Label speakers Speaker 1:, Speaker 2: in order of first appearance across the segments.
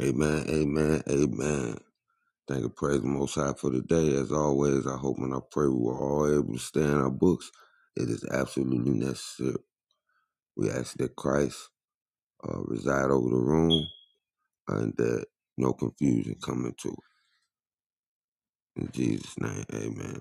Speaker 1: Amen, amen, amen. Thank and praise the Most High for today. As always, I hope and I pray we were all able to stay in our books. It is absolutely necessary. We ask that Christ uh, reside over the room and that no confusion come into it. In Jesus' name, amen.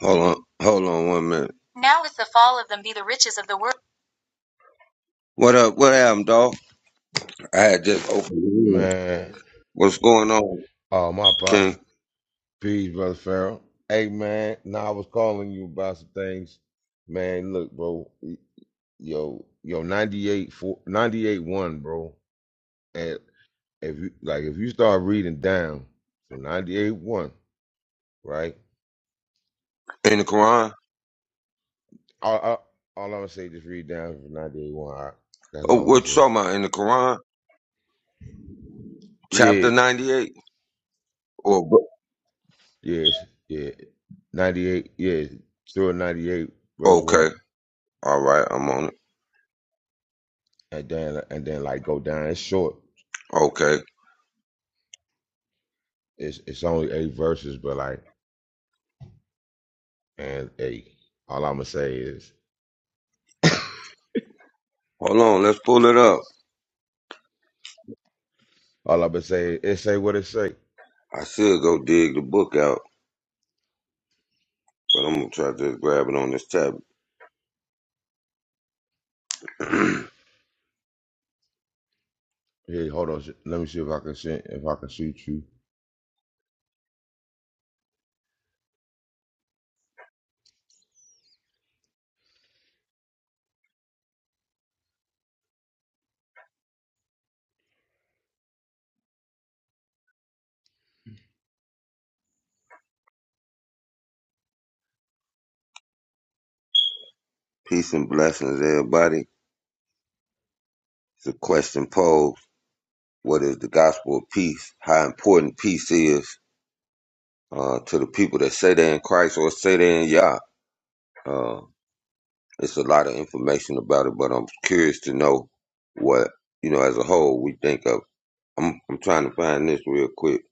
Speaker 1: Hold on, hold on one minute. What up, what happened, dog? I had just opened the room.
Speaker 2: Man,
Speaker 1: What's going on,
Speaker 2: oh my pa,
Speaker 1: King?
Speaker 2: peace, brother Farrell. Hey man, now I was calling you about some things. Man, look, bro, yo, yo, 98 four, 98 one, bro. And if you like, if you start reading down, so 98 one, right?
Speaker 1: In the Quran?
Speaker 2: All, all, all I'm gonna say, just read down from 98 one. all right? That's
Speaker 1: Oh,
Speaker 2: all I'm gonna
Speaker 1: what you
Speaker 2: say.
Speaker 1: talking about? In the Quran?
Speaker 2: Yeah,
Speaker 1: Chapter 98? Or,
Speaker 2: yes, yeah, 98, yeah, through 98 verse
Speaker 1: okay.
Speaker 2: one,
Speaker 1: All right, I'm on it.
Speaker 2: and then and then like go down. It's short.
Speaker 1: Okay.
Speaker 2: It's it's only eight verses, but like and eight. All I'ma say is
Speaker 1: Hold on, let's pull it up.
Speaker 2: all I'ma say is it say what it say.
Speaker 1: I should go dig the book out, but I'm gonna try to just grab it on this tablet.
Speaker 2: Hey, hold on. sh- Let me see if I can shoot if I can shoot you.
Speaker 1: peace and blessings, everybody. It's a question posed. What is the gospel of peace? How important peace is uh, to the people that say they're in Christ or say they're in Yah. Uh, it's a lot of information about it, but I'm curious to know what, you know, as a whole, we think of. I'm, I'm trying to find this real quick.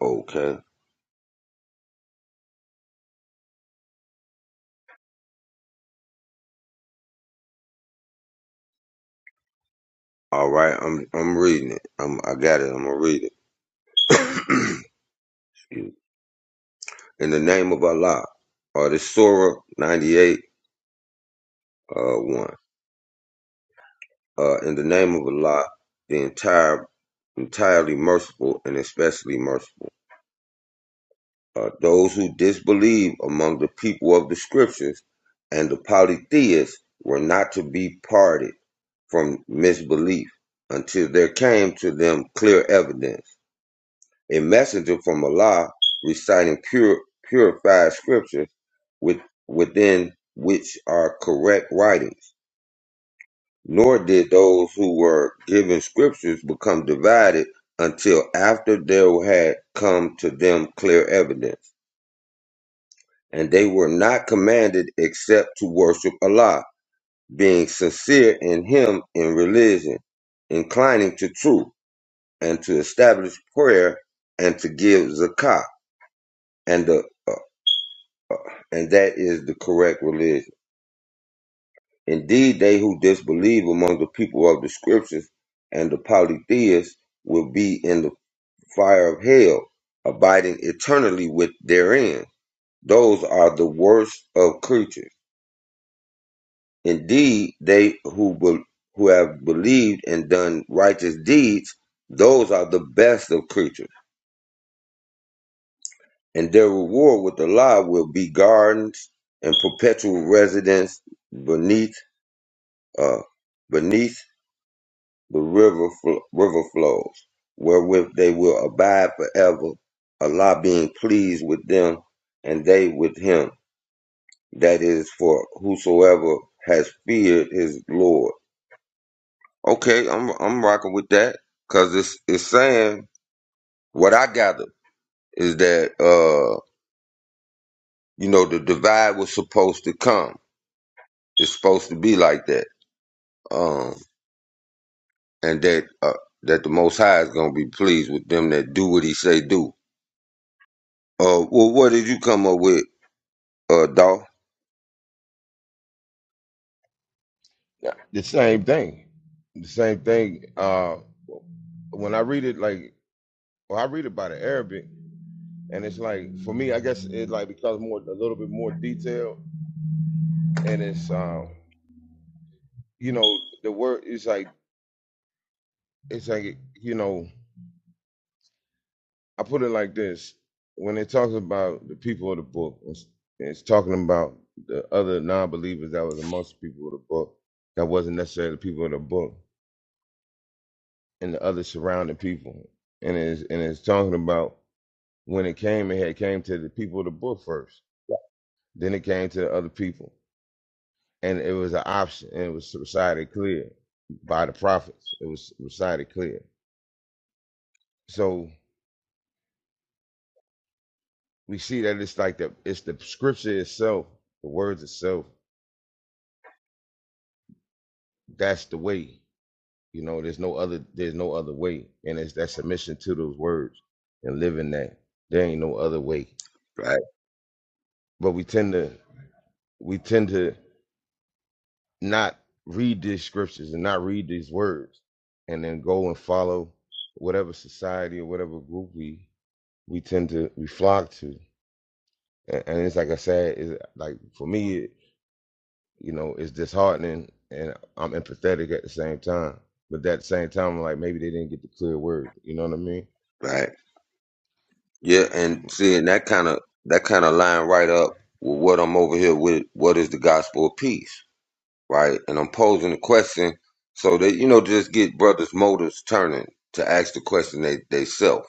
Speaker 1: Okay. All right, I'm I'm reading it. I'm I got it. I'm gonna read it. In the name of Allah, or uh, this Surah 98 uh one. Uh, in the name of Allah, the entire entirely merciful and especially merciful. Uh, those who disbelieve among the people of the scriptures and the polytheists were not to be parted from misbelief until there came to them clear evidence a messenger from Allah reciting pure, purified scriptures with, within which are correct writings. Nor did those who were given scriptures become divided until after there had come to them clear evidence. And they were not commanded except to worship Allah, being sincere in Him in religion, inclining to truth, and to establish prayer and to give zakah and the uh, and that is the correct religion. Indeed, they who disbelieve among the people of the scriptures and the polytheists will be in the fire of hell, abiding eternally with therein. Those are the worst of creatures. Indeed, they who be- who have believed and done righteous deeds, those are the best of creatures, and their reward with Allah will be gardens and perpetual residence beneath uh, beneath the river fl- river flows, wherewith they will abide forever. Allah being pleased with them, and they with him. That is for whosoever has feared his Lord. Okay, I'm I'm rocking with that because it's it's saying what I gather is that uh you know the divide was supposed to come. It's supposed to be like that, um, and that uh, that the Most High is gonna be pleased with them that do what He say do. Uh, well, what did you come up with uh doll
Speaker 2: Yeah, The same thing. The same thing. Uh, when I read it, like well, I read it by the Arabic, and it's like for me, I guess it like becomes more a little bit more detailed, and it's um, you know, the word is like it's like you know. I put it like this: when it talks about the people of the book, it's, it's talking about the other non-believers that was amongst the people of the book that wasn't necessarily the people of the book, and the other surrounding people, and it's and it's talking about when it came, it had came to the people of the book first, then it came to the other people, and it was an option, and it was recited clear by the prophets. It was recited clear, so we see that it's like the it's the scripture itself, the words itself that's the way. You know, there's no other there's no other way. And it's that submission to those words and living that. There ain't no other way.
Speaker 1: right
Speaker 2: But we tend to we tend to not read these scriptures and not read these words and then go and follow whatever society or whatever group we we tend to we flock to. And, and it's like I said, it's like for me, it, you know, it's disheartening and I'm empathetic at the same time. But at the same time, I'm like maybe they didn't get the clear word. You know what I mean?
Speaker 1: right yeah and seeing that kind of that kind of line right up with what i'm over here with what is the gospel of peace right and i'm posing the question so that you know just get brothers motives turning to ask the question they they self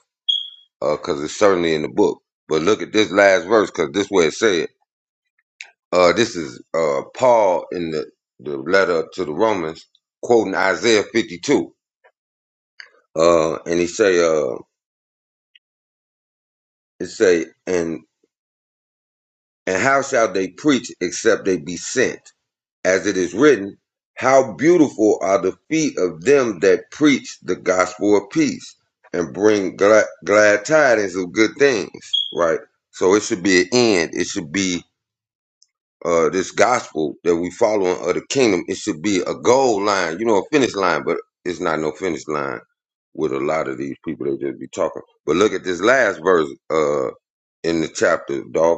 Speaker 1: uh because it's certainly in the book but look at this last verse because this way it said uh this is uh paul in the the letter to the romans quoting isaiah 52 uh and he say uh it say, and And how shall they preach except they be sent? As it is written, How beautiful are the feet of them that preach the gospel of peace and bring glad, glad tidings of good things, right? So it should be an end. It should be uh, this gospel that we following of the kingdom. It should be a goal line, you know, a finish line, but it's not no finish line with a lot of these people they just be talking. But look at this last verse uh, in the chapter, dog.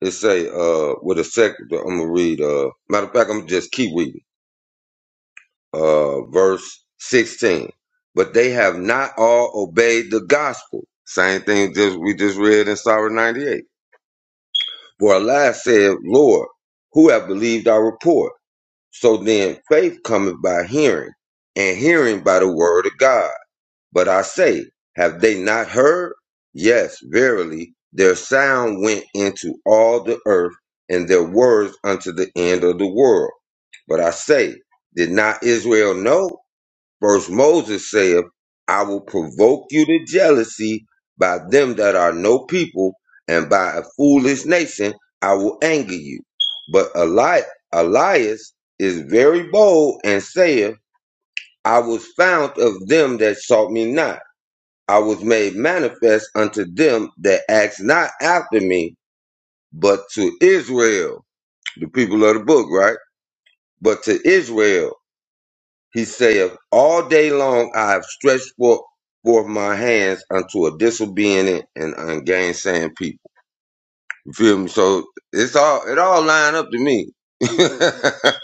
Speaker 1: It say uh with a second I'm gonna read uh matter of fact I'm gonna just keep reading. Uh verse sixteen. But they have not all obeyed the gospel. Same thing just we just read in Psalm ninety eight. For Elias said, Lord, who have believed our report? So then faith cometh by hearing, and hearing by the word of God. But I say, have they not heard? Yes, verily, their sound went into all the earth, and their words unto the end of the world. But I say, did not Israel know? First Moses saith, I will provoke you to jealousy by them that are no people, and by a foolish nation I will anger you. But Eli- Elias is very bold and saith, I was found of them that sought me not. I was made manifest unto them that asked not after me, but to Israel, the people of the book, right? But to Israel, he saith, All day long I have stretched forth, forth my hands unto a disobedient and ungainsaying people. You feel me? So it's all it all line up to me. but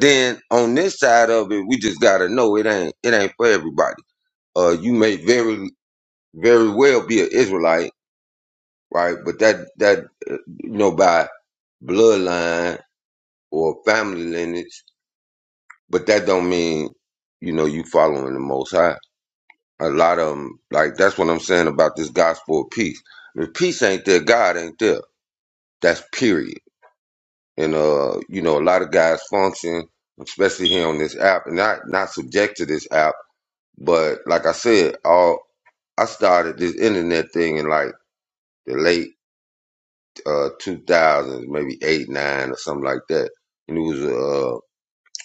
Speaker 1: then on this side of it, we just gotta know it ain't it ain't for everybody. Uh, you may very very well be an Israelite right? But that that uh, you know by bloodline or family lineage, but that don't mean you know you following the Most High. A lot of them, like that's what I'm saying about this gospel of peace. If peace ain't there, God ain't there. That's period. And uh, you know, a lot of guys function, especially here on this app, and not not subject to this app, but like I said, all I started this internet thing in like the late uh, 2000s, maybe eight, nine, or something like that. And it was a uh,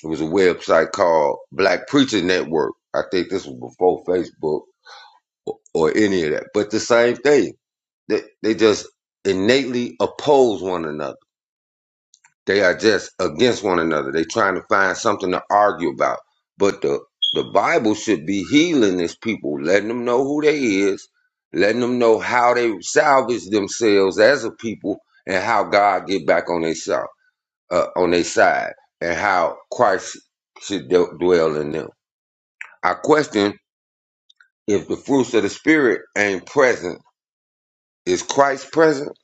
Speaker 1: it was a website called Black Preacher Network. I think this was before Facebook or, or any of that. But the same thing, they they just innately oppose one another. They are just against one another. They are trying to find something to argue about. But the the Bible should be healing these people, letting them know who they is, letting them know how they salvage themselves as a people and how God get back on themselves uh, on their side and how Christ should d- dwell in them. I question if the fruits of the Spirit ain't present, is Christ present?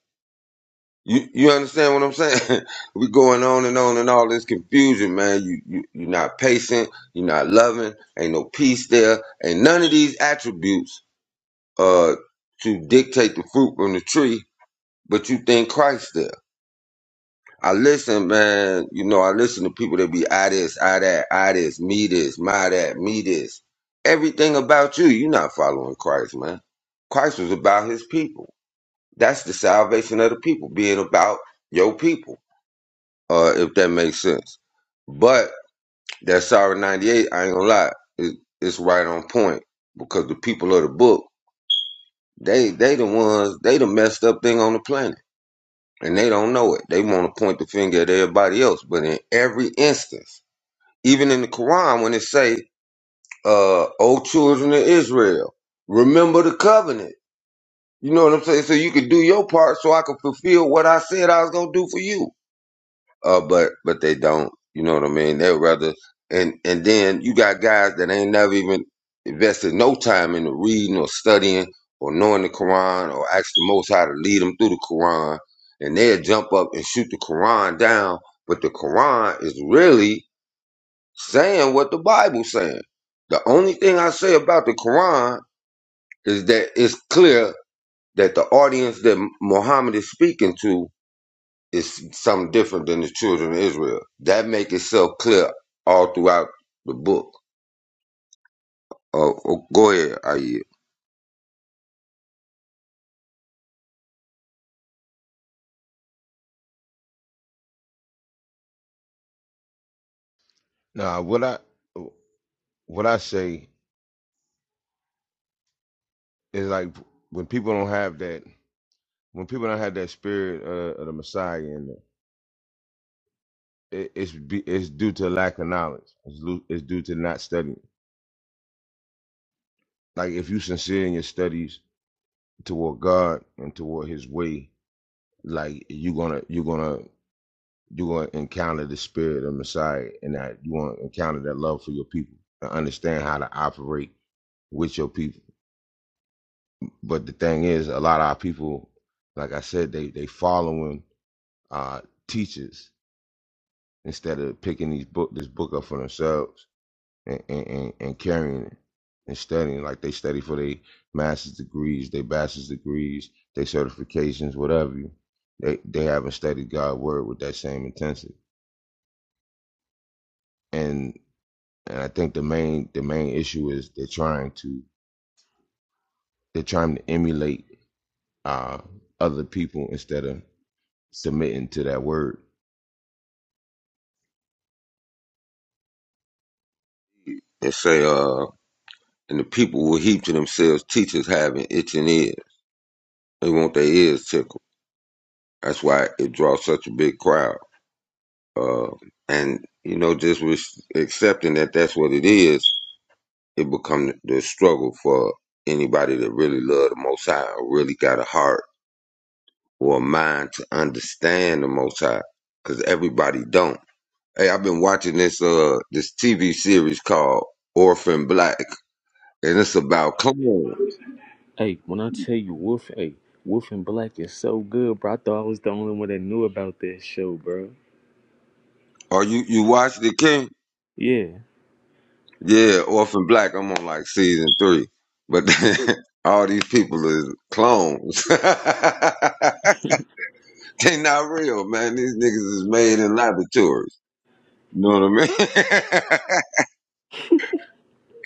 Speaker 1: You you understand what I'm saying? we going on and on and all this confusion, man. You, you you're not patient, you're not loving, ain't no peace there, Ain't none of these attributes uh to dictate the fruit from the tree, but you think Christ there. I listen, man. You know, I listen to people that be I this, I that, I this, me this, my that, me this. Everything about you, you're not following Christ, man. Christ was about his people. That's the salvation of the people, being about your people, uh, if that makes sense. But that Sorrow 98, I ain't gonna lie, it, it's right on point because the people of the book, they they the ones, they the messed up thing on the planet and they don't know it. They want to point the finger at everybody else, but in every instance, even in the Quran, when it say, uh, "O children of Israel, remember the covenant." You know what I'm saying? So you could do your part, so I could fulfill what I said I was gonna do for you uh, but but they don't. You know what I mean? They'd rather and and then you got guys that ain't never even invested no time into reading or studying or knowing the Quran or ask the Most High to lead them through the Quran, and they'll jump up and shoot the Quran down. But the Quran is really saying what the Bible's saying. The only thing I say about the Quran is that it's clear that the audience that Muhammad is speaking to is something different than the children of Israel. That make itself clear all throughout the book. Uh, oh, go ahead, Ayah,
Speaker 2: Nah, what I what I say is like when people don't have that when people don't have that spirit uh, of the Messiah in them, it, it's be, it's due to lack of knowledge. It's, lu- it's due to not studying. Like if you sincere in your studies toward God and toward His way, like you're gonna you're gonna you're gonna encounter the spirit of Messiah and that you want to encounter that love for your people and understand how to operate with your people. But the thing is, a lot of our people, like I said, they they following uh, teachers instead of picking these book this book up for themselves and, and, and, and carrying it and studying like they study for their master's degrees, their bachelor's degrees, their certifications, whatever. You, they they haven't studied God's word with that same intensity. And and I think the main the main issue is they're trying to they're trying to emulate uh, other people instead of submitting to that word.
Speaker 1: and say, uh, and the people will heap to themselves teachers having itching ears. They want their ears tickled. That's why it draws such a big crowd. Uh, and you know, just with accepting that that's what it is, it become the struggle for anybody that really love the Most High, or really got a heart or a mind to understand the Most High, because everybody don't. Hey, I've been watching this uh this TV series called Orphan Black, and it's about clones.
Speaker 3: Hey, when I tell you Wolf, hey, Wolf and Black is so good, bro. I thought I was the only one that knew about that show, bro.
Speaker 1: Are you you watched it, King?
Speaker 3: Yeah.
Speaker 1: Yeah, Orphan Black. I'm on like season three, but all these people is clones. they not real, man. These niggas is made in laboratories. You know what I mean?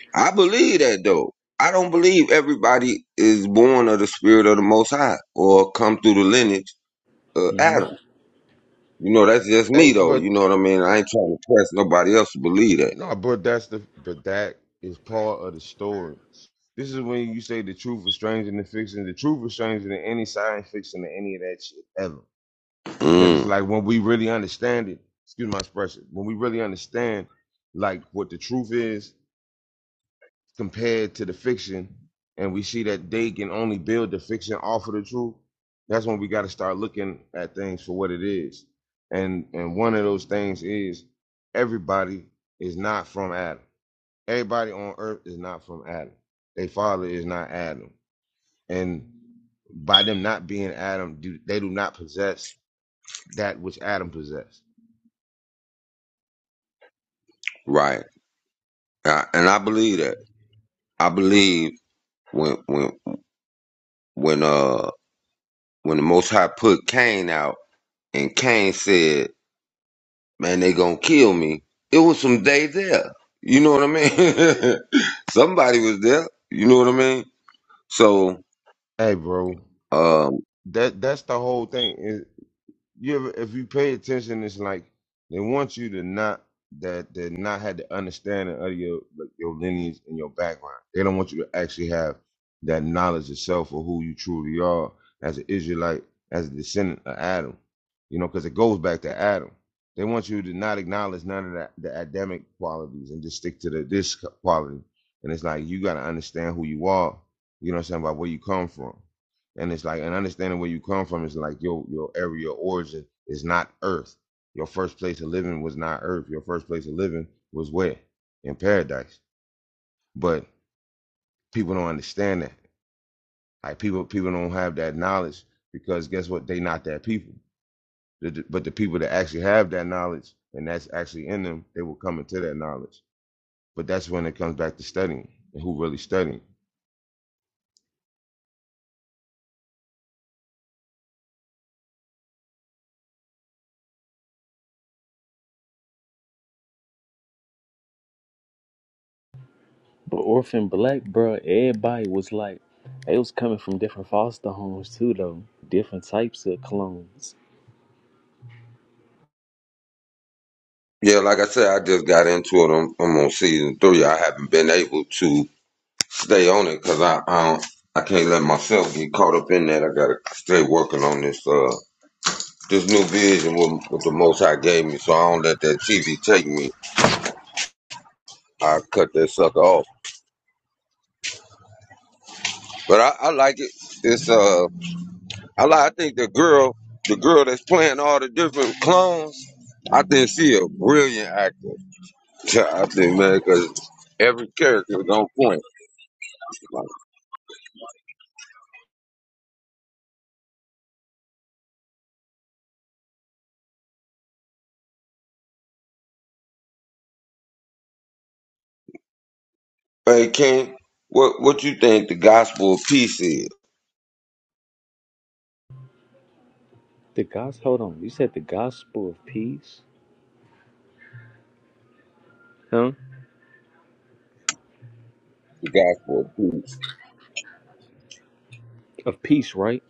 Speaker 1: I believe that though. I don't believe everybody is born of the spirit of the Most High or come through the lineage of
Speaker 3: hmm
Speaker 1: Adam. You know, that's just
Speaker 2: Hey,
Speaker 1: me though.
Speaker 2: but
Speaker 1: You know what I mean? I ain't trying to press nobody else to believe that.
Speaker 2: No, but that's the but that is part of the story. This is when you say the truth is stranger than fiction. The truth is stranger than any science fiction or any of that shit ever. Because it's
Speaker 1: Mm,
Speaker 2: like when we really understand it, excuse my expression, when we really understand like what the truth is compared to the fiction, and we see that they can only build the fiction off of the truth, that's when we gotta start looking at things for what it is. And and one of those things is everybody is not from Adam Everybody on earth is not from Adam. Their father is not Adam. And by them not being Adam, do, they do not possess that which Adam possessed.
Speaker 1: right. I, and I believe that. I believe when when when uh when the Most High put Cain out and Cain said, "Man, they gonna kill me." It was some day there. You know what I mean? Somebody was there. You know what I mean? So
Speaker 2: Hey, bro,
Speaker 1: um
Speaker 2: that that's the whole thing. Is you ever, if you pay attention, it's like they want you to not that they not had the understanding of your like, your lineage and your background. They don't want you to actually have that knowledge yourself of self or who you truly are as an Israelite, as a descendant of Adam. You know, because it goes back to Adam. They want you to not acknowledge none of that the Adamic qualities and just stick to the this quality. And it's like you got to understand who you are. You know what I'm saying about where you come from and it's like and understanding where you come from is like your your area of origin is not earth your first place of living was not earth your first place of living was where in paradise but people don't understand that like people people don't have that knowledge because guess what they not that people but the people that actually have that knowledge and that's actually in them they will come into that knowledge but that's when it comes back to studying and who really studying
Speaker 3: But Orphan Black, bro, everybody was like, they was coming from different foster homes too, though. Different types of clones.
Speaker 1: yeah, like I said, I just got into it. I'm, I'm on season three. I haven't been able to stay on it because I, I don't I can't let myself get caught up in that. I gotta stay working on this uh this new vision what, what the Most High gave me, so I don't let that TV take me. I cut that sucker off, but I, I like it. It's uh I like I think the girl the girl that's playing all the different clones. I think she a brilliant actor. I think man, cause every character is on point. Like, hey King, what what you think the gospel of peace is?
Speaker 3: The gospel, hold on, you said the gospel of peace? Huh?
Speaker 1: The gospel of peace.
Speaker 3: Of peace, right?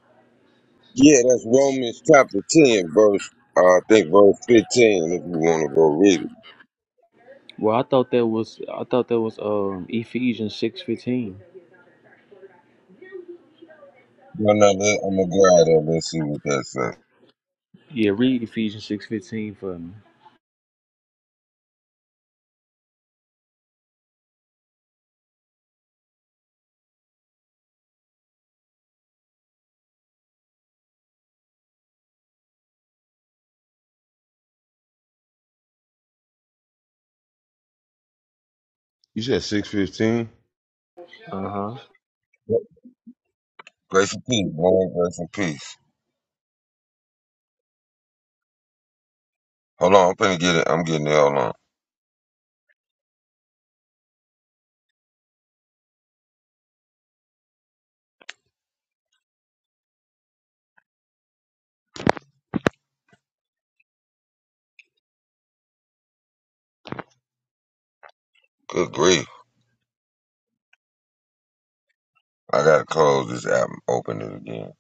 Speaker 1: Yeah, that's Romans chapter 10, verse, uh, I think verse 15, if you want to go read it.
Speaker 3: Well, I thought that was, I thought that was um Ephesians 6.15.
Speaker 1: No, no, let, I'm going to go out of it and see what that says.
Speaker 3: Yeah, read Ephesians 6.15 for me.
Speaker 2: you said 615
Speaker 3: Uh-huh.
Speaker 1: Grace and peace, Lord, grace and peace. Hold on, I'm going to get it. I'm getting it. Hold on. Good grief. I got to close this app and open it again.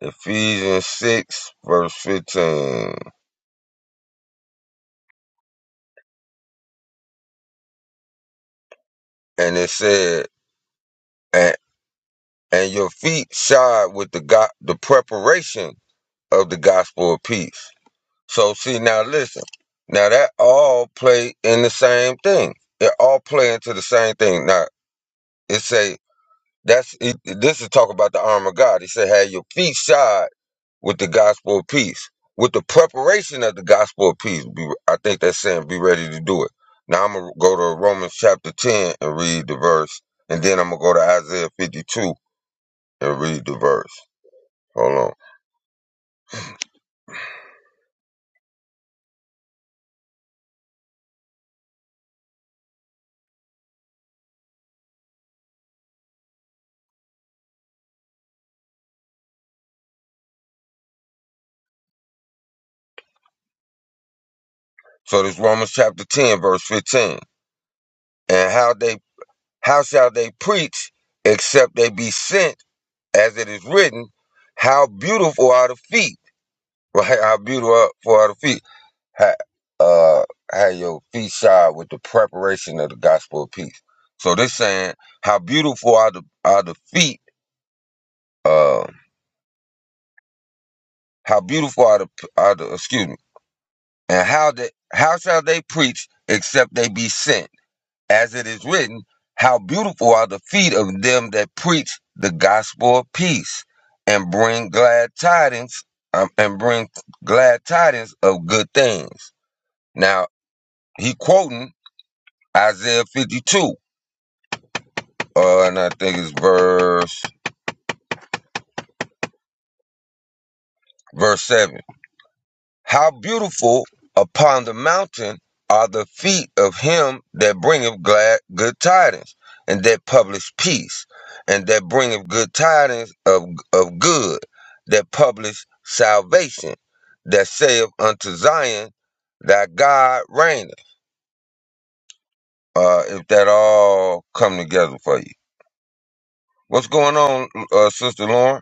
Speaker 1: Ephesians 6, verse 15. And it said, and, and your feet shod with the, go- the preparation of the gospel of peace. So see now listen. Now that all play in the same thing. It all play into the same thing. Now it say that's it, this is talk about the armor of God. He said have your feet shod with the gospel of peace. With the preparation of the gospel of peace. Be, I think that's saying be ready to do it. Now I'm gonna go to Romans chapter ten and read the verse, and then I'm gonna go to Isaiah 52 and read the verse. Hold on. So this Romans chapter 10, verse 15. And how they How shall they preach except they be sent, as it is written? How beautiful are the feet, right? How beautiful are the feet. How, uh, how your feet shod with the preparation of the gospel of peace. So this saying, how beautiful are the are the feet? Uh, how beautiful are the are the excuse me? And how they how shall they preach except they be sent? as it is written, How beautiful are the feet of them that preach the gospel of peace and bring glad tidings um, and bring glad tidings of good things. Now he quoting Isaiah 52, uh, and I think it's verse verse 7. How beautiful upon the mountain are the feet of him that bringeth glad good tidings, and that publish peace, and that bringeth good tidings of, of good, that publish salvation, that saith unto Zion, Thy God reigneth. Uh, if that all come together for you. What's going on, uh, Sister Lauren?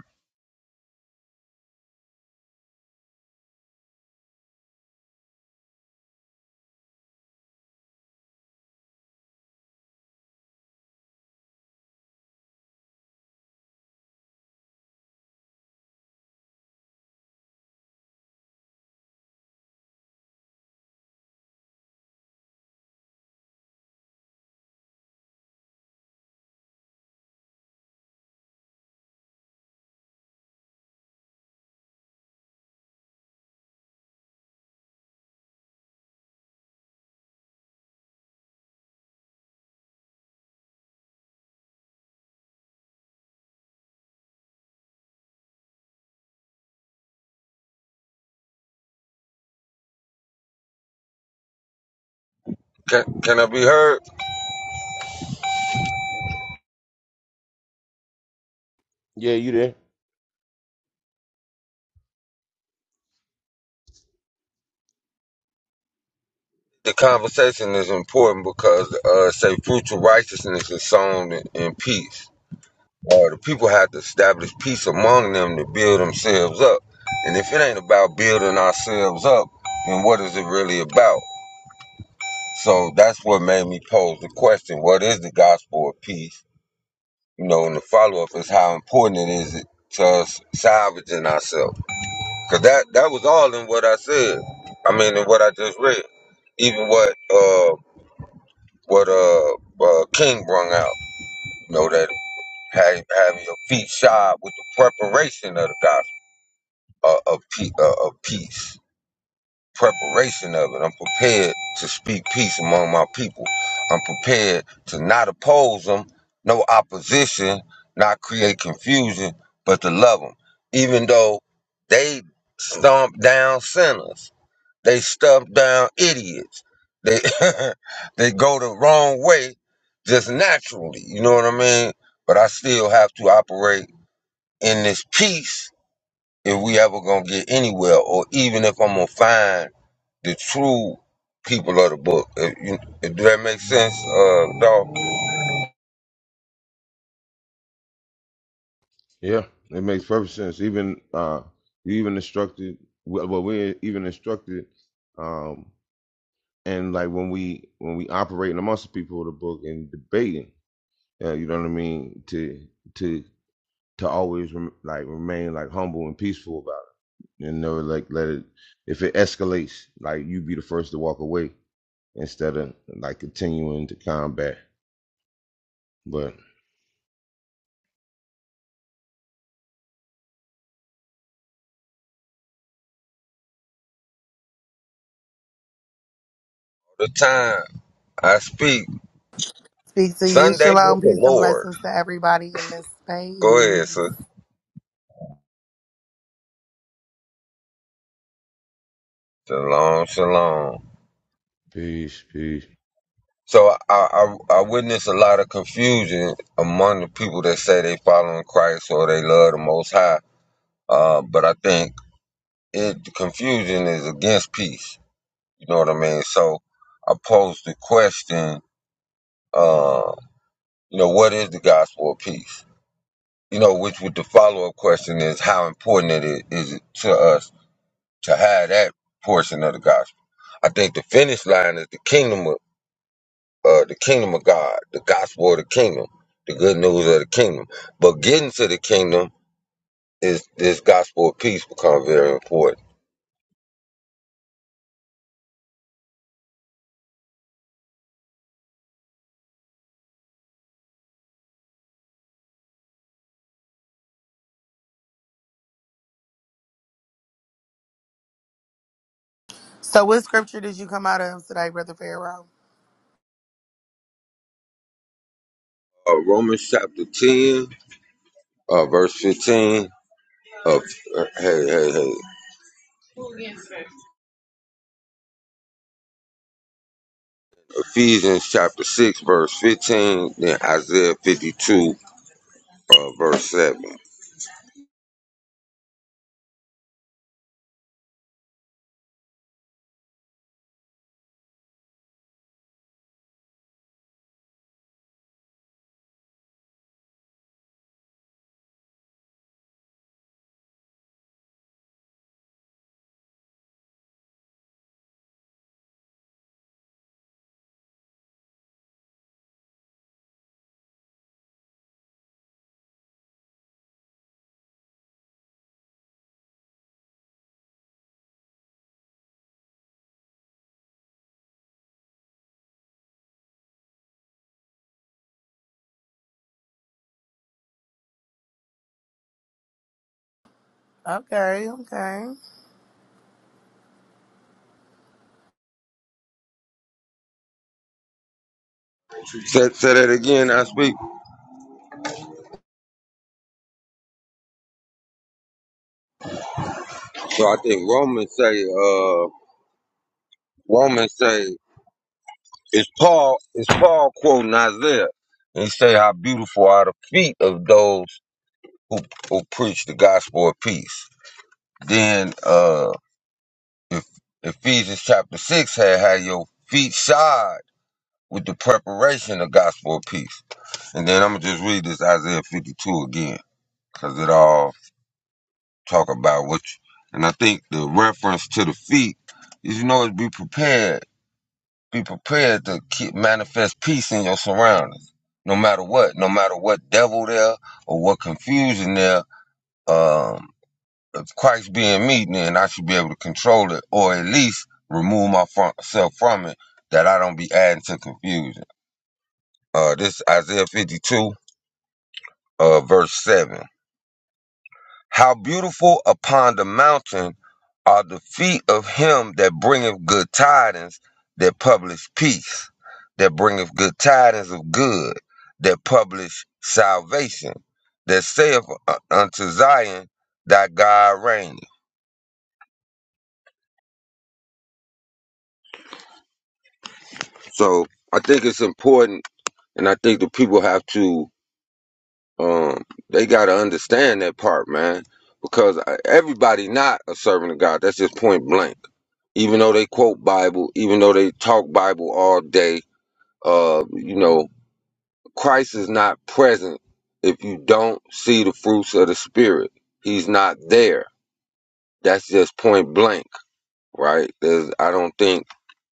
Speaker 1: Can, can I be heard?
Speaker 2: yeah you there
Speaker 1: the conversation is important because uh say fruits of righteousness is sown in, in peace. Or the people have to establish peace among them to build themselves up. And if it ain't about building ourselves up, then what is it really about? So that's what made me pose the question, what is the gospel of peace? You know, and the follow up is how important it is to us salvaging ourselves. Cause that that was all in what I said. I mean in what I just read. Even what uh what uh, uh King brung out. You know that having, having your feet shod with the preparation of the gospel uh, of pe- uh, of peace, preparation of it. I'm prepared to speak peace among my people. I'm prepared to not oppose them, no opposition, not create confusion, but to love them, even though they stomp down sinners they stuff down idiots. They they go the wrong way just naturally. You know what I mean? But I still have to operate in this peace if we ever gonna get anywhere, or even if I'm gonna find the true people of the book. If you, if that makes sense, uh, dog.
Speaker 2: Yeah, it makes perfect sense. Even uh, you even instructed. Well, well, we're even instructed, um, and like when we when we operate amongst the people of the book and debating, uh, you know what I mean. To to to always rem- like remain like humble and peaceful about it, and never like let it. If it escalates, like you be the first to walk away instead of like continuing to combat. But
Speaker 1: The time I speak
Speaker 4: Speak to you.
Speaker 1: Sunday
Speaker 4: Shalom,
Speaker 1: with the
Speaker 4: peace, and
Speaker 1: Lord.
Speaker 4: blessings to everybody in this
Speaker 1: Go
Speaker 4: space.
Speaker 1: ahead, sir. Shalom, shalom.
Speaker 2: peace, peace.
Speaker 1: So I, I I witness a lot of confusion among the people that say they following Christ or they love the Most High. Uh, but I think it confusion is against peace. You know what I mean? So I posed the question, uh, you know, what is the gospel of peace? You know, which with the follow up question is how important it is, is it to us to have that portion of the gospel. I think the finish line is the kingdom of uh, the kingdom of God, the gospel of the kingdom, the good news of the kingdom. But getting to the kingdom is this gospel of peace become very important.
Speaker 4: So, what scripture did you come out of today, Brother Pharaoh?
Speaker 1: Uh, Romans chapter 10, uh, verse 15. of uh, hey, hey, hey. Ephesians chapter 6, verse 15. Then Isaiah 52, uh, verse 7.
Speaker 4: Okay, okay.
Speaker 1: Say, say that again, I speak. So I think Romans say, uh, Romans say It's Paul. It's Paul quoting Isaiah. And he say, "How beautiful are the feet of those who who preach the gospel of peace." Then uh, if Ephesians chapter six had had your feet shod with the preparation of gospel of peace. And then I'm gonna just read this Isaiah 52 again, cause it all talk about what. You, and I think the reference to the feet is, you know, is be prepared Be prepared to keep, manifest peace in your surroundings, no matter what, no matter what devil there or what confusion there. Um, if Christ being me, then I should be able to control it, or at least remove myself from it, that I don't be adding to confusion. Uh, this Isaiah fifty two, uh, verse seven. How beautiful upon the mountain are the feet of him that bringeth good tidings, that publish peace, that bringeth good tidings of good, that publish salvation, that saith unto Zion, Thy God reigneth. So I think it's important, and I think the people have to, um, they got to understand that part, man, because uh, everybody not a servant of God. That's just point blank even though they quote Bible, even though they talk Bible all day, uh, you know, Christ is not present if you don't see the fruits of the Spirit. He's not there. That's just point blank, right? There's, I don't think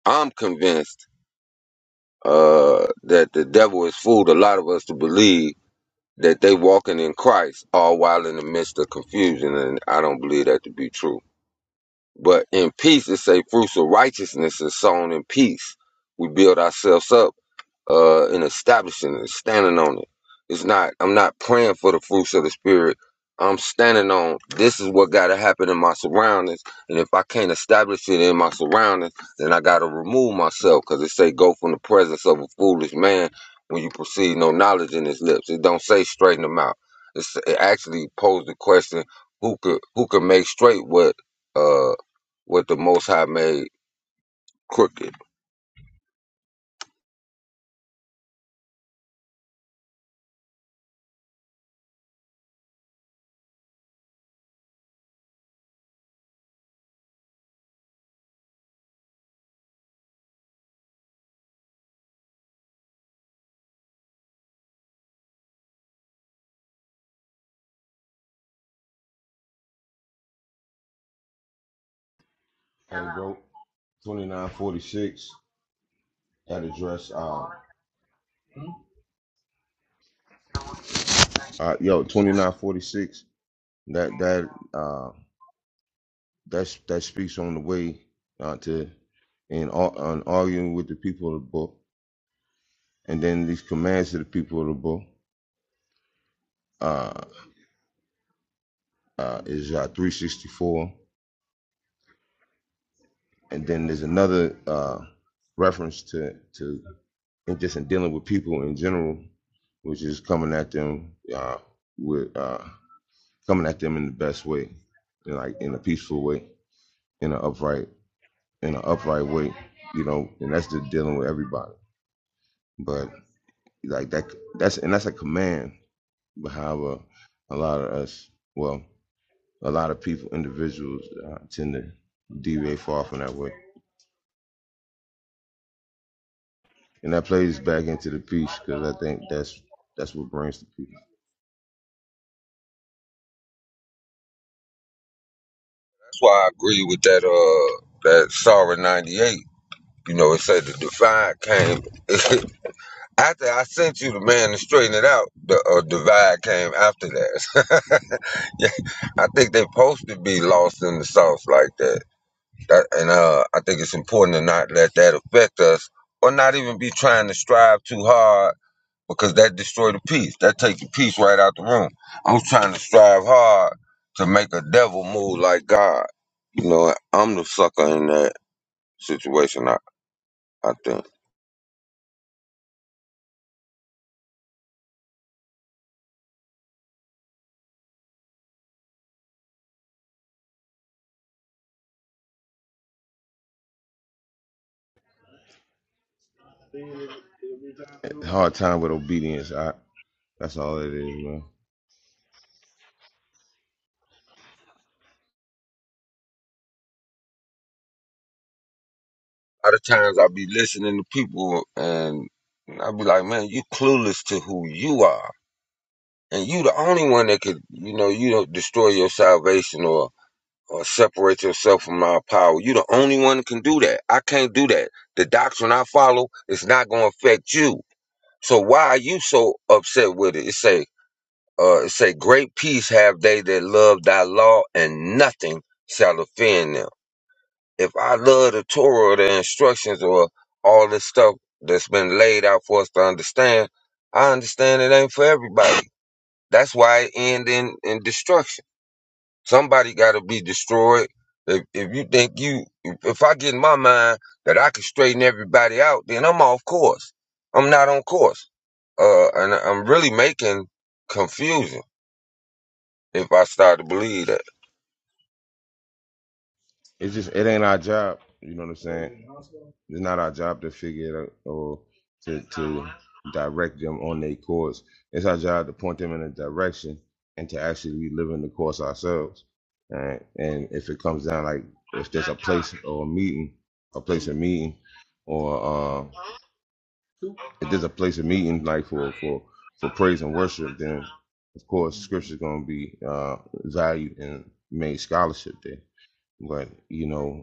Speaker 1: I'm convinced uh, that the devil has fooled a lot of us to believe that they walking in Christ all while in the midst of confusion, and I don't believe that to be true. But in peace, it say fruits of righteousness is sown in peace. We build ourselves up uh, and establishing it, and standing on it. It's not. I'm not praying for the fruits of the spirit. I'm standing on this is what got to happen in my surroundings, and if I can't establish it in my surroundings, then I got to remove myself because it say go from the presence of a foolish man when you perceive no knowledge in his lips. It don't say straighten them out. It's, it actually posed the question who could who could make straight what uh what the Most High made crooked.
Speaker 2: Hey, bro, twenty nine forty six. That address. Uh, Uh, yo, twenty nine forty six. That that uh that's that speaks on the way uh, to in ar- on arguing with the people of the book, and then these commands to the people of the book uh, uh, is uh, three sixty four, and then there's another uh, reference to to in just in dealing with people in general, which is coming at them uh, with uh, coming at them in the best way, you know, like in a peaceful way, in an upright in an upright way, you know, and that's just dealing with everybody. But like that, that's and that's a command behind a, a lot of us. Well, a lot of people, individuals, uh, tend to deviate far from that way, and that plays back into the peace because I think that's that's what brings the
Speaker 1: That's why I agree with that uh that Sorry ninety eight. You know, it said the divide came after I sent you the man to straighten it out. The uh, divide came after that. yeah, I think they supposed to be lost in the sauce like that. that and uh, I think it's important to not let that affect us, or not even be trying to strive too hard because that destroyed the peace. That take the peace right out the room. I'm trying to strive hard to make a devil move like God. You know, I'm the sucker in that situation. I, I think.
Speaker 2: people. Hard time with obedience. I that's all it is, man.
Speaker 1: A lot of times I be listening to people and I be like, man, you clueless to who you are, and you the only one that could, you know, you don't destroy your salvation or or separate yourself from our power. You the only one that can do that. I can't do that. The doctrine I follow is not going to affect you So why are you so upset with it? It say, uh, it say, great peace have they that love thy law, and nothing shall offend them. If I love the Torah, or the instructions, or all this stuff that's been laid out for us to understand, I understand it ain't for everybody. That's why it end in, in destruction. Somebody got to be destroyed. If, if you think you, if if I get in my mind that I can straighten everybody out, then I'm off course. I'm not on course. Uh, and I'm really making confusion if I start to believe that.
Speaker 2: It's just it ain't our job. You know what I'm saying? It's not our job to figure it out or to to direct them on their course. It's our job to point them in a direction and to actually be living the course ourselves. Right? And if it comes down like if there's a place or a meeting, a place of meeting, or uh, if there's a place of meeting like for for for praise and worship, then of course scripture's going to be uh, valued and made scholarship there. But you know,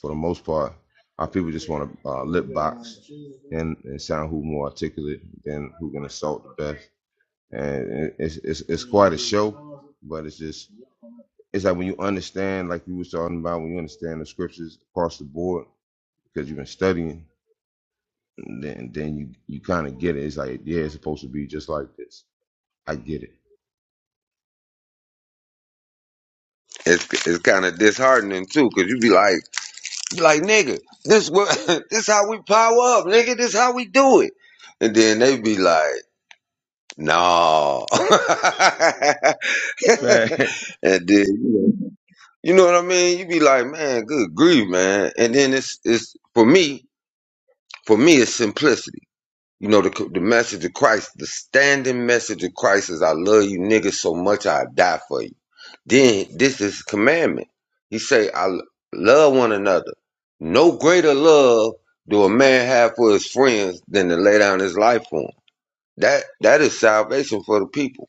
Speaker 2: for the most part, our people just want to uh, lip box and, and sound who more articulate than who can assault the best. And it's, it's it's quite a show, but it's just it's like when you understand, like you was talking about, when you understand the scriptures across the board because you've been studying, then then you you kind of get it. It's like yeah, it's supposed to be just like this. I get it.
Speaker 1: It's, it's kind of disheartening too, cause you be like, you like, nigga, this what, this how we power up, nigga, this how we do it. And then they be like, no.
Speaker 2: Fact.
Speaker 1: and then, you know. You know what I mean? You be like, man, good grief, man. And then it's it's for me, for me, it's simplicity. You know, the the message of Christ, the standing message of Christ is, I love you niggas so much I die for you. Then this is commandment. He say, I l- love one another. No greater love do a man have for his friends than to lay down his life for for 'em. That that is salvation for the people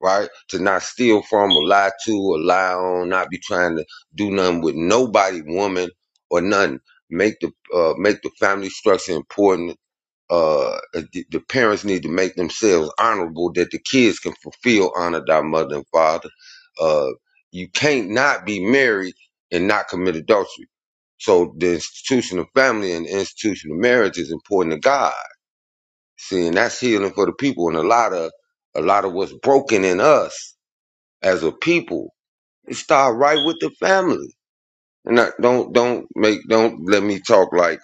Speaker 1: right? To not steal from or lie to or lie on, not be trying to do nothing with nobody, woman or nothing. Make the uh, make the family structure important. Uh, the, the parents need to make themselves honorable that the kids can fulfill honor thy mother and father. Uh, you can't not be married and not commit adultery. So the institution of family and the institution of marriage is important to God. See, and that's healing for the people and a lot of a lot of what's broken in us as a people. It start right with the family. And I, don't don't make don't let me talk like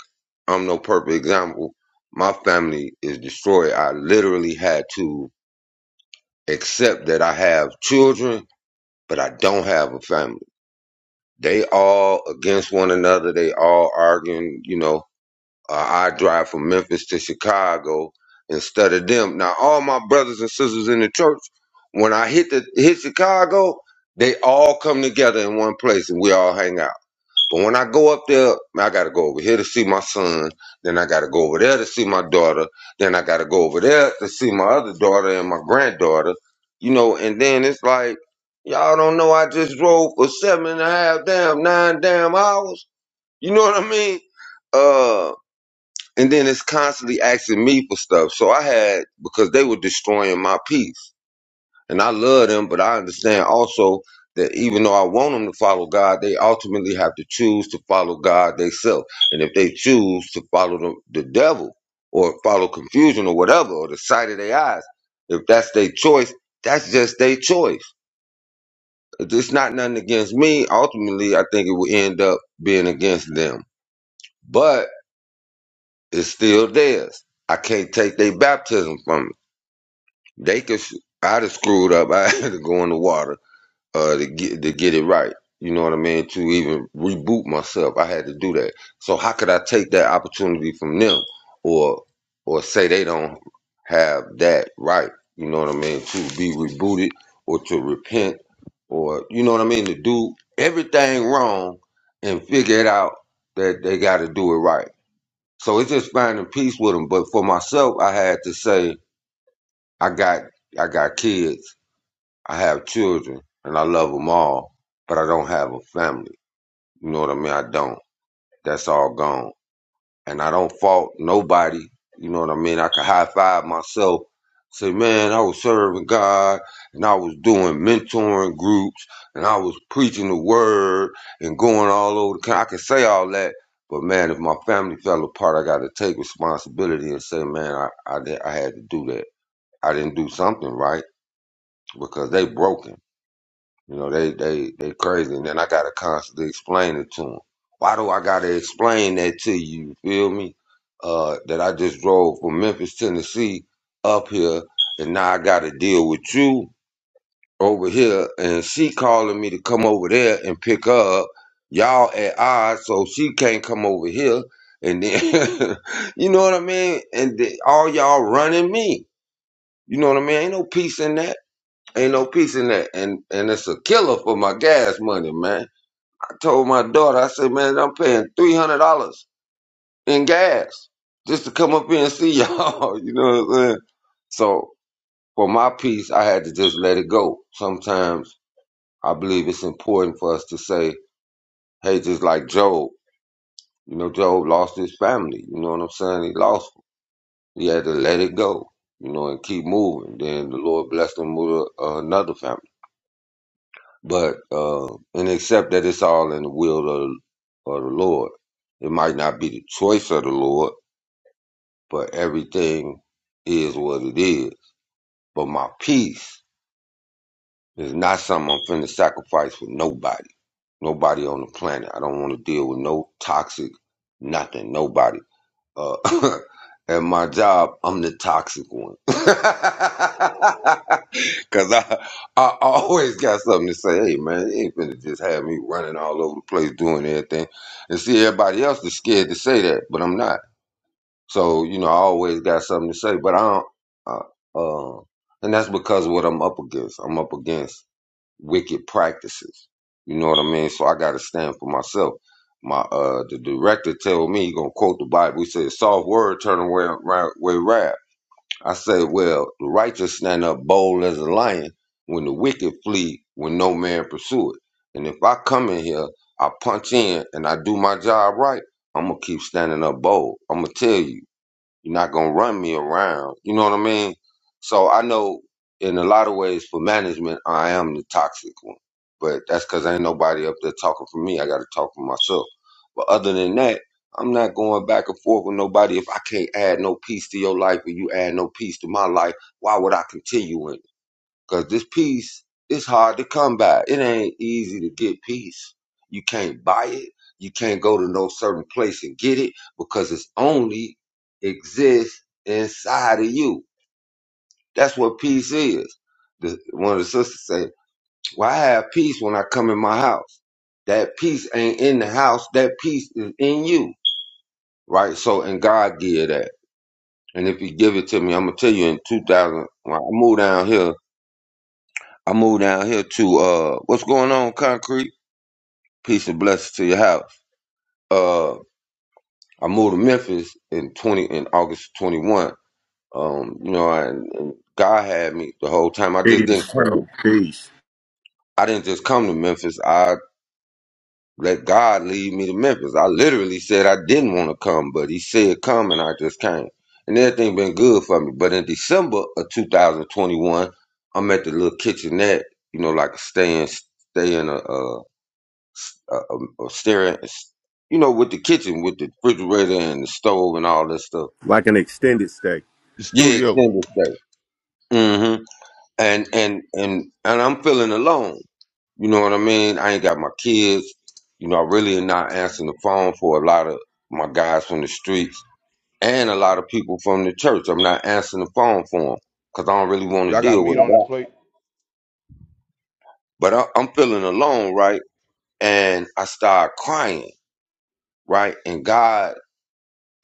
Speaker 1: I'm no perfect example. My family is destroyed. I literally had to accept that I have children, but I don't have a family. They all against one another. They all arguing, you know. Uh, I drive from Memphis to Chicago instead of them. Now, all my brothers and sisters in the church, when I hit the hit Chicago, they all come together in one place and we all hang out. But when I go up there, I gotta go over here to see my son. Then I gotta go over there to see my daughter. Then I gotta go over there to see my other daughter and my granddaughter. You know, and then it's like, y'all don't know I just drove for seven and a half, damn, nine damn hours. You know what I mean? Uh, and then it's constantly asking me for stuff. So I had, because they were destroying my peace. And I love them, but I understand also that even though I want them to follow God, they ultimately have to choose to follow God themselves. And if they choose to follow the, the devil or follow confusion or whatever, or the sight of their eyes, if that's their choice, that's just their choice. It's not nothing against me. Ultimately, I think it will end up being against them. But It's still theirs. I can't take their baptism from them. They could. I'd have screwed up. I had to go in the water uh, to get to get it right. You know what I mean? To even reboot myself, I had to do that. So how could I take that opportunity from them, or or say they don't have that right? You know what I mean? To be rebooted or to repent, or you know what I mean? To do everything wrong and figure it out that they got to do it right so it's just finding peace with them. But for myself, I had to say I got I got kids, I have children, and I love them all, but I don't have a family. You know what I mean? I don't. That's all gone and I don't fault nobody. You know what I mean? I can high five myself, say, man, I was serving God and I was doing mentoring groups and I was preaching the word and going all over the country. I can say all that, but man, if my family fell apart, I got to take responsibility and say, man, I, I, did, I had to do that. I didn't do something right because they broken you know, they they they crazy, and then I gotta constantly explain it to them. Why do I gotta explain that to you? You feel me? Uh, that I just drove from Memphis, Tennessee, up here, and now I gotta deal with you over here, and she calling me to come over there and pick her up. Y'all at odds, so she can't come over here. And then, you know what I mean? And the, all y'all running me. You know what I mean? Ain't no peace in that. Ain't no peace in that. And and it's a killer for my gas money, man. I told my daughter, I said, man, I'm paying three hundred dollars in gas just to come up here and see y'all. you know what I'm saying? So for my peace, I had to just let it go. Sometimes I believe it's important for us to say, hey, just like Job, you know, Job lost his family. You know what I'm saying? He lost. them. He had to let it go. You know, and keep moving. Then the Lord blessed him with a, another family. But uh, and except that it's all in the will of, of the Lord. It might not be the choice of the Lord, but everything is what it is. But my peace is not something I'm finna sacrifice for nobody. Nobody on the planet. I don't want to deal with no toxic nothing. Nobody. Uh, at my job, I'm the toxic one. Cause I, I always got something to say. Hey man, you ain't finna just have me running all over the place doing everything. And see, everybody else is scared to say that, but I'm not. So you know, I always got something to say. But I don't. Uh, uh, and that's because of what I'm up against. I'm up against wicked practices. You know what I mean? So I gotta stand for myself. My uh the director told me he gonna quote the Bible. He said, Soft word turn away right way rap. I said, Well, the righteous stand up bold as a lion when the wicked flee when no man pursue it. And if I come in here, I punch in and I do my job right, I'm gonna keep standing up bold. I'm gonna tell you. You're not gonna run me around. You know what I mean? So I know in a lot of ways for management, I am the toxic one. But that's because ain't nobody up there talking for me. I got to talk for myself. But other than that, I'm not going back and forth with nobody. If I can't add no peace to your life or you add no peace to my life, why would I continue it? Cause this peace is hard to come by. It ain't easy to get peace. You can't buy it. You can't go to no certain place and get it because it's only exists inside of you. That's what peace is. The, one of the sisters say, "Why I have peace when I come in my house? That peace ain't in the house. That peace is in you, right? So, and God give that. And if He give it to me, I'm gonna tell you in 2000. When I moved down here I moved down here to uh what's going on, concrete? Peace and blessings to your house. Uh I moved to Memphis in twenty in August twenty one. Um, you know, I, and God had me the whole time. I just didn't
Speaker 5: Peace,
Speaker 1: come
Speaker 5: bro. Peace.
Speaker 1: I didn't just come to Memphis. I let God lead me to Memphis. I literally said I didn't want to come, but he said come and I just came. And everything been good for me. But in December of two thousand twenty one, I'm at the little kitchenette, you know, like a stay in stay in a uh uh, um, uh, staring, s- you know, with the kitchen, with the refrigerator and the stove and all that stuff.
Speaker 5: Like an extended stay.
Speaker 2: The
Speaker 1: Yeah,
Speaker 2: studio,
Speaker 1: extended stay. Mm-hmm. And and and and I'm feeling alone. You know what I mean? I ain't got my kids. You know, I really am not answering the phone for a lot of my guys from the streets and a lot of people from the church. I'm not answering the phone for them because I don't really want to
Speaker 2: y'all got
Speaker 1: deal with
Speaker 2: meat on the
Speaker 1: that.
Speaker 2: plate.
Speaker 1: But I, I'm feeling alone, right? And I start crying, right? And God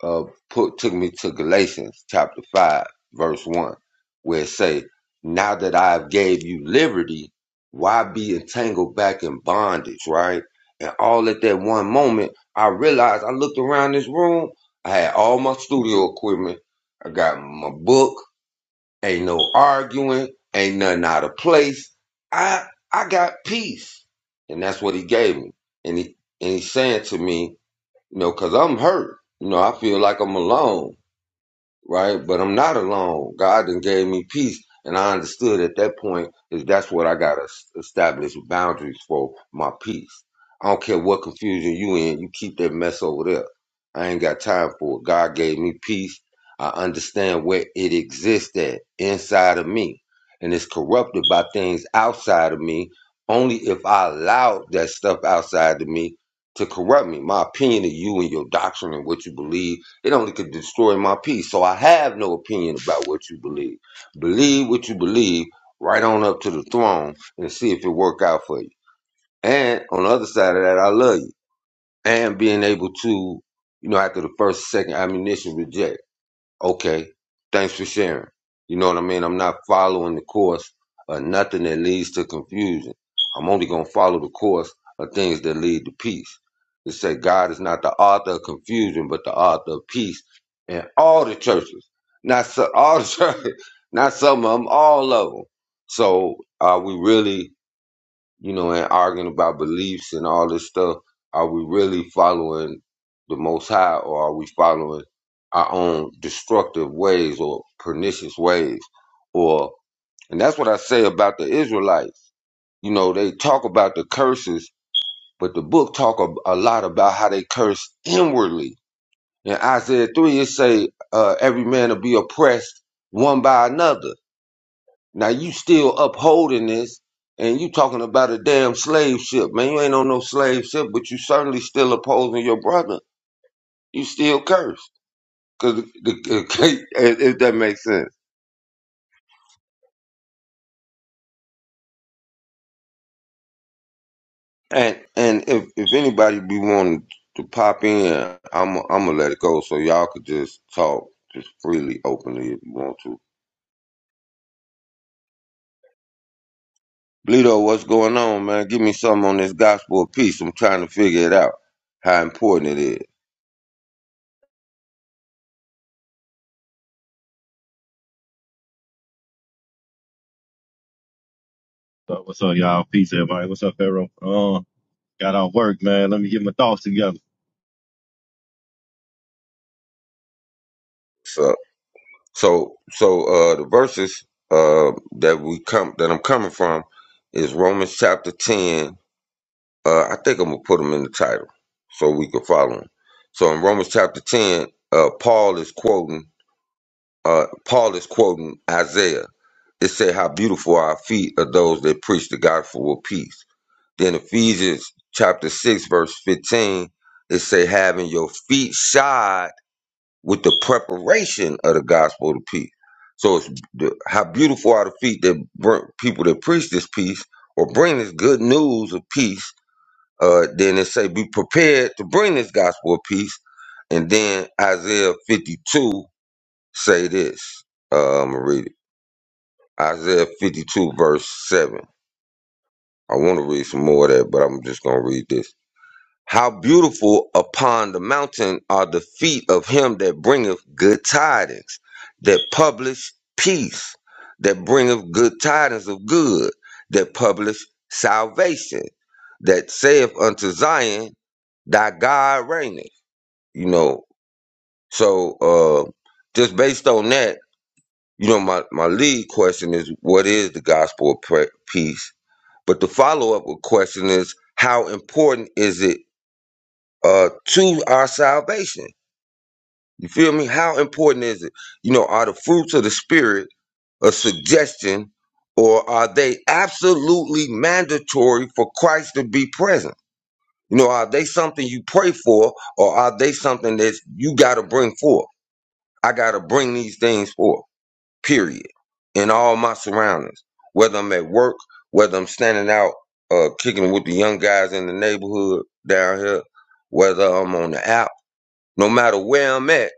Speaker 1: uh, put took me to Galatians chapter five, verse one, where it say, "Now that I have gave you liberty, why be entangled back in bondage?" Right, and all at that one moment, I realized I looked around this room. I had all my studio equipment. I got my book. Ain't no arguing. Ain't nothing out of place. I I got peace, and that's what he gave me. And he and he's saying to me. You know, cause I'm hurt. You know, I feel like I'm alone right? But I'm not alone. God then gave me peace, and I understood at that point is that's what I gotta establish boundaries for my peace. I don't care what confusion you in, you keep that mess over there. I ain't got time for it. God gave me peace. I understand where it exists at inside of me, and it's corrupted by things outside of me. Only if I allow that stuff outside of me to corrupt me. My opinion of you and your doctrine and what you believe it only could destroy my peace. So I have no opinion about what you believe. Believe what you believe right on up to the throne and see if it work out for you. And on the other side of that, I love you. And being able to, you know, after the first, second ammunition reject. Okay. Thanks for sharing. You know what I mean? I'm not following the course of nothing that leads to confusion. I'm only going to follow the course of things that lead to peace. It say God is not the author of confusion, but the author of peace in all the churches. Not so, all the churches, not some of them, all of them. So are we really you know, and arguing about beliefs and all this stuff, are we really following the Most High or are we following our own destructive ways or pernicious ways? Or, and that's what I say about the Israelites. You know, they talk about the curses, but the book talk a, a lot about how they curse inwardly. In Isaiah 3, it say, uh, every man will be oppressed one by another. Now you still upholding this, and you talking about a damn slave ship, man. You ain't on no slave ship, but you certainly still opposing your brother. You still cursed, cause the, the, if if that makes sense. And and if if anybody be wanting to pop in, I'm I'm gonna let it go so y'all could just talk just freely, openly if you want to. Bleedo, what's going on, man? Give me something on this gospel of peace. I'm trying to figure it out, how important it is.
Speaker 6: So what's up, y'all? Peace, everybody. What's up, Pharaoh? Uh, got off work, man. Let me get my thoughts together.
Speaker 1: So, so, so uh, the verses uh, that we come that I'm coming from is Romans chapter ten. Uh, I think I'm gonna put them in the title so we can follow them. So in Romans chapter ten, uh, Paul is quoting. uh, Paul is quoting Isaiah. It said, How beautiful are our feet of those that preach the gospel of peace. Then Ephesians chapter 6, verse 15, it say, Having your feet shod with the preparation of the gospel of peace. So it's the, how beautiful are the feet that bring people that preach this peace or bring this good news of peace. Uh, then it say, Be prepared to bring this gospel of peace. And then Isaiah 52 say this. Uh, I'm going to read it. Isaiah 52, verse 7. I want to read some more of that, but I'm just going to read this. How beautiful upon the mountain are the feet of him that bringeth good tidings, that publish peace, that bringeth good tidings of good, that publish salvation, that saith unto Zion, Thy God reigneth. You know, so uh, just based on that, You know, my, my lead question is what is the gospel of pre- peace? But the follow up question is how important is it uh, to our salvation? You feel me? How important is it? You know, are the fruits of the Spirit a suggestion or are they absolutely mandatory for Christ to be present? You know, are they something you pray for or are they something that you got to bring forth? I got to bring these things forth. period, in all my surroundings, whether I'm at work, whether I'm standing out uh, kicking with the young guys in the neighborhood down here, whether I'm on the app, no matter where I'm at,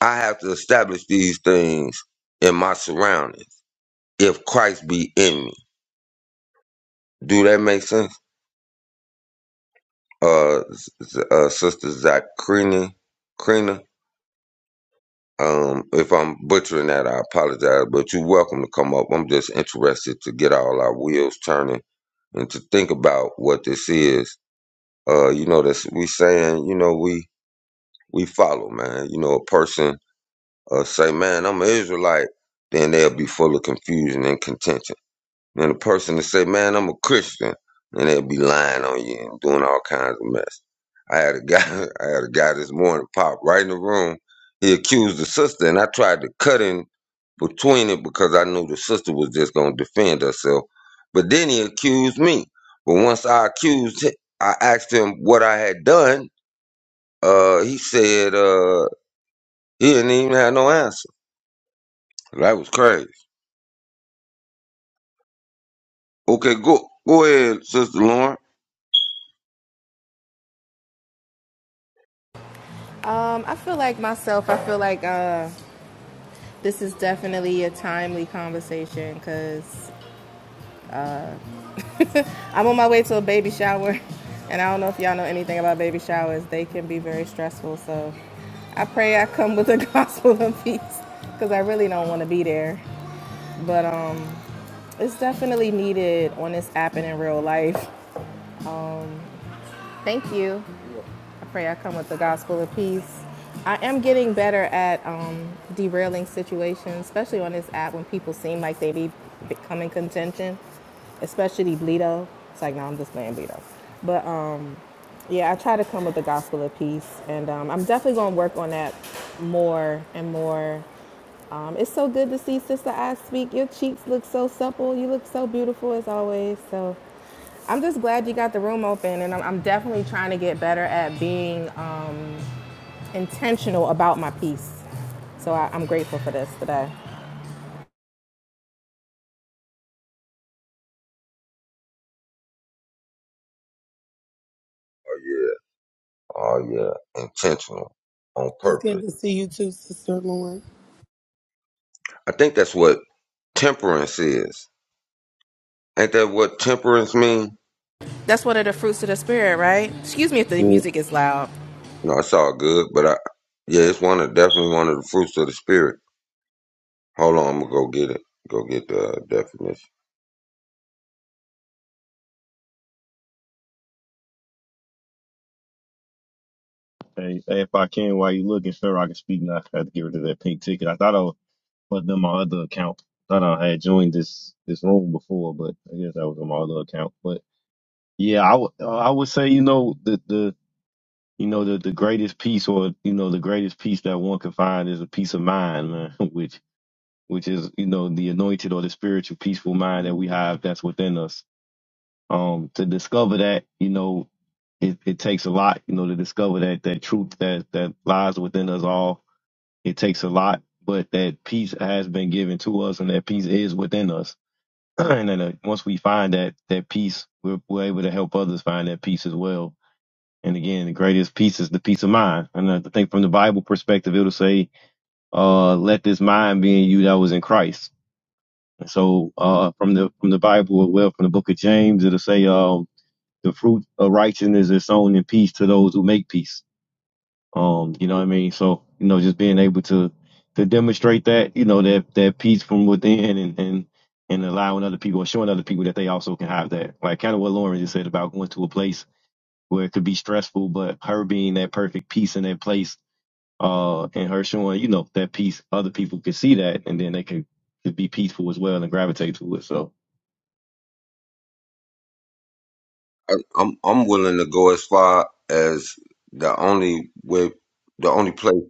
Speaker 1: I have to establish these things in my surroundings if Christ be in me. Do that make sense? Uh, uh Sister Zakrina, Krina, Um, if I'm butchering that, I apologize, but you're welcome to come up. I'm just interested to get all our wheels turning and to think about what this is. Uh, you know, that's we saying, you know, we we follow, man. You know, a person uh, say, man, I'm an Israelite, then they'll be full of confusion and contention. Then the person to say, "Man, I'm a Christian," and they'll be lying on you and doing all kinds of mess. I had a guy, I had a guy this morning pop right in the room. He accused the sister, and I tried to cut in between it because I knew the sister was just gonna defend herself. But then he accused me. But once I accused him, I asked him what I had done. Uh, he said uh, he didn't even have no answer. That was crazy. Okay, go go ahead, Sister Lauren.
Speaker 7: Um, I feel like myself, I feel like uh, this is definitely a timely conversation because I'm on my way to a baby shower. And I don't know if y'all know anything about baby showers, they can be very stressful. So I pray I come with the gospel of peace because I really don't want to be there. But um, it's definitely needed on this app and in real life. Thank you. I pray I come with the gospel of peace. I am getting better at um, derailing situations, especially on this app when people seem like they be becoming contention, especially Bleedo. It's like, no, I'm just playing Bleedo. But um, yeah, I try to come with the gospel of peace, and um, I'm definitely going to work on that more and more. Um, it's so good to see Sister I speak. Your cheeks look so supple. You look so beautiful as always. So I'm just glad you got the room open, and I'm, I'm definitely trying to get better at being um, intentional about my peace. So I, I'm grateful for this today.
Speaker 1: Oh yeah, intentional, on
Speaker 4: It's good
Speaker 1: purpose.
Speaker 4: to see you too, Sister Lauren.
Speaker 1: I think that's what temperance is. Ain't that what temperance mean?
Speaker 7: That's one of the fruits of the spirit, right? Excuse me if the
Speaker 1: Mm.
Speaker 7: music is loud.
Speaker 1: No, it's all good, but I yeah, it's one of definitely one of the fruits of the spirit. Hold on, I'm gonna go get it. Go get the uh, definition.
Speaker 6: Hey, hey, if I can, while you looking, Pharaoh, I can speak now. I had to get rid of that pink ticket. I thought I was on my other account. Thought I had joined this this room before, but I guess that was on my other account. But yeah, I would uh, I would say you know the the you know the the greatest peace or you know the greatest peace that one can find is a peace of mind, man. Which which is you know the anointed or the spiritual peaceful mind that we have that's within us Um, to discover that, you know, it, it takes a lot, you know, to discover that that truth that that lies within us all. It takes a lot, but that peace has been given to us, and that peace is within us. and then uh, once we find that that peace, we're, we're able to help others find that peace as well. And again, the greatest peace is the peace of mind. And I think from the Bible perspective, it'll say, uh, "Let this mind be in you that was in Christ." So, uh, from the from the Bible, well, from the book of James, it'll say, um, the fruit of righteousness is sown in peace to those who make peace. Um, you know what I mean? So, you know, just being able to to demonstrate that, you know, that that peace from within and and and allowing other people or showing other people that they also can have that. Like kind of what Lauren just said about going to a place where it could be stressful, but her being that perfect peace in that place, uh, and her showing, you know, that peace, other people could see that and then they could, could be peaceful as well and gravitate to it. So
Speaker 1: I, I'm I'm willing to go as far as the only way, the only place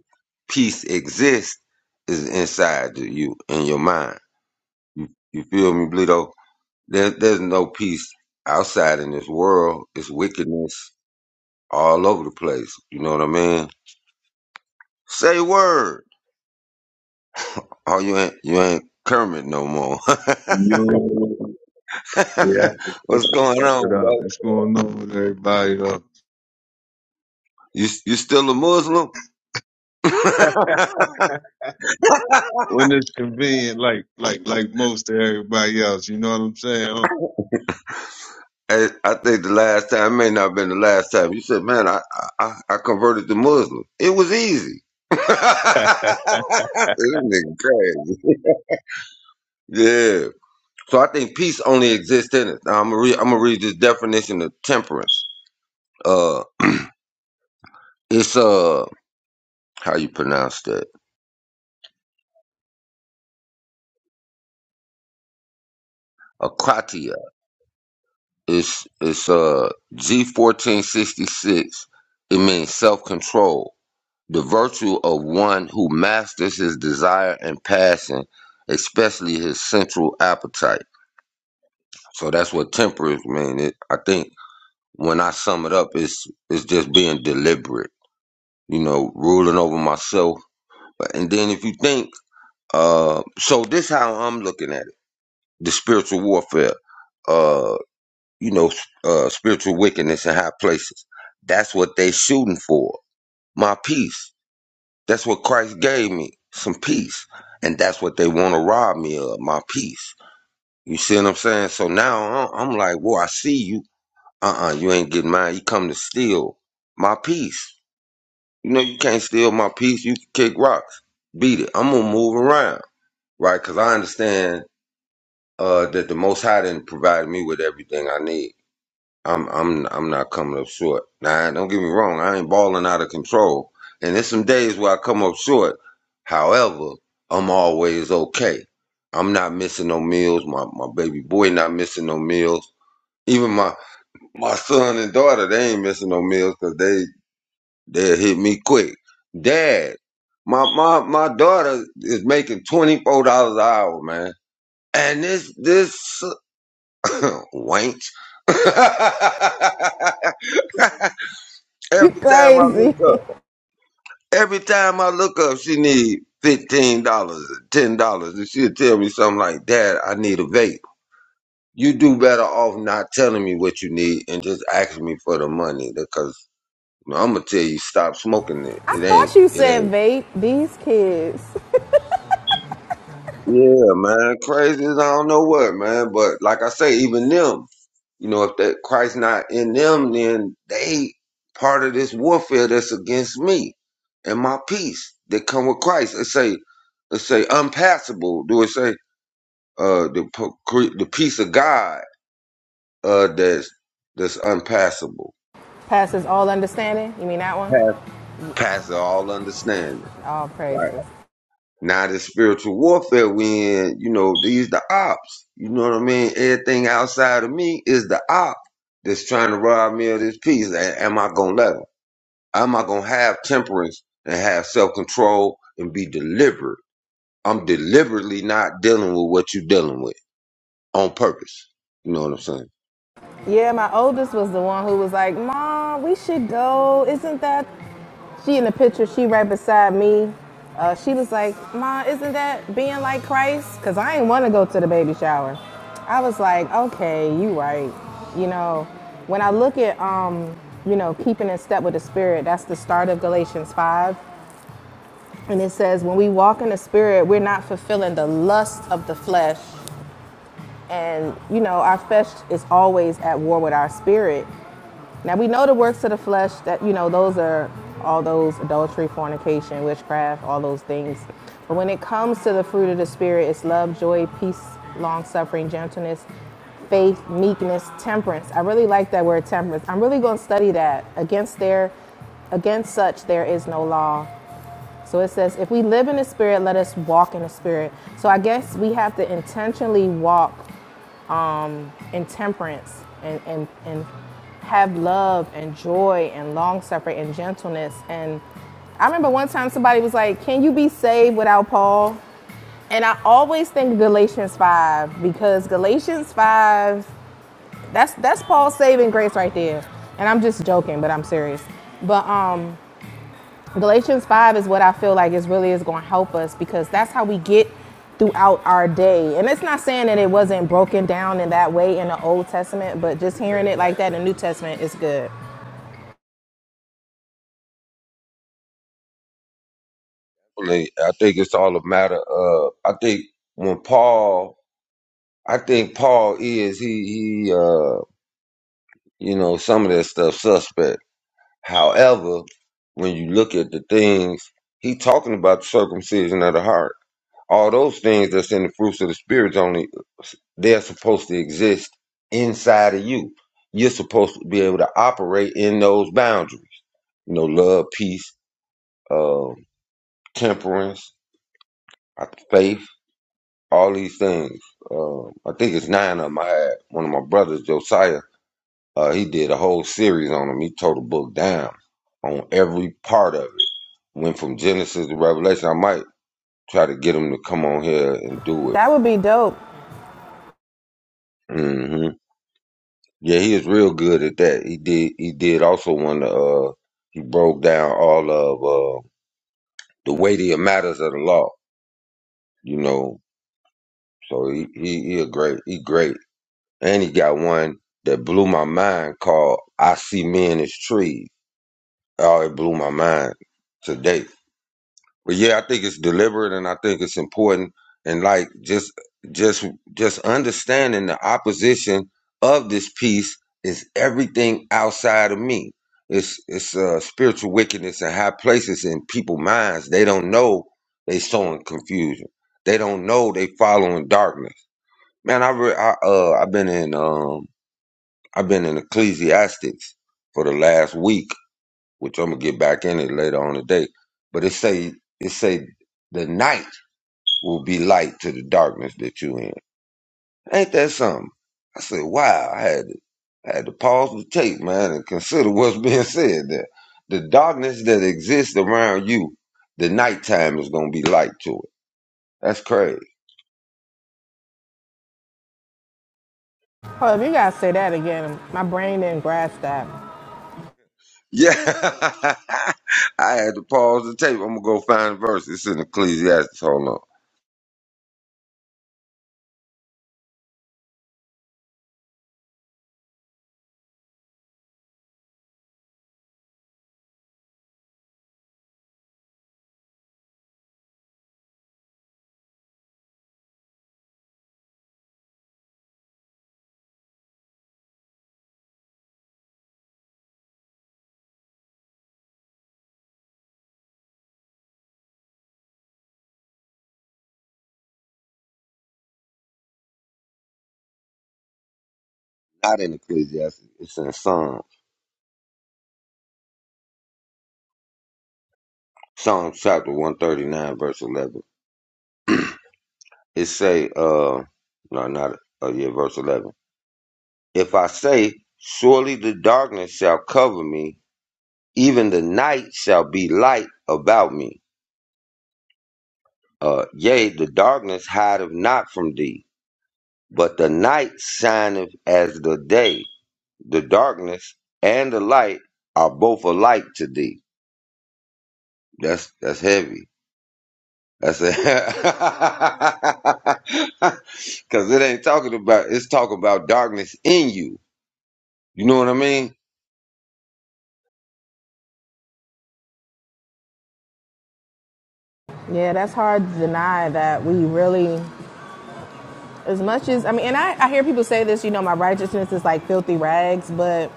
Speaker 1: peace exists is inside of you in your mind. You, you feel me, Bleedo? There, there's no peace outside in this world. It's wickedness all over the place. You know what I mean? Say word. Oh, you ain't you ain't Kermit no more.
Speaker 8: Yo, yeah,
Speaker 1: What's going
Speaker 8: fuck
Speaker 1: on,
Speaker 8: it up.
Speaker 1: bro?
Speaker 8: What's going on with everybody though?
Speaker 1: You you still a Muslim?
Speaker 8: When it's convenient, like like like most of everybody else, you know what I'm saying? Oh,
Speaker 1: Hey, I think the last time may not have been the last time. You said, "Man, I I, I converted to Muslim. It was easy." this nigga crazy. Yeah. So I think peace only exists in it. Now, I'm gonna read. I'm gonna read this definition of temperance. Uh, it's uh, how you pronounce that? Akratia. It's it's uh G fourteen sixty six. It means self control, the virtue of one who masters his desire and passion, especially his sensual appetite. So that's what temperance means. It, I think when I sum it up, it's it's just being deliberate. You know, ruling over myself And then if you think, uh, so this how I'm looking at it: the spiritual warfare, uh, you know, uh, spiritual wickedness in high places. That's what they shooting for. My peace. That's what Christ gave me, some peace, and that's what they want to rob me of, my peace. You see what I'm saying? So now I- I'm like, well, I see you. Uh-uh, you ain't getting mine. You come to steal my peace. You know, you can't steal my peace. You can kick rocks, beat it. I'm gonna move around. right? Because I understand uh, that the Most High didn't provide me with everything I need. I'm I'm I'm not coming up short. Now, don't get me wrong, I ain't balling out of control, and there's some days where I come up short. However, I'm always okay. I'm not missing no meals. My my baby boy not missing no meals. Even my my son and daughter, they ain't missing no meals because they they hit me quick. Dad, my my my daughter is making twenty four dollars an hour, man and this this wank. every
Speaker 7: You
Speaker 1: time I look
Speaker 7: crazy.
Speaker 1: up, every time I look up, she need fifteen dollars, ten dollars, and she'll tell me something like, "Dad, I need a vape." You do better off not telling me what you need and just asking me for the money, because I'm gonna tell you stop smoking it.
Speaker 7: I
Speaker 1: It ain't.
Speaker 7: thought you
Speaker 1: It
Speaker 7: said
Speaker 1: ain't.
Speaker 7: vape. These kids.
Speaker 1: Yeah, man, crazy as I don't know what, man. But like I say, even them. You know, if that Christ not in them, then they part of this warfare that's against me and my peace that come with Christ. It say, it say unpassable. Do it say uh the po- cre- the peace of God uh that's that's unpassable,
Speaker 7: Passes all understanding. You mean that one?
Speaker 1: passes all understanding.
Speaker 7: All
Speaker 1: Right.
Speaker 7: praises.
Speaker 1: Now this spiritual warfare we in, you know, these the ops. You know what I mean? Everything outside of me is the op that's trying to rob me of this peace. A- Am I gonna let 'em? I'm not gonna have temperance and have self control and be deliberate. I'm deliberately not dealing with what you're dealing with on purpose. You know what I'm saying?
Speaker 7: Yeah, my oldest was the one who was like, Mom, we should go. Isn't that? She in the picture, she right beside me. Uh, she was like, Mom, isn't that being like Christ? Because I ain't want to go to the baby shower. I was like, okay, you right. You know, when I look at, um, you know, keeping in step with the Spirit, that's the start of Galatians 5. And it says, when we walk in the Spirit, we're not fulfilling the lust of the flesh And, you know, our flesh is always at war with our spirit. Now, we know the works of the flesh that, you know, those are all those adultery, fornication, witchcraft, all those things. But when it comes to the fruit of the spirit, it's love, joy, peace, long suffering, gentleness, faith, meekness, temperance. I really like that word temperance. I'm really going to study that. Against their against such there is no law. So it says if we live in the spirit, let us walk in the spirit. So I guess we have to intentionally walk and temperance and, and, and have love and joy and long suffering and gentleness. And I remember one time somebody was like, Can you be saved without Paul? And I always think Galatians 5 because Galatians 5, that's that's Paul's saving grace right there. And I'm just joking, but I'm serious. But um Galatians 5 is what I feel like is really is going to help us because that's how we get throughout our day. And it's not saying that it wasn't broken down in that way in the Old Testament, but just hearing it like that in the New Testament is good.
Speaker 1: Like, I think it's all a matter of I think when Paul I think Paul is he he uh you know some of that stuff suspect. However, when you look at the things he talking about the circumcision of the heart All those things that's in the fruits of the spirit's only they're supposed to exist inside of you. You're supposed to be able to operate in those boundaries. You know, love, peace, uh, temperance, uh, faith, all these things. Uh, I think it's nine of them. I had one of my brothers, Josiah, uh, he did a whole series on them. He tore the book down on every part of it. Went from Genesis to Revelation. I might try to get him to come on here and do it.
Speaker 7: That would be dope.
Speaker 1: hmm Yeah, he was real good at that. He did. He did also one. Uh, he broke down all of uh, the weightier matters of the law. You know, so he he he a great. He great, and he got one that blew my mind called "I See Men as Trees." Oh, it blew my mind today. But yeah, I think it's deliberate and I think it's important and like just just just understanding the opposition of this piece is everything outside of me. It's it's uh, spiritual wickedness in high places in people's minds. They don't know they sowing confusion. They don't know they following darkness. Man, I, re- I uh I've been in um I've been in Ecclesiastics for the last week which I'm gonna get back in it later on today. But it say it say the night will be light to the darkness that you in. Ain't that something? I said, wow, I had to I had to pause the tape, man, and consider what's being said there. The darkness that exists around you, the nighttime is gonna be light to it. That's crazy.
Speaker 7: Oh, if you guys say that again, my brain didn't grasp that.
Speaker 1: Yeah. I had to pause the tape. I'm gonna go find a verse. It's in Ecclesiastes. Hold on. Not in Ecclesiastes. It's in Psalm. Psalms chapter 139, verse 11. It say, uh, no, not, uh, yeah, verse 11. If I say, surely the darkness shall cover me, even the night shall be light about me. Uh, yea, the darkness hideth not from thee, but the night shineth as the day. The darkness and the light are both alike to thee. That's, that's heavy. I said, because it ain't talking about it's talking about darkness in you. You know what I mean?
Speaker 7: Yeah, that's hard to deny that we really, as much as, I mean, and I, I hear people say this, you know, my righteousness is like filthy rags, but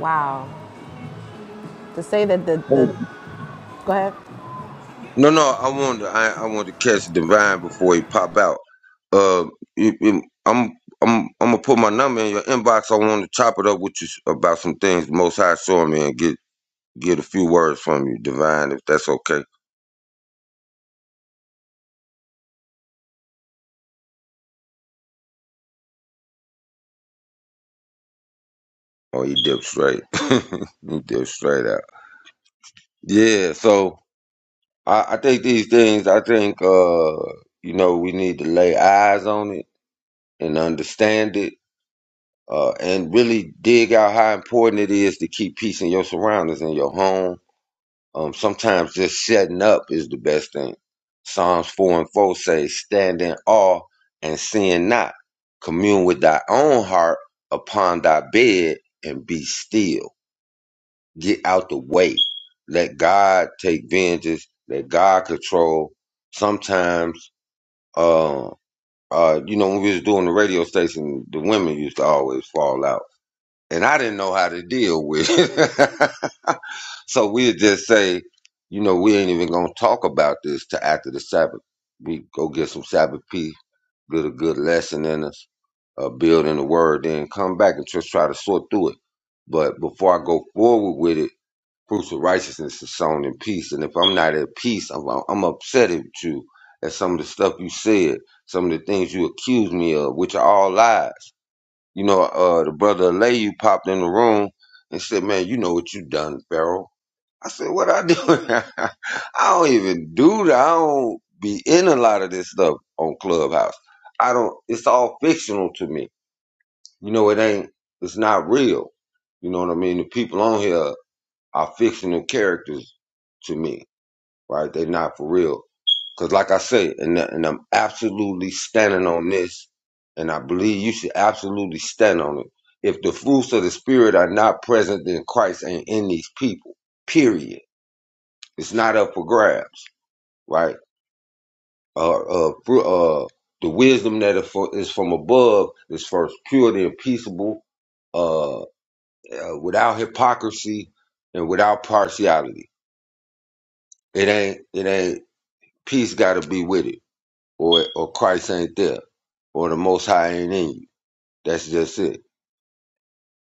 Speaker 7: wow. To say that the, the go ahead.
Speaker 1: No, no. I want to I, I want to catch Divine before he pop out. Uh, you- you- I'm I'm I'm gonna put my number in your inbox. I want to chop it up with you about some things. the Most High showing me and get get a few words from you, Divine, if that's okay. Oh, he dipped straight. he dipped straight out. Yeah. So. I, I think these things, I think, uh, you know, we need to lay eyes on it and understand it uh, and really dig out how important it is to keep peace in your surroundings, in your home. Um, sometimes just shutting up is the best thing. Psalms 4 and 4 say, Stand in awe and sin not. Commune with thy own heart upon thy bed and be still. Get out the way. Let God take vengeance. Let God control. Sometimes, uh, uh, you know, when we was doing the radio station, the women used to always fall out, and I didn't know how to deal with it. so we'd just say, you know, we ain't even gonna talk about this till after the Sabbath. We go get some Sabbath peace, get a good lesson in us, uh, build in the word, then come back and just try to sort through it. But before I go forward with it fruits of righteousness is sown in peace. And if I'm not at peace, I'm, I'm upset at you at some of the stuff you said, some of the things you accused me of, which are all lies. You know, uh, the brother Alayu popped in the room and said, "Man, you know what you done, Pharaoh." I said, "What I do? I don't even do that. I don't be in a lot of this stuff on Clubhouse. I don't. It's all fictional to me. You know, it ain't. It's not real. You know what I mean? The people on here are fictional characters to me, right? They're not for real. Because, like I say, and, and I'm absolutely standing on this, and I believe you should absolutely stand on it. If the fruits of the Spirit are not present, then Christ ain't in these people, period. It's not up for grabs, right? Uh, uh, fru- uh, the wisdom that is fro- is from above is first purity and peaceable, uh, uh, without hypocrisy and without partiality. It ain't. It ain't. Peace got to be with it, or or Christ ain't there, or the Most High ain't in you. That's just it.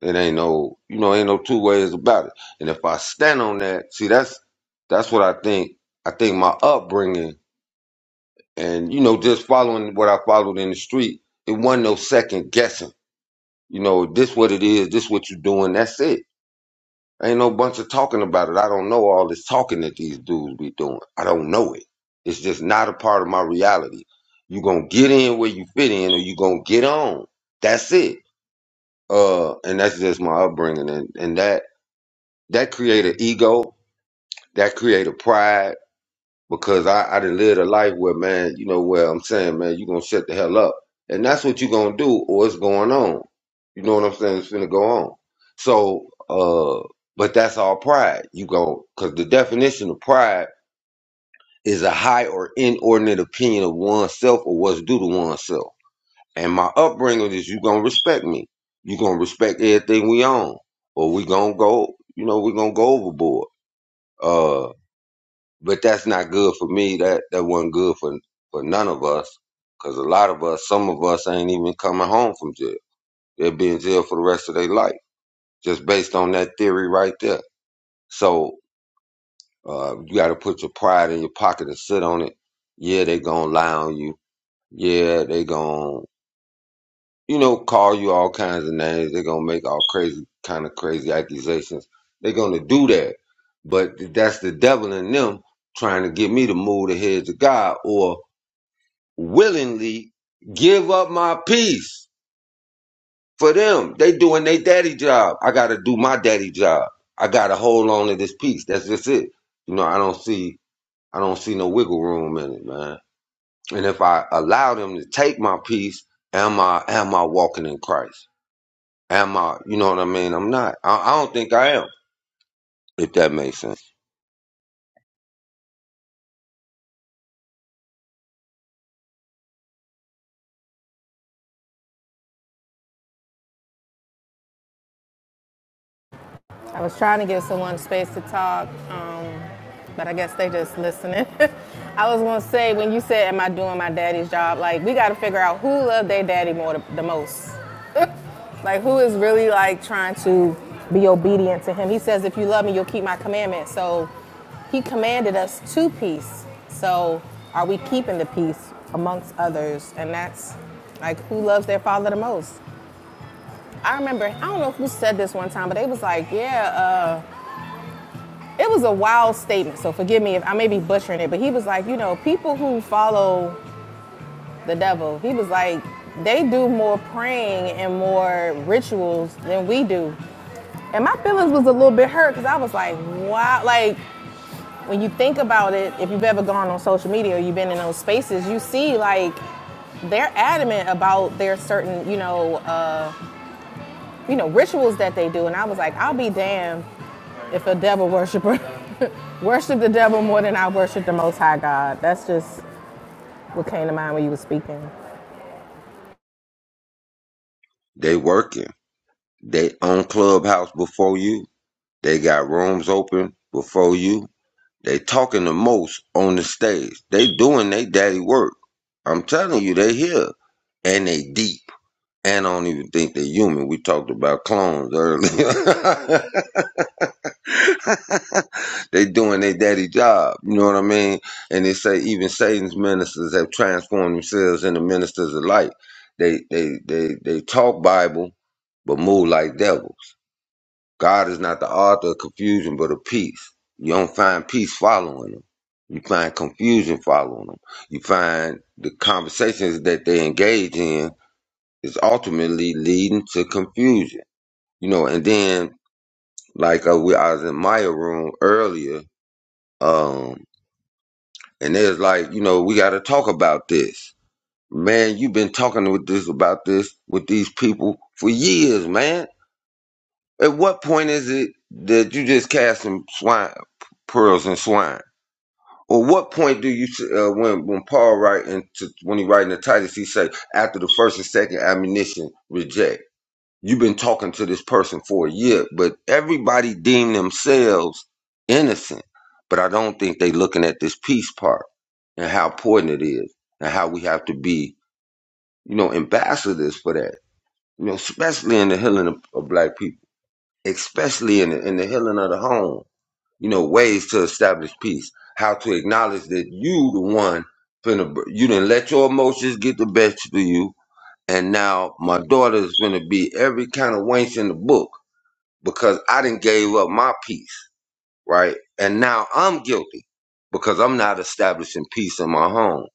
Speaker 1: It ain't no, you know, ain't no two ways about it. And if I stand on that, see, that's that's what I think. I think my upbringing and you know just following what I followed in the street, it wasn't no second guessing. You know, this what it is. This what you're doing. That's it Ain't no bunch of talking about it. I don't know all this talking that these dudes be doing. I don't know it. It's just not a part of my reality. You gonna get in where you fit in, or you gonna get on. That's it. Uh, and that's just my upbringing, and and that that create an ego, that create a pride, because I, I done lived a life where, man, you know where I'm saying, man, you gonna shut the hell up. And that's what you gonna do or it's going on. You know what I'm saying? It's gonna go on. So, uh, but that's all pride. You go, cause the definition of pride is a high or inordinate opinion of oneself or what's due to oneself. And my upbringing is you gonna respect me. You gonna respect everything we own or we gonna go, you know, we gonna go overboard. Uh, but that's not good for me. That that wasn't good for for none of us, because a lot of us, some of us, ain't even coming home from jail. They'll be in jail for the rest of their life, just based on that theory right there. So uh, you got to put your pride in your pocket and sit on it. Yeah, they gonna lie on you. Yeah, they gonna you know call you all kinds of names. They gonna make all crazy kind of crazy accusations. They're gonna do that, but that's the devil in them trying to get me to move the heads of God or willingly give up my peace for them. They doing their daddy job. I gotta do my daddy job. I gotta hold on to this piece. That's just it. You know, I don't see I don't see no wiggle room in it, man. And if I allow them to take my piece, am I am I walking in Christ? Am I you know what I mean? I'm not. I, I don't think I am, if that makes sense.
Speaker 7: I was trying to give someone space to talk, um, but I guess they just listening. I was gonna say when you said, "Am I doing my daddy's job?" Like we got to figure out who loved their daddy more the, the most. Like who is really like trying to be obedient to him. He says, "If you love me, you'll keep my commandments." So he commanded us to peace. So are we keeping the peace amongst others? And that's like who loves their father the most. I remember I don't know who said this one time, but they was like, "Yeah." Uh, It was a wild statement, so forgive me if I may be butchering it, but he was like, you know, people who follow the devil, he was like, they do more praying and more rituals than we do. And my feelings was a little bit hurt because I was like, wow, like when you think about it, if you've ever gone on social media or you've been in those spaces, you see like they're adamant about their certain, you know, uh, you know, rituals that they do. And I was like, I'll be damned if a devil worshiper Worship the devil more than I worship the Most High God. That's just what came to mind when you were speaking.
Speaker 1: They working. They own clubhouse before you. They got rooms open before you They talking the most on the stage. They doing they daddy work. I'm telling you, they here and they deep. And I don't even think they're human. We talked about clones earlier. they doing their daddy job. You know what I mean? And they say even Satan's ministers have transformed themselves into ministers of light. They they they they talk Bible, but move like devils. God is not the author of confusion, but of peace. You don't find peace following them. You find confusion following them. You find the conversations that they engage in is ultimately leading to confusion. You know, and then like uh, we, I was in my room earlier, um, and there's like, you know, we got to talk about this. Man, you've been talking with this about this with these people for years, man At what point is it that you just cast some swine pearls and swine? Or what point do you uh, when when Paul write and when he writing the Titus he say after the first and second admonition reject? You've been talking to this person for a year, but everybody deem themselves innocent. But I don't think they looking at this peace part and how important it is and how we have to be, you know, ambassadors for that. You know, especially in the healing of, of black people especially in the, in the healing of the home, you know, ways to establish peace, how to acknowledge that you the one finna, br- you didn't let your emotions get the best of you. And now my daughter's gonna be every kind of wench in the book because I didn't gave up my peace, right? And now I'm guilty because I'm not establishing peace in my home.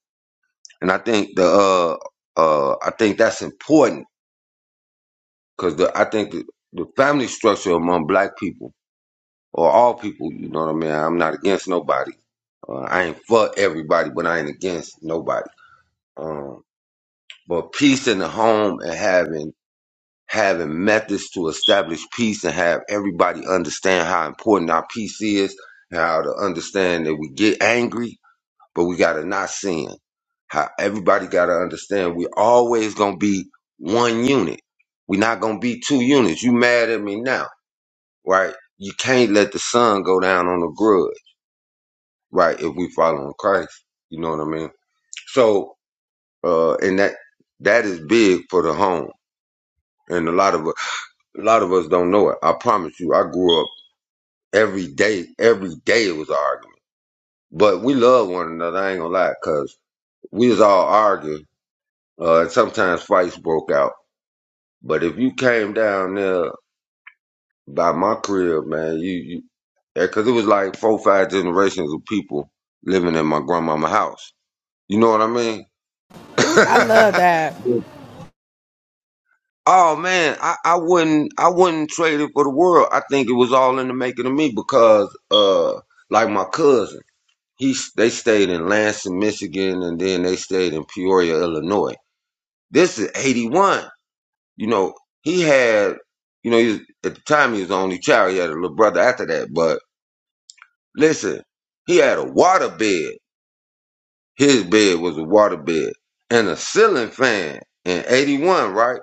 Speaker 1: And I think the, uh, uh, I think that's important because the, I think the, the family structure among black people or all people. You know what I mean? I'm not against nobody. Uh, I ain't for everybody, but I ain't against nobody. Um, but peace in the home and having having methods to establish peace and have everybody understand how important our peace is, and how to understand that we get angry, but we gotta not sin. How everybody gotta understand we always gonna be one unit. we are not gonna be two units. You mad at me now, right? You can't let the sun go down on the grudge right if we follow in christ you know what i mean so uh and that that is big for the home and a lot of us a lot of us don't know it i promise you i grew up every day every day it was an argument but we love one another i ain't gonna lie because we was all arguing uh and sometimes fights broke out but if you came down there by my crib man you you because it was like four five generations of people living in my grandmama house you know what i
Speaker 7: I love that.
Speaker 1: mean Oh man, I, I wouldn't I wouldn't trade it for the world. I think it was all in the making of me because uh like my cousin, he s- they stayed in Lansing, Michigan and then they stayed in Peoria, Illinois. This is 81. You know, he had you know, he was, at the time he was the only child. He had a little brother after that, but listen, he had a water bed. His bed was a water bed and a ceiling fan in 81, right?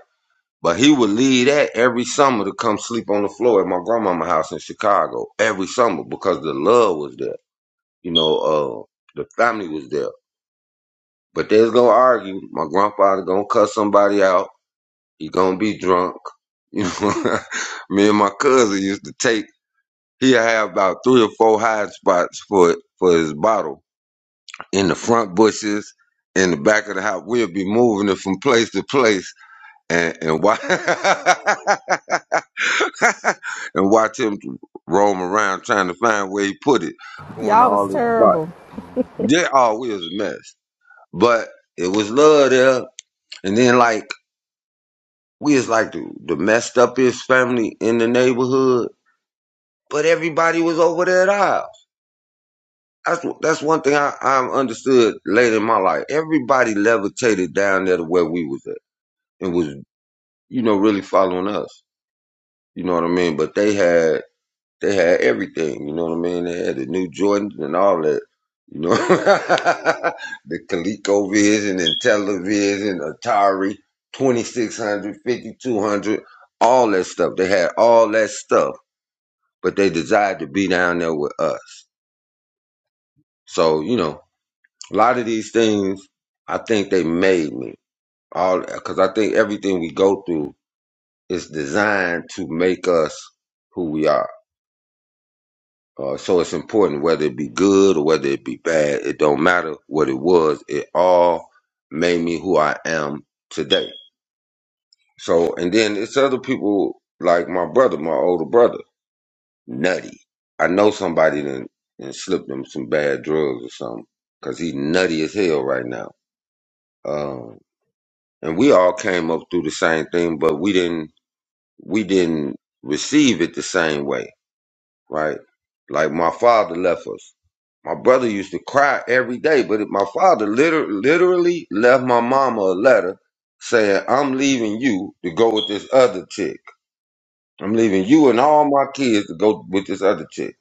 Speaker 1: But he would leave that every summer to come sleep on the floor at my grandmama's house in Chicago every summer because the love was there. You know, uh, the family was there. But they's gonna argue. My grandfather gonna cuss somebody out. He gonna be drunk. You know, me and my cousin used to take. He had about three or four hiding spots for for his bottle in the front bushes, in the back of the house. We'd be moving it from place to place and, and watch and watch him roam around trying to find where he put it, going to
Speaker 7: Y'all was
Speaker 1: all his spots.
Speaker 7: terrible.
Speaker 1: Yeah, oh, we was a mess, but it was love there. And then like we was like the, the messed up his family in the neighborhood, but everybody was over there at ours. That's that's one thing I, I understood later in my life. Everybody levitated down there to where we was at and was you know really following us. You know what I mean? But they had They had everything, you know what I mean? They had the new Jordans and all that. You know, the ColecoVision and television, Atari, twenty six hundred, fifty two hundred, all that stuff. They had all that stuff, but they desired to be down there with us. So, you know, a lot of these things, I think they made me. All because I think everything we go through is designed to make us who we are Uh, so it's important whether it be good or whether it be bad. It don't matter what it was. It all made me who I am today. So, and then it's other people like my brother, my older brother, nutty. I know somebody done, done slipped him some bad drugs or something because he's nutty as hell right now. Um, and we all came up through the same thing, but we didn't, we didn't receive it the same way right? Like my father left us. My brother used to cry every day, but it- my father liter- literally left my mama a letter saying, I'm leaving you to go with this other chick. I'm leaving you and all my kids to go with this other chick.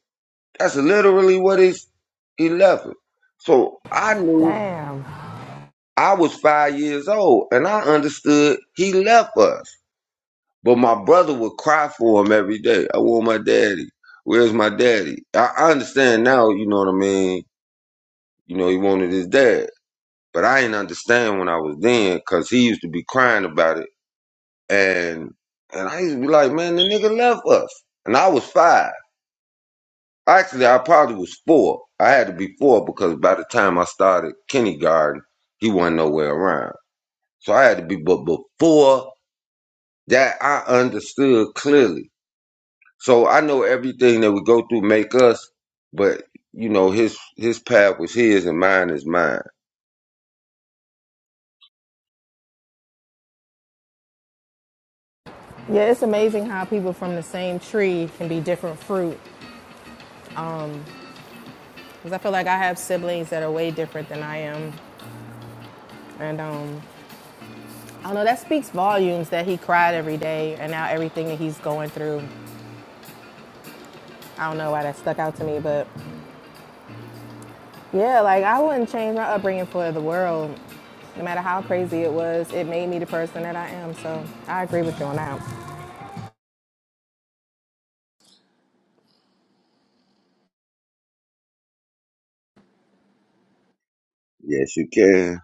Speaker 1: That's literally what he's, he left it. So I knew
Speaker 7: Damn.
Speaker 1: I was five years old and I understood he left us. But my brother would cry for him every day. I want my daddy. Where's my daddy? I, I understand now, you know what I mean? You know, he wanted his dad. But I didn't understand when I was then because he used to be crying about it. And and I used to be like, man, the nigga left us. And I was five. Actually, I probably was four. I had to be four because by the time I started kindergarten, he wasn't nowhere around. So I had to be, but before that, I understood clearly So I know everything that we go through make us, but you know his his path was his and mine is mine.
Speaker 7: Yeah, it's amazing how people from the same tree can be different fruit. Because I feel like I have siblings that are way different than I am. And um, I don't know, that speaks volumes that he cried every day and now everything that he's going through. I don't know why that stuck out to me, but yeah, like I wouldn't change my upbringing for the world. No matter how crazy it was, it made me the person that I am. So I agree with you on that.
Speaker 1: Yes, you can.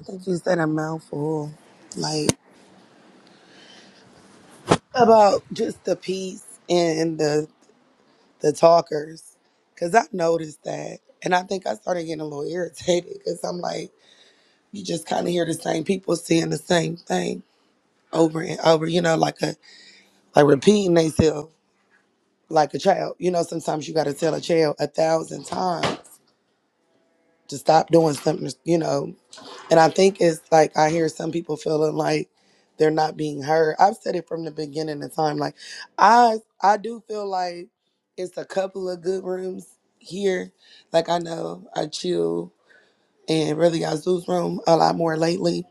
Speaker 4: I think you said a mouthful, like about just the peace and the the talkers, because I noticed that, and I think I started getting a little irritated because I'm like, you just kind of hear the same people saying the same thing over and over, you know, like a like repeating themselves. like a child. You know, sometimes you got to tell a child a thousand times to stop doing something, you know. And I think it's like I hear some people feeling like they're not being heard. I've said it from the beginning of time. Like I I do feel like it's a couple of good rooms here. Like I know I chill and really Azu's room a lot more lately.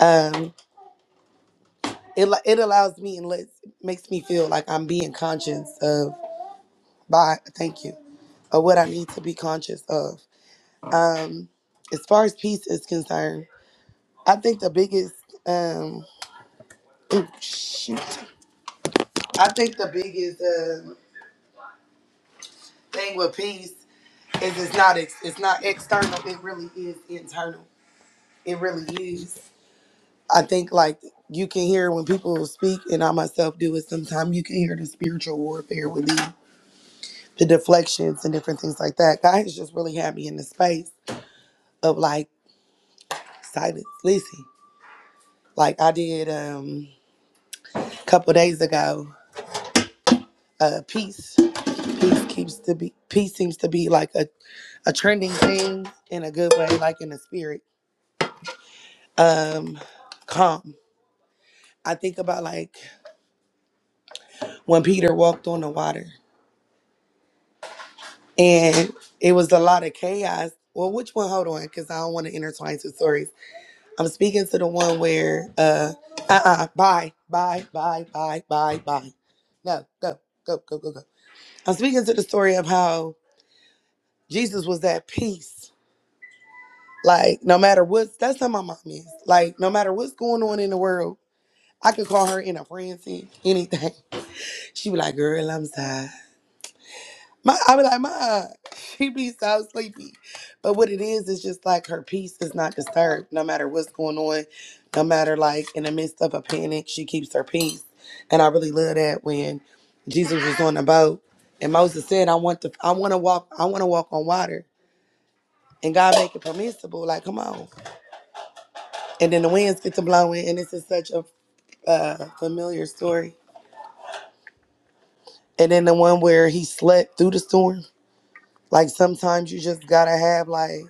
Speaker 4: Um it, li- it allows me and lets, makes me feel like I'm being conscious of by thank you of what I need to be conscious of Um, as far as peace is concerned, I think the biggest um oh, shoot, I think the biggest um thing with peace is it's not ex- it's not external. It really is internal. It really is. I think like you can hear when people speak, and I myself do it sometimes. You can hear the spiritual warfare with the the deflections and different things like that. God has just really had me in the space of like silence. Listen, like I did um a couple days ago, uh, peace. Peace keeps to be peace seems to be like a, a trending thing in a good way, like in the spirit. Um, calm. I think about like when Peter walked on the water, and it was a lot of chaos. Well, which one? Hold on, because I don't want to intertwine two stories. I'm speaking to the one where uh uh uh bye bye bye bye bye bye. No, go go go go go. I'm speaking to the story of how Jesus was at peace Like, no matter what's that's how my mom is. Like, no matter what's going on in the world, I could call her in a frenzy, anything. She be like, girl, I'm tired. My I be like, ma, she be so sleepy. But what it is is just like her peace is not disturbed, no matter what's going on, no matter like in the midst of a panic, she keeps her peace. And I really love that when Jesus was on the boat and Moses said, I want to I wanna walk, I wanna walk on water. And God make it permissible. Like, come on. and then the winds get to blowing, and this is such a uh, familiar story. And then the one where he slept through the storm. Like sometimes you just gotta have like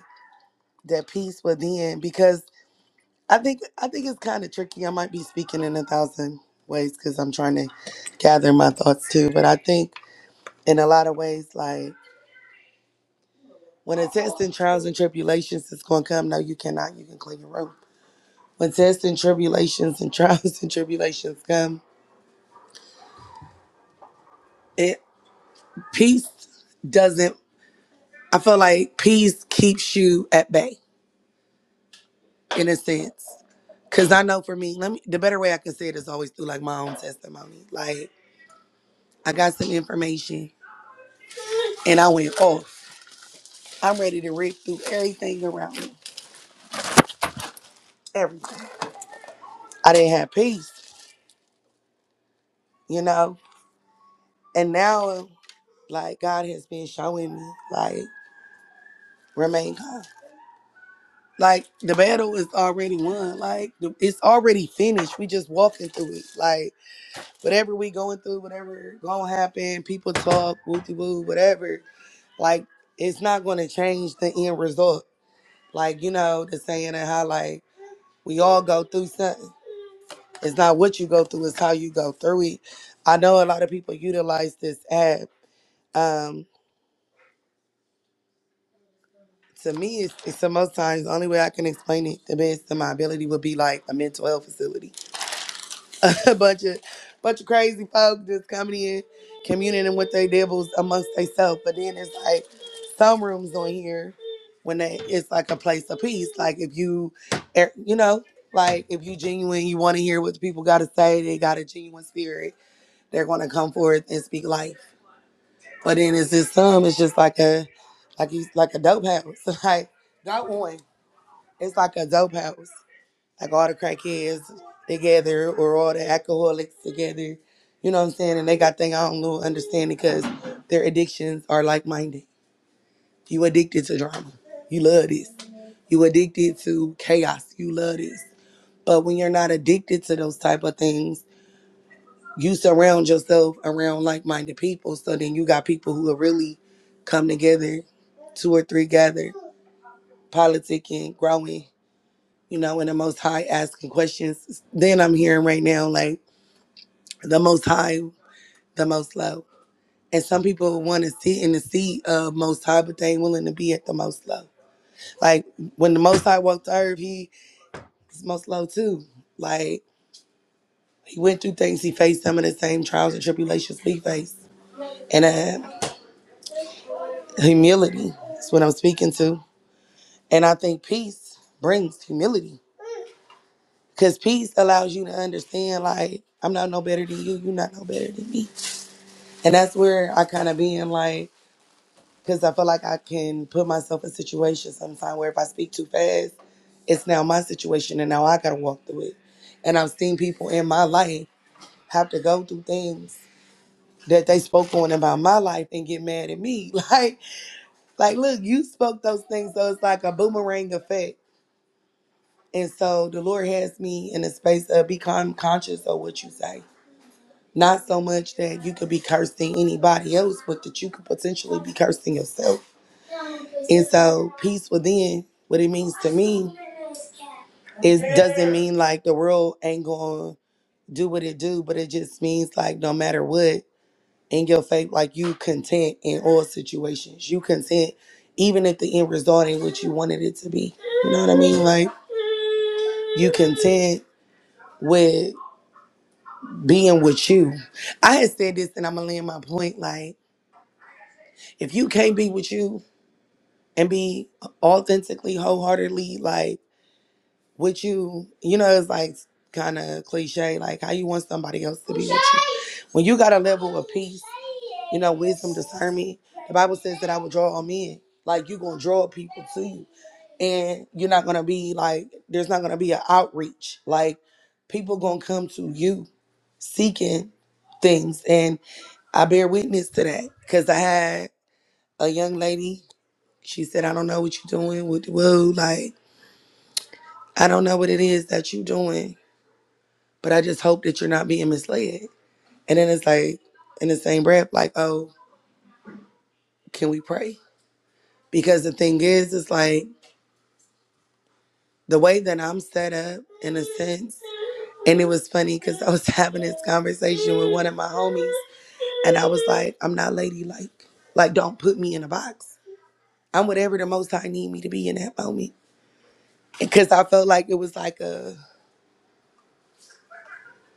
Speaker 4: that peace within because I think I think it's kind of tricky. I might be speaking in a thousand ways because I'm trying to gather my thoughts too. But I think in a lot of ways, like when a test and trials and tribulations is gonna come, no, you cannot. You can clean your room. When tests and tribulations and trials and tribulations come, it peace doesn't. I feel like peace keeps you at bay in a sense. Cause I know for me, let me the better way I can say it is always through like my own testimony. Like I got some information and I went off. I'm ready to rip through everything around me. Everything. I didn't have peace, you know? And now like God has been showing me, like, remain calm. Like the battle is already won. Like the- it's already finished. We just walking through it. Like whatever we going through, whatever gonna happen, people talk, woo woo, whatever. Like it's not gonna change the end result. Like you know the saying and how like we all go through something. It's not what you go through, it's how you go through it. I know a lot of people utilize this app. Um, to me, it's, it's the most times the only way I can explain it the best to my ability would be like a mental health facility a bunch of bunch of crazy folk just coming in, communing with their devils amongst themselves. But then it's like some rooms on here when they it's like a place of peace. Like if you, er, you know, like if you genuine, you want to hear what the people got to say. They got a genuine spirit. They're gonna come forth and speak life. But then it's just some. It's just like a like you like a dope house. Like that one. It's like a dope house like all the crackheads together or all the alcoholics together. You know what I'm saying? And they got thing I don't know understand because their addictions are like minded. You addicted to drama. You love this. You addicted to chaos. You love this. But when you're not addicted to those type of things, you surround yourself around like minded people. So then you got people who will really come together, two or three gather, politicking, growing, you know, in the most high asking questions. Then I'm hearing right now, like the most high, the most low. And some people want to sit in the seat of most high, but they ain't willing to be at the most low. Like when the most high walked the earth, he was most low too. Like he went through things, he faced some of the same trials and tribulations we face. And uh, humility is what I'm speaking to. And I think peace brings humility because peace allows you to understand, like, I'm not no better than you, you're not no better than me. And that's where I kind of been like, because I feel like I can put myself in situations sometimes where if I speak too fast, it's now my situation and now I gotta walk through it. And I've seen people in my life have to go through things that they spoke on about my life and get mad at me. Like, like, look, you spoke those things, so it's like a boomerang effect. And so the Lord has me in a space of become conscious of what you say Not so much that you could be cursing anybody else, but that you could potentially be cursing yourself. And so, peace within, what it means to me, is doesn't mean like the world ain't gonna do what it do, but it just means like no matter what in your faith, like you content in all situations. You content even if the end result ain't what you wanted it to be. You know what I mean? Like you content with being with you. I had said this and I'm gonna land my point like If you can't be with you and be authentically, wholeheartedly like with you, you know, it's like kind of cliche, like how you want somebody else to be with you. When you got a level of peace, you know, wisdom, discernment, the Bible says that I will draw all men. Like you're gonna draw people to you. And you're not gonna be like there's not gonna be an outreach. Like people gonna come to you seeking things. And I bear witness to that. Cause I had a young lady. She said, I don't know what you're doing with the woo. Like, I don't know what it is that you're doing, but I just hope that you're not being misled. And then it's like, in the same breath, like, oh, can we pray? Because the thing is, it's like the way that I'm set up, in a sense. And it was funny because I was having this conversation with one of my homies, and I was like, I'm not ladylike. Like, don't put me in a box. I'm whatever the most high need me to be in that moment. Because I felt like it was like a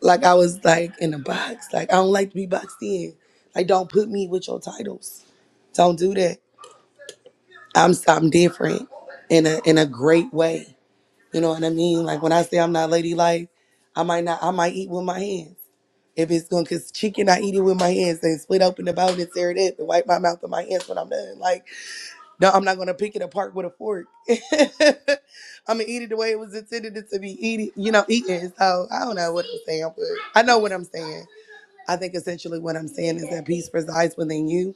Speaker 4: Like I was like in a box. Like I don't like to be boxed in. Like don't put me with your titles. Don't do that. I'm something different in a in a great way. You know what I mean? Like when I say I'm not ladylike, I might not I might eat with my hands. If it's going cause chicken, I eat it with my hands and split open the bone and tear it up and wipe my mouth with my hands when I'm done. Like, no, I'm not gonna pick it apart with a fork. I'm gonna eat it the way it was intended to be eaten. you know, eating. So I don't know what I'm saying, but I know what I'm saying. I think essentially what I'm saying is that peace resides within you.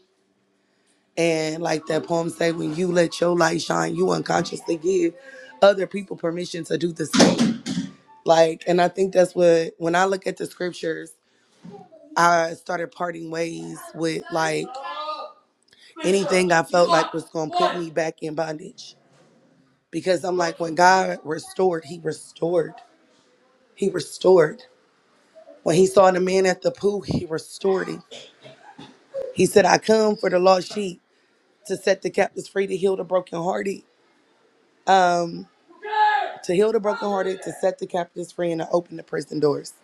Speaker 4: And like that poem say, when you let your light shine, you unconsciously give other people permission to do the same. Like, and I think that's what when I look at the scriptures, I started parting ways with like anything I felt like was gonna put me back in bondage. Because I'm like, when God restored, he restored. He restored. When he saw the man at the pool, he restored him. He said, I come for the lost sheep. to set the captives free, to heal the brokenhearted, to heal the brokenhearted, to set the captives free, and to open the prison doors.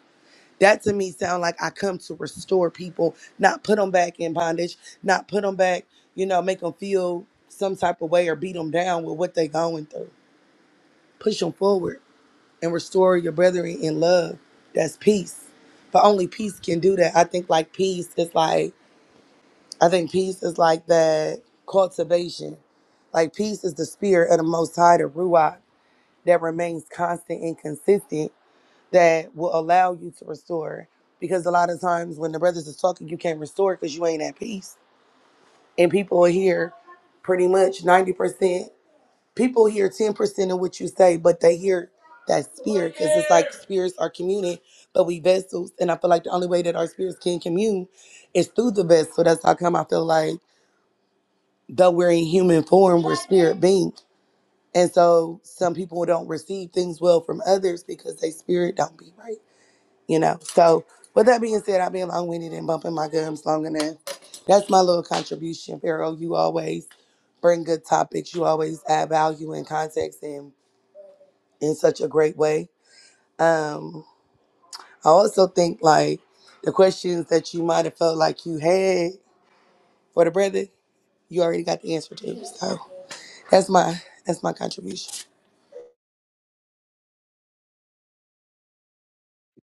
Speaker 4: That to me sound like I come to restore people, not put them back in bondage, not put them back, you know, make them feel some type of way or beat them down with what they going through. Push them forward and restore your brethren in love. That's peace. But only peace can do that. I think like peace is like, I think peace is like that cultivation. Like peace is the spirit of the Most High, the Ruach that remains constant and consistent that will allow you to restore. Because a lot of times when the brothers is talking, you can't restore because you ain't at peace. And people hear pretty much 90%. People hear 10% of what you say, but they hear that spirit because it's like spirits are communing, but we vessels. And I feel like the only way that our spirits can commune is through the vessel. That's how come I feel like, though we're in human form, we're spirit beings And so some people don't receive things well from others because they spirit don't be right, you know. So with that being said, I've been long winded and bumping my gums long enough. That's my little contribution, Pharaoh. You always bring good topics. You always add value and context in in such a great way. Um, I also think like the questions that you might have felt like you had for the brother, you already got the answer to. So that's my that's my contribution.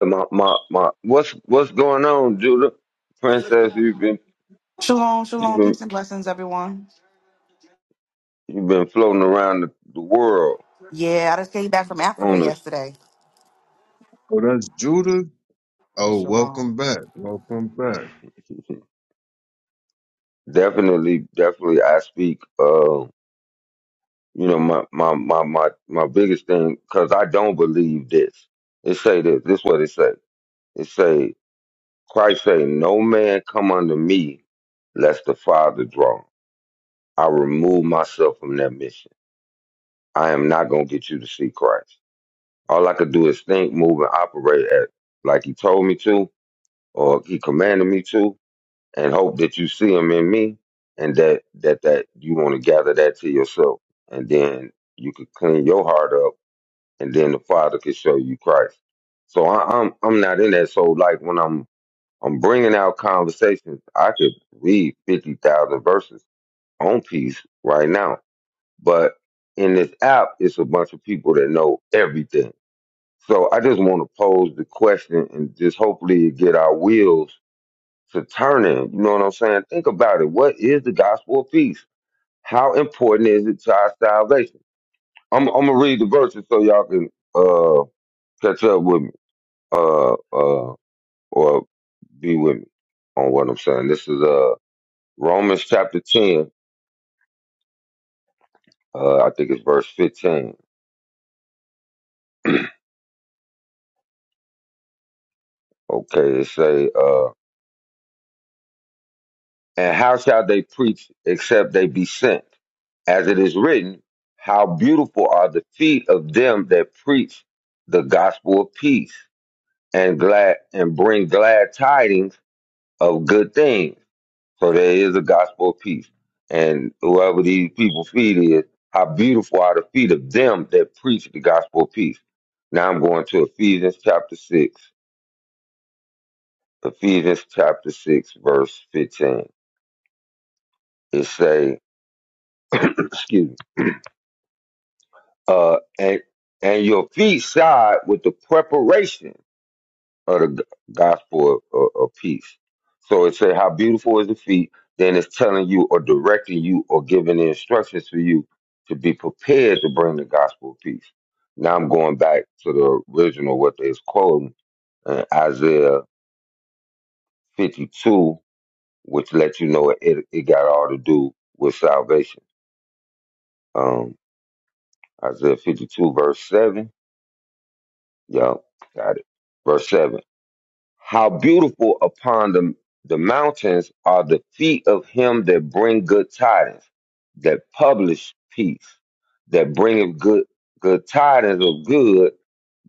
Speaker 1: My my my. What's what's going on, Judah? Princess, you've been
Speaker 9: Shalom,
Speaker 1: you've
Speaker 9: shalom,
Speaker 1: been
Speaker 9: peace and blessings, everyone.
Speaker 1: you've been floating around the, the world
Speaker 9: Yeah, I just came back from Africa
Speaker 1: on us.
Speaker 9: yesterday.
Speaker 8: oh, that's Judah.
Speaker 9: Yeah,
Speaker 8: Oh,
Speaker 9: shalom.
Speaker 8: welcome back, welcome back.
Speaker 1: Definitely, definitely. I speak. Uh, you know my my my my my biggest thing because I don't believe this. It say this. This what it say. It say. Christ say, No man come unto me lest the Father draw. I remove myself from that mission. I am not gonna get you to see Christ. All I could do is think, move, and operate at like he told me to, or he commanded me to, and hope that you see him in me and that that that you want to gather that to yourself. And then you could clean your heart up and then the Father could show you Christ. So I, I'm I'm not in that. So like when I'm I'm bringing out conversations. I could read 50,000 verses on peace right now. But in this app, it's a bunch of people that know everything. So I just want to pose the question and just hopefully get our wheels to turning. You know what I'm saying? Think about it. What is the gospel of peace? How important is it to our salvation? I'm, I'm going to read the verses so y'all can uh, catch up with me uh, uh, or be with me on what I'm saying. This is. uh Romans chapter 10, uh, I think it's verse 15. Okay, it say, uh, and how shall they preach except they be sent? As it is written, how beautiful are the feet of them that preach the gospel of peace and glad and bring glad tidings of good things. So there is a gospel of peace. And whoever these people feed is, how beautiful are the feet of them that preach the gospel of peace. Now I'm going to Ephesians chapter 6. Ephesians chapter 6, verse 15. It say, excuse me, uh, and, and your feet shod with the preparation of the g- gospel of, of, of peace. So it say, how beautiful is the feet. Then it's telling you or directing you or giving the instructions for you to be prepared to bring the gospel of peace. Now I'm going back to the original, what they is quoting uh, Isaiah 52, which lets you know it, it got all to do with salvation um, Isaiah 52, verse 7. Y'all got it. Verse 7. How beautiful upon the, the mountains are the feet of him that bring good tidings, that publish peace, that bringeth good, good tidings of good,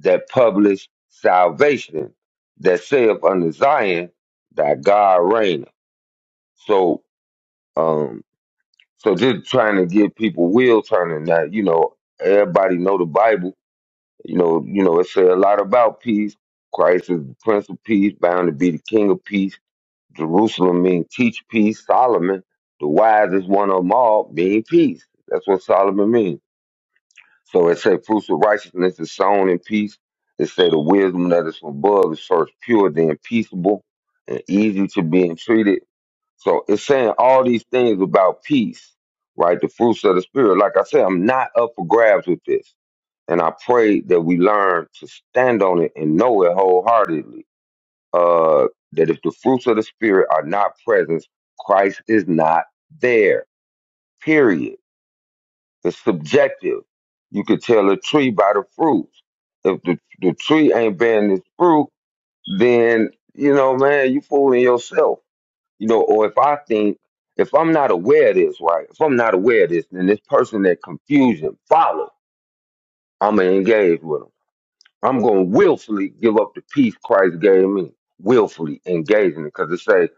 Speaker 1: that publish salvation, that saith unto Zion, thy God reigneth. So, um, so just trying to give people wheel turning that, you know, everybody know the Bible You know, you know, it said a lot about peace. Christ is the Prince of Peace, bound to be the King of Peace. Jerusalem means teach peace. Solomon, the wisest one of them all, mean peace. That's what Solomon means. So it said fruits of righteousness is sown in peace. It said the wisdom that is from above is first pure, then peaceable, and easy to be entreated. So it's saying all these things about peace, right? The fruits of the spirit. Like I said, I'm not up for grabs with this. And I pray that we learn to stand on it and know it wholeheartedly. Uh, that if the fruits of the Spirit are not present, Christ is not there. Period. It's subjective. You could tell a tree by the fruits. If the, the tree ain't bearing its fruit, then, you know, man, you fooling yourself. You know, or if I think, if I'm not aware of this, right? If I'm not aware of this, then this person that confusion follow, I'm going to engage with 'em. I'm going to willfully give up the peace Christ gave me, willfully engaging it, because it say,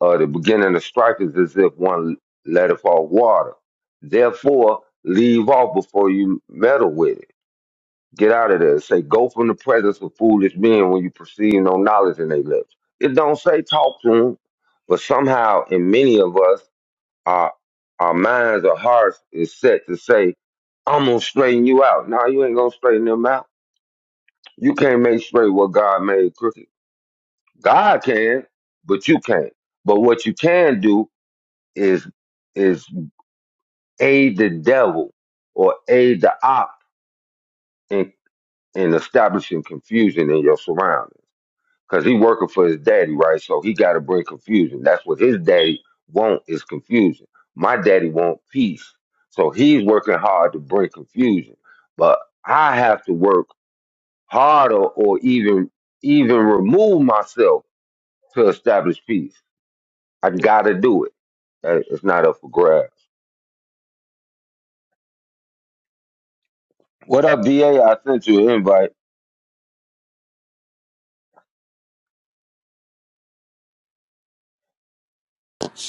Speaker 1: uh, the beginning of strife is as if one letteth off water. Therefore, leave off before you meddle with it. Get out of there. It Say, go from the presence of foolish men when you perceive no knowledge in their lips. It don't say talk to them, but somehow in many of us, our our minds or hearts is set to say, I'm gonna straighten you out. No, you ain't gonna straighten them out you can't make straight what God made crooked. God can, but you can't. But what you can do is is aid the devil or aid the op in, in establishing confusion in your surroundings. Because he working for his daddy, right? So he got to bring confusion. That's what his daddy want is confusion. My daddy want peace. So he's working hard to bring confusion. But I have to work harder or even even remove myself to establish peace. I gotta do it. Uh, It's not up for grabs. What up, DA? sent you an invite.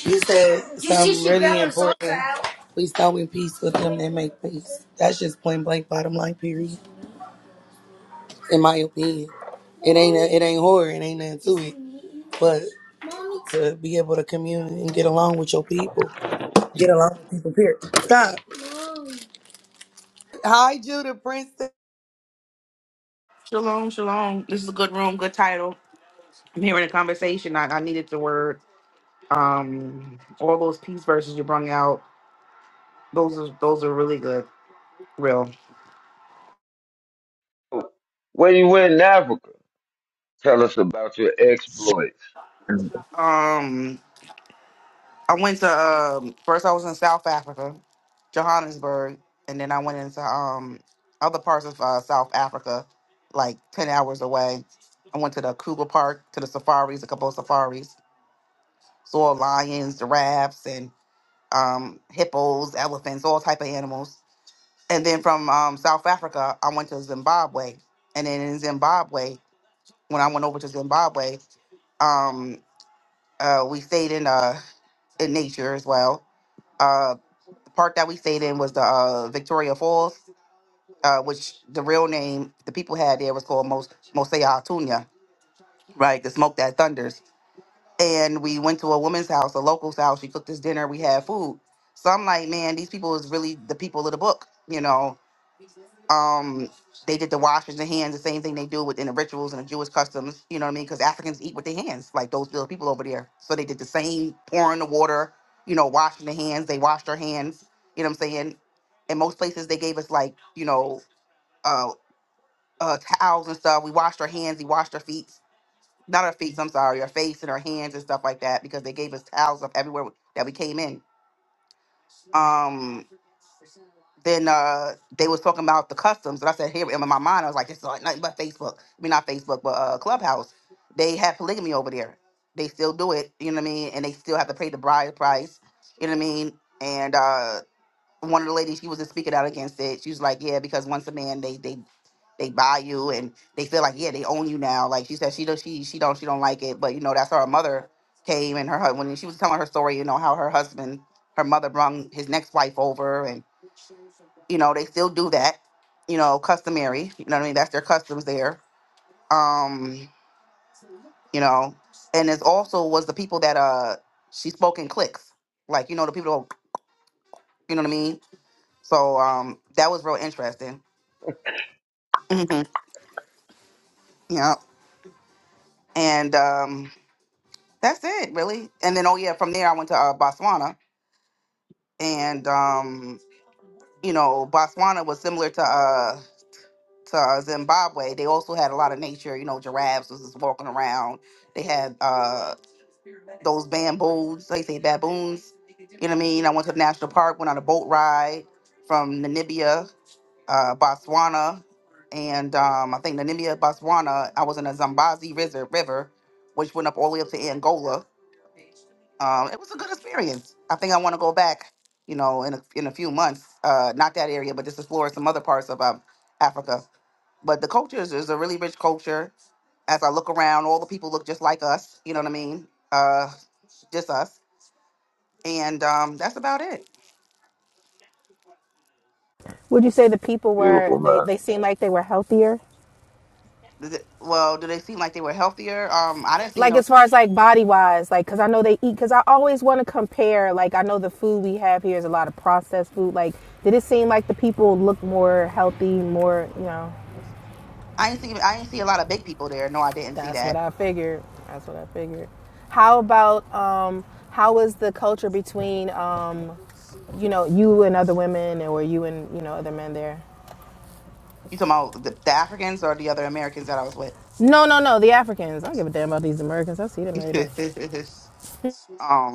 Speaker 4: You said something really important. out. Please go in peace with them and make peace. That's just plain blank bottom line period. In my opinion, it ain't a, it ain't horror. It ain't nothing to it. But to be able to commune and get along with your people, get along with people. Period. Stop. Hi, Judah Prince.
Speaker 9: Shalom, shalom. This is a good room, good title. I'm hearing a conversation. I, I needed the word. Um, all those peace verses you brought out, those are those are really good, real.
Speaker 1: When you went in Africa, tell us about your exploits.
Speaker 9: Um, I went to um first I was in South Africa, Johannesburg, and then I went into um other parts of uh, South Africa, like ten hours away. I went to the Kruger Park, to the safaris, a couple of safaris. saw lions, giraffes, and um, hippos, elephants, all type of animals. And then from um, South Africa, I went to Zimbabwe. And then in Zimbabwe, when I went over to Zimbabwe, um, uh, we stayed in uh, in nature as well. Uh, the park that we stayed in was the uh, Victoria Falls, uh, which the real name the people had there was called Mos Mosea Atunya, right? The smoke that thunders. and we went to a woman's house, a local's house. She cooked us dinner. We had food. So I'm like, man, these people is really the people of the book. You know, um, they did the washing the hands, the same thing they do within the rituals and the Jewish customs. You know what I mean? Because Africans eat with their hands, like those little people over there. So they did the same, pouring the water. You know, washing the hands. They washed their hands. You know what I'm saying? In most places, they gave us like, you know, uh, uh, towels and stuff. We washed our hands. We washed our feet not our feet. I'm sorry, our face and our hands and stuff like that because they gave us towels of everywhere that we came in. Um, then uh, they was talking about the customs, and I said, here in my mind, I was like, this is like nothing but Facebook. I mean, not Facebook, but uh, Clubhouse. They have polygamy over there. They still do it. You know what I mean? And they still have to pay the bride price. You know what I mean? And uh, one of the ladies she was just speaking out against it. She was like, yeah, because once a man they they they buy you and they feel like yeah they own you now. Like she said, she don't she she don't she don't like it, but you know that's how her mother came and her hu- when she was telling her story, you know how her husband her mother brung his next wife over and you know they still do that, you know customary. You know what I mean? That's their customs there. Um, you know, and it's also was the people that uh she spoke in cliques, like you know the people you know what I mean. So um that was real interesting. Yeah, And um, that's it, really. And then, oh yeah, from there I went to uh, Botswana, and um, you know, Botswana was similar to uh, to uh, Zimbabwe. They also had a lot of nature. You know, giraffes was just walking around. They had uh, those bamboos, they say baboons. You know what I mean? I went to the national park, went on a boat ride from Namibia, uh, Botswana, and um, I think Namibia, Botswana. I was in a Zambezi River, river, which went up all the way up to Angola um, it was a good experience. I think I want to go back, you know, in a, in a few months. Uh, not that area, but just explore some other parts of um, Africa. But the culture is, is a really rich culture. As I look around, all the people look just like us. You know what I mean? Uh, just us. And um, that's about it.
Speaker 7: Would you say the people were
Speaker 1: Beautiful
Speaker 7: they
Speaker 1: man.
Speaker 7: they seemed like they were healthier?
Speaker 9: Does it- Well, do they seem like they were healthier? Um, I didn't see you
Speaker 7: Like
Speaker 9: know,
Speaker 7: as far as like body wise, like because I know they eat because I always want to compare. Like I know the food we have here is a lot of processed food. Like did it seem like the people look more healthy, more you know?
Speaker 9: I didn't see I didn't see a lot of big people there. No, I didn't see
Speaker 7: That's what
Speaker 9: that.
Speaker 7: I figured. That's what I figured. How about um, how was the culture between um, you know you and other women or you and you know other men there?
Speaker 9: You talking about the, the Africans or the other Americans that I was with?
Speaker 7: No, no, no. The Africans. I don't give a damn about these Americans. I see them every day.
Speaker 9: um,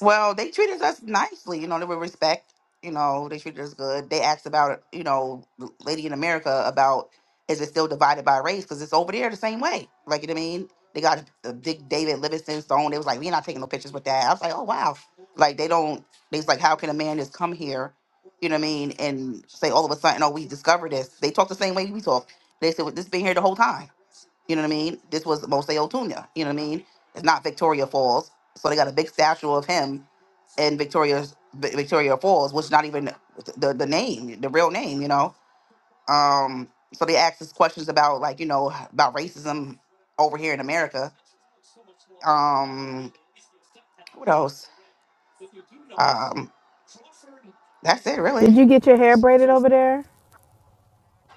Speaker 9: Well, they treated us nicely, you know, they were respect, you know, they treated us good. They asked about, you know, the Lady in America about is it still divided by race? Because it's over there the same way. Like, you know what I mean? They got the big David Livingston stone. They was like, we're not taking no pictures with that. I was like, oh, wow. Like, they don't, they was like, how can a man just come here, you know what I mean, and say all of a sudden, oh, we discovered this. They talk the same way we talk. They said, well, this been here the whole time. You know what I mean? This was Mose Otunya. You know what I mean? It's not Victoria Falls. So they got a big statue of him and Victoria's Vi- Victoria Falls, which not even the the name, the real name, you know. Um, so they asked us questions about like you know about racism over here in America. Um, what else? Um, that's it really.
Speaker 7: Did you get your hair braided over there?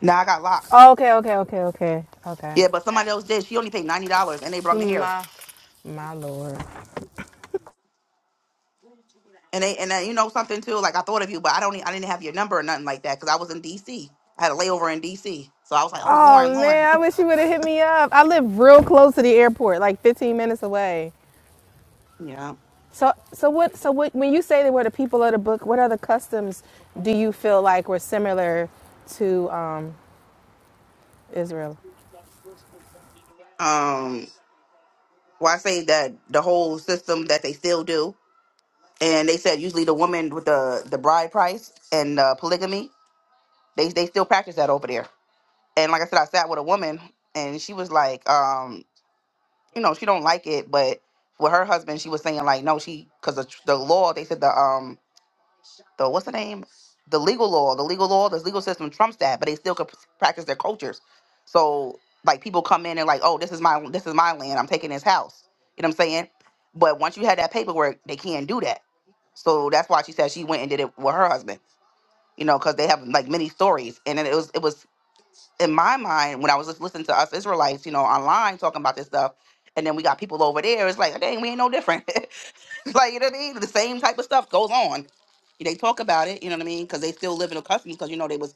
Speaker 9: Now I got locks.
Speaker 7: Oh, okay, okay, okay, okay, okay.
Speaker 9: Yeah, but somebody else did. She only paid ninety dollars, and they brought me here.
Speaker 7: My, my lord.
Speaker 9: And they and uh, you know something too. Like I thought of you, but I don't. I I didn't have your number or nothing like that because I was in D.C. I had a layover in D.C. So I was like, oh, Lauren,
Speaker 7: Oh man,
Speaker 9: Lauren.
Speaker 7: I wish you would have hit me up. I live real close to the airport, like 15 minutes away.
Speaker 9: yeah.
Speaker 7: So, so what? So what? When you say they were the people of the book, what other customs do you feel like were similar to um, Israel?
Speaker 9: Um. Well, I say that the whole system that they still do, and they said usually the woman with the the bride price and uh, polygamy, they they still practice that over there. And like I said, I sat with a woman, and she was like, um, you know, she don't like it, but with her husband, she was saying like, no, she because the, the law, they said the um the what's the name? The legal law, the legal law, this legal system trumps that, but they still could practice their cultures. So like people come in and like, oh, this is my this is my land. I'm taking this house. You know what I'm saying? But once you had that paperwork, they can't do that. So that's why she said she went and did it with her husband. You know, because they have like many stories, and then it was it was in my mind when I was just listening to us Israelites, you know, online talking about this stuff, and then we got people over there. It's like, dang, we ain't no different. like you know what I mean. The same type of stuff goes on. They talk about it, you know what I mean, because they still live in a customs. because you know they was,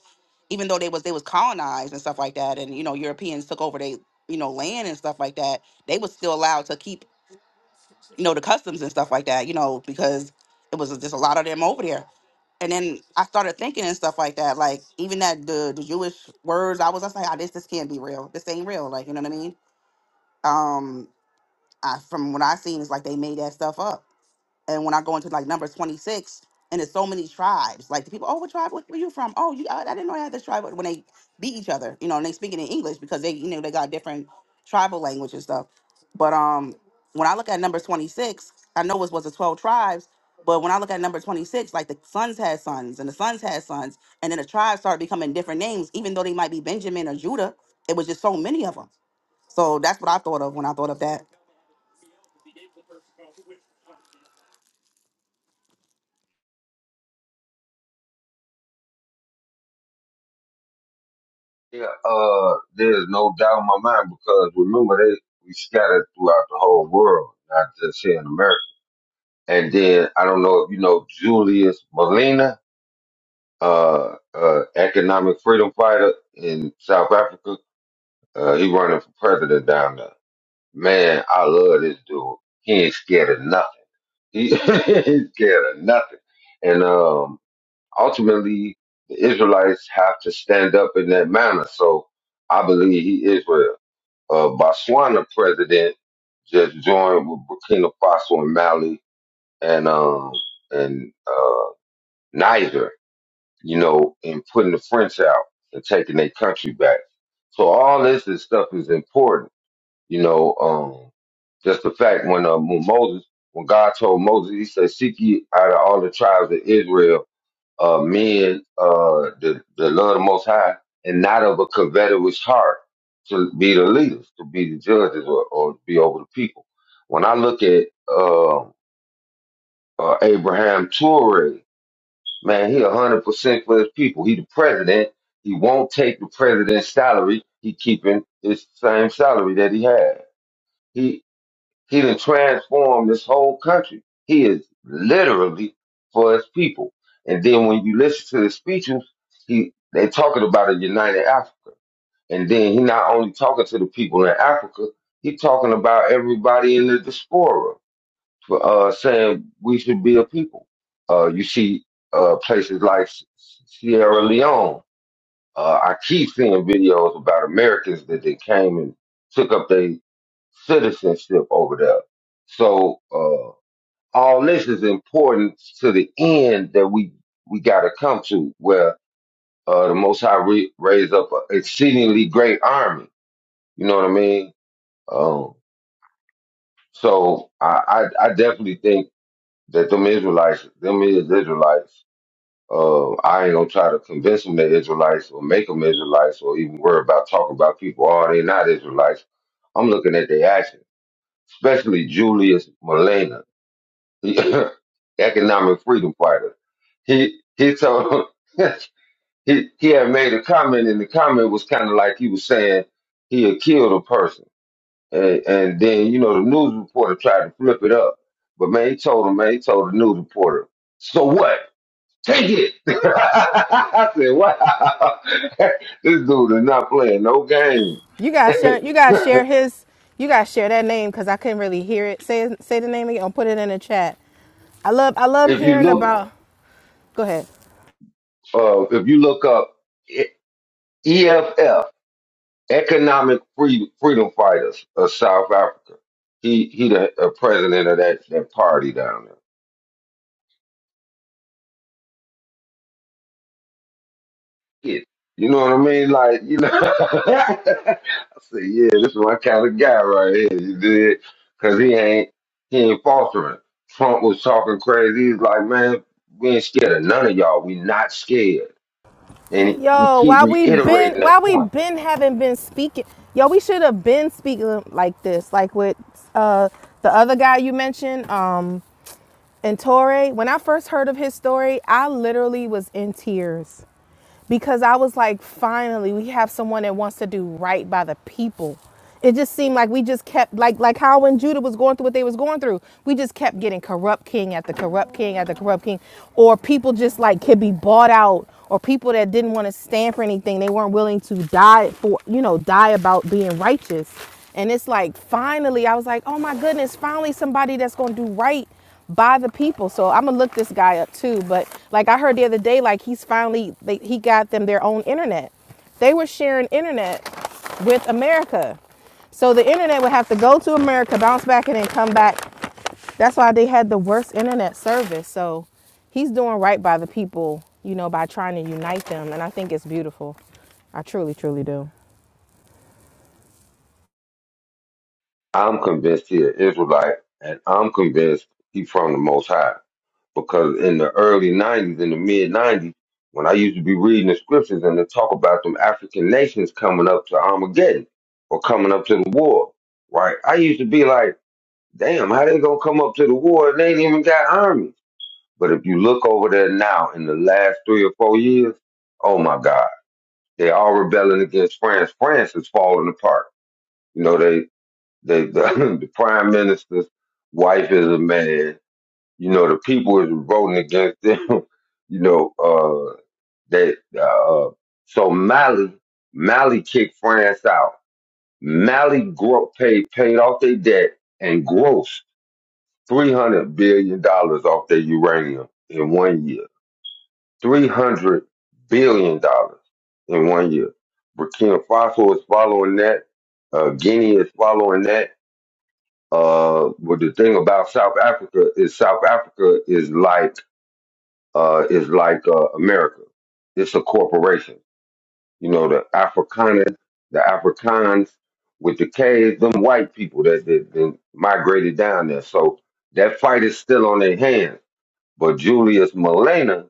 Speaker 9: even though they was they was colonized and stuff like that, and you know Europeans took over they you know land and stuff like that. They was still allowed to keep you know the customs and stuff like that, you know, because it was just a lot of them over there. And then I started thinking and stuff like that, like even that the the Jewish words, I was just like, oh, this this can't be real. This ain't real, like you know what I mean. Um, I, from what I seen, it's like they made that stuff up and when I go into like number 26, and there's so many tribes, like the people, oh, what tribe where, where you from? Oh, you, I, I didn't know I had this tribe. When they beat each other, you know, and they speaking in English because they, you know, they got different tribal language and stuff. But um, when I look at number 26, I know it was the 12 tribes. But when I look at number 26, like the sons had sons and the sons had sons, and then the tribes started becoming different names, even though they might be Benjamin or Judah. It was just so many of them. So that's what I thought of when I thought of that.
Speaker 1: Yeah, uh, there's no doubt in my mind because remember they we scattered throughout the whole world, not just here in America. And then I don't know if you know Julius Malina, uh, uh, economic freedom fighter in South Africa. Uh, he running for president down there. Man, I love this dude. He ain't scared of nothing. He, he ain't scared of nothing. And um, ultimately, the Israelites have to stand up in that manner. So I believe he is with uh, Botswana president just joined with Burkina Faso and Mali and um, and uh, Niger, you know, in putting the French out and taking their country back. So all this is stuff is important you know, um, just the fact when, uh, when Moses, when God told Moses, he said, seek ye out of all the tribes of Israel, uh, men, uh, the, the Lord of the Most High, and not of a covetous heart to be the leaders, to be the judges or, or be over the people. When I look at, uh, uh, Abraham Toure, man, he a hundred percent for his people. He the president. He won't take the president's salary. He keeping his same salary that he had. He done transformed this whole country. He is literally for his people. And then when you listen to the speeches, he they talking about a united Africa. And then he not only talking to the people in Africa, he talking about everybody in the diaspora for uh, saying we should be a people. Uh, you see uh, places like Sierra Leone uh, I keep seeing videos about Americans that they came and took up their citizenship over there. So uh, all this is important to the end that we we got to come to where uh, the Most High re- raised up an exceedingly great army. You know what I mean? Um, so I, I I definitely think that them Israelites, them is Israelites. Uh, I ain't gonna try to convince them they're Israelites or make them Israelites or even worry about talking about people. Oh, they are not Israelites. I'm looking at their actions, especially Julius Malema, economic freedom fighter. He he told he he had made a comment, and the comment was kind of like he was saying he had killed a person, and and then you know the news reporter tried to flip it up, but man, he told him, man, he told the news reporter, so what? Take it. I said, wow. this dude is not playing no game.
Speaker 7: You guys
Speaker 1: if
Speaker 7: share. You guys share his. You guys share that name because I couldn't really hear it. Say say the name again. I'll put it in the chat. I love I love
Speaker 1: you
Speaker 7: hearing
Speaker 1: look,
Speaker 7: about go ahead.
Speaker 1: uh, if you look up E- EFF, Economic Freedom, Freedom Fighters of South Africa, he he the uh, president of that, that party down there. it. You know what I mean? Like, you know, I said, yeah, this is my kind of guy right here. You did, cause he ain't, he ain't faltering. Trump was talking crazy. He's like, man, we ain't scared of none of y'all. We not scared. And he, he
Speaker 7: Yo,
Speaker 1: keep
Speaker 7: why we been
Speaker 1: reiterating
Speaker 7: why
Speaker 1: that
Speaker 7: we
Speaker 1: point.
Speaker 7: been haven't been speaking. Yo, we should have been speaking like this, like with uh the other guy you mentioned, um, and Torre. When I first heard of his story, I literally was in tears. because I was like, finally, we have someone that wants to do right by the people. It just seemed like we just kept like like how when Judah was going through what they was going through, we just kept getting corrupt king after corrupt king after corrupt king, or people just like could be bought out, or people that didn't want to stand for anything, they weren't willing to die for you know die about being righteous, and it's like finally I was like, oh my goodness, finally somebody that's gonna do right by the people. So I'm gonna look this guy up too. But like I heard the other day, like he's finally they, he got them their own internet. They were sharing internet with America, so the internet would have to go to America, bounce back, and then come back. That's why they had the worst internet service. So he's doing right by the people, you know, by trying to unite them, and I think it's beautiful. I truly, truly do.
Speaker 1: I'm convinced he an Israelite, and I'm convinced he from the Most High. because in the early 90s, in the mid 90s, when I used to be reading the scriptures and they talk about them African nations coming up to Armageddon or coming up to the war, right? I used to be like, damn, how they gonna come up to the war? and They ain't even got armies. But if you look over there now in the last three or four years, oh my God, they all rebelling against France. France is falling apart. You know, they, they, the, the prime minister's wife is a man you know, the people is voting against them, you know, uh, that, uh, so Mali, Mali kicked France out. Mali gro- paid, paid off their debt and grossed $300 billion dollars off their uranium in one year. $300 billion dollars in one year. Burkina Faso is following that. Uh, Guinea is following that. Uh, but the thing about South Africa is South Africa is like uh, is like uh, America. It's a corporation. You know, the Afrikaners, the Afrikaans with the K's, them white people that, that, that migrated down there. So that fight is still on their hands. But Julius Malena,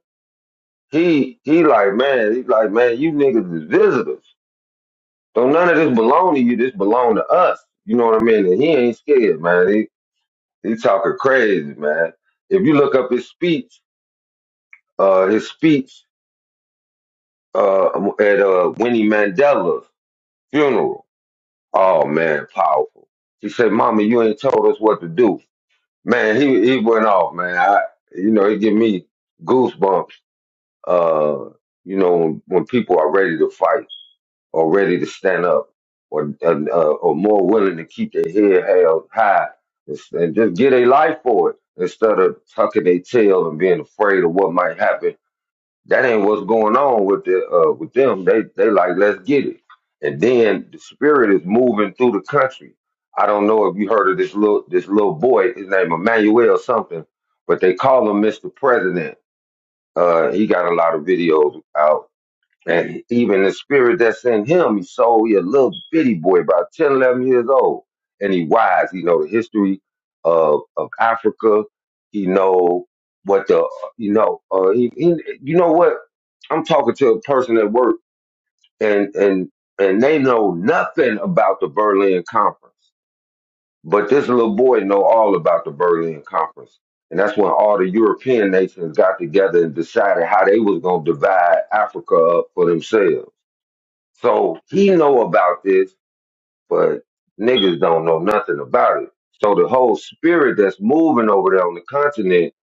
Speaker 1: he he like, man, he's like, man, you niggas is visitors. So none of this belong to you. This belong to us. You know what I mean? And he ain't scared, man. He he talking crazy, man. If you look up his speech, uh, his speech uh, at uh, Winnie Mandela's funeral. Oh man, powerful. She said, "Mama, you ain't told us what to do." Man, he he went off, man. I, you know, it give me goosebumps. Uh, you know, when, when people are ready to fight or ready to stand up or uh, uh, or more willing to keep their head held high and, s- and just get a life for it instead of tucking their tail and being afraid of what might happen that ain't what's going on with the uh, with them. They they like let's get it, and then the spirit is moving through the country. I don't know if you heard of this little this little boy. His name Emmanuel something, but they call him Mr. President. Uh, he got a lot of videos out, and even the spirit that's in him, he sold. He a little bitty boy, about 10 11 years old, and he wise. He know the history of of Africa. He know what the you know uh, he, he you know what I'm talking to a person at work and and and they know nothing about the Berlin Conference. But this little boy know all about the Berlin Conference. And that's when all the European nations got together and decided how they was gonna divide Africa up for themselves. So he know about this, but niggas don't know nothing about it. So the whole spirit that's moving over there on the continent,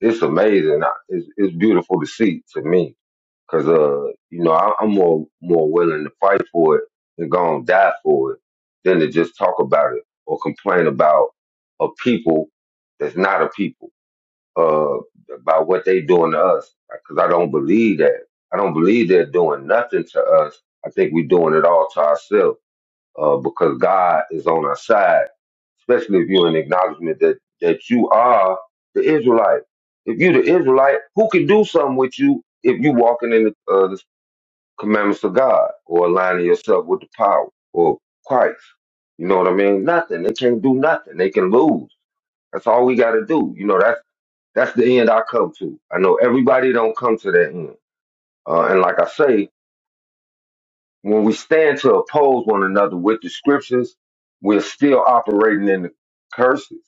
Speaker 1: it's amazing. I- It's, it's beautiful to see to me. Cause uh, you know, I, I'm more more willing to fight for it and go and die for it than to just talk about it or complain about a people that's not a people uh about what they doing to us. right? Cause I don't believe that. I don't believe they're doing nothing to us. I think we're doing it all to ourselves uh, because God is on our side. Especially if you're in acknowledgement that that you are the Israelite. If you're the Israelite, who can do something with you if you walking in the, uh, the commandments of God or aligning yourself with the power or Christ. You know what I mean? Nothing. They can't do nothing. They can lose. That's all we got to do. You know, that's that's the end I come to. I know everybody don't come to that end. Uh, and like I say, when we stand to oppose one another with the scriptures, we're still operating in the curses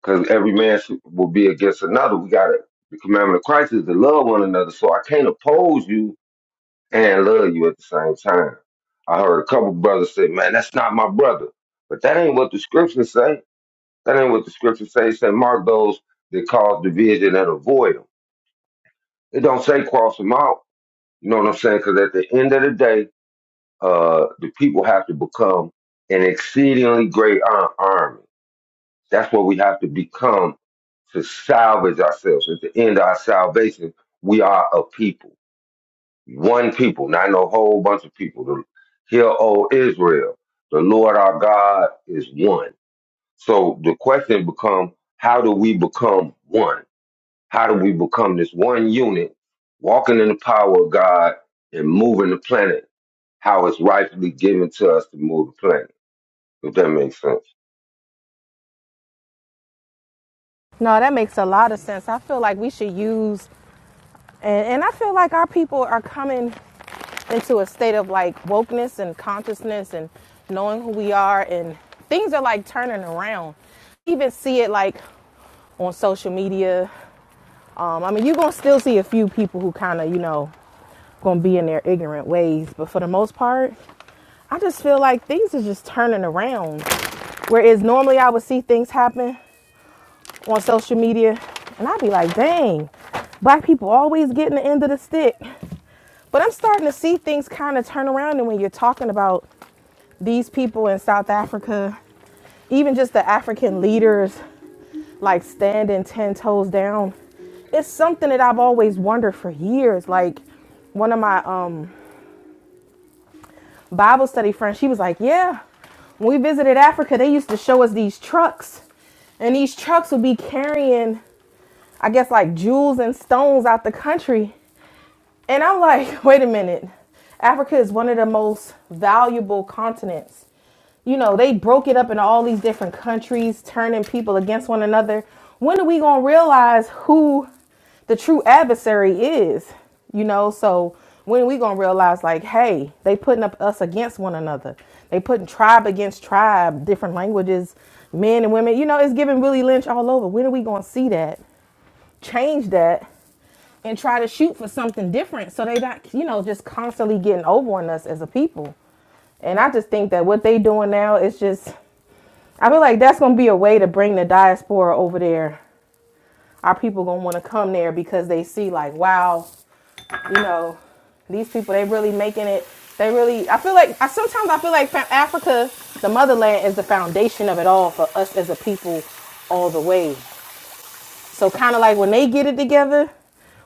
Speaker 1: because every man should- will be against another. We got to, the commandment of Christ is to love one another. So I can't oppose you and love you at the same time. I heard a couple brothers say, "Man, that's not my brother," but that ain't what the scriptures say. That ain't what the scriptures say. It say, "Mark those that cause division and avoid them." It don't say cross them out. You know what I'm saying? Because at the end of the day, uh, the people have to become an exceedingly great ar- army. That's what we have to become to salvage ourselves. At the end of our salvation, we are a people. one people, not no whole bunch of people. The, Hear, O Israel, the Lord our God is one. So the question becomes, how do we become one? How do we become this one unit, walking in the power of God and moving the planet how it's rightfully given to us to move the planet? If that makes sense.
Speaker 7: No, that makes a lot of sense. I feel like we should use, and, and I feel like our people are coming into a state of like wokeness and consciousness and knowing who we are and things are like turning around You even see it like on social media um, i mean you're gonna still see a few people who kind of you know gonna be in their ignorant ways but for the most part i just feel like things are just turning around whereas normally i would see things happen on social media and i'd be like dang black people always getting the end of the stick but i'm starting to see things kind of turn around and when you're talking about these people in South Africa, even just the African leaders, like standing 10 toes down, it's something that I've always wondered for years. Like one of my um, Bible study friends, she was like, Yeah, when we visited Africa, they used to show us these trucks, and these trucks would be carrying I guess like jewels and stones out the country. And I'm like, wait a minute. Africa is one of the most valuable continents. You know, they broke it up into all these different countries, turning people against one another. When are we going to realize who the true adversary is? You know, so when are we going to realize like, hey, they putting up us against one another. They putting tribe against tribe, different languages, men and women. You know, it's giving Willie Lynch all over. When are we going to see that? change that and try to shoot for something different so they not you know just constantly getting over on us as a people and i just think that what they doing now is just i feel like that's gonna be a way to bring the diaspora over there our people gonna want to come there because they see like wow you know these people they really making it they really i feel like i sometimes i feel like fa- africa the motherland is the foundation of it all for us as a people all the way So kind of like when they get it together,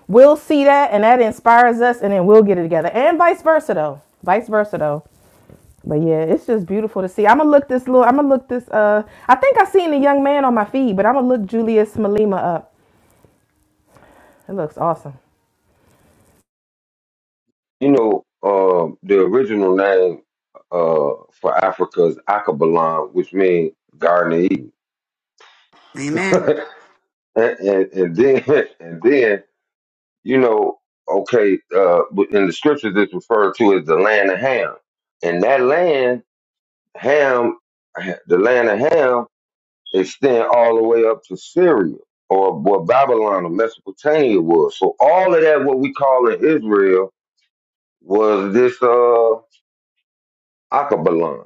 Speaker 7: we'll see that and that inspires us and then we'll get it together. And vice versa though. Vice versa though. But yeah, it's just beautiful to see. I'm gonna look this little I'm gonna look this uh I think I seen the young man on my feed, but I'm gonna look Julius Malema up. It looks awesome.
Speaker 1: You know, uh, the original name uh, for Africa is Akabalan, which means Garden of Eden. and, and, and then and then you know okay uh but in the scriptures it's referred to as the land of ham and that land ham the land of ham extend all the way up to syria or where babylon or mesopotamia was so all of that what we call in israel was this uh akabalon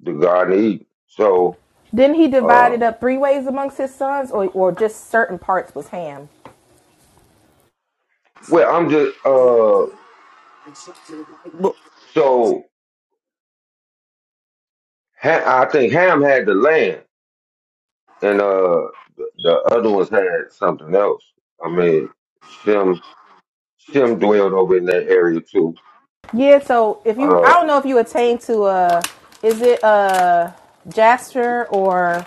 Speaker 1: the garden of eden so
Speaker 7: Didn't he divide
Speaker 1: uh
Speaker 7: it up three ways amongst his sons or or just certain parts was ham?
Speaker 1: well i'm just uh so Ha- i think ham had the land And uh, the the other ones had something else. I mean, Shem Shem dwelled over in that area too.
Speaker 7: Yeah, so if you
Speaker 1: Uh,
Speaker 7: I don't know if you attain to uh is it uh Jasper or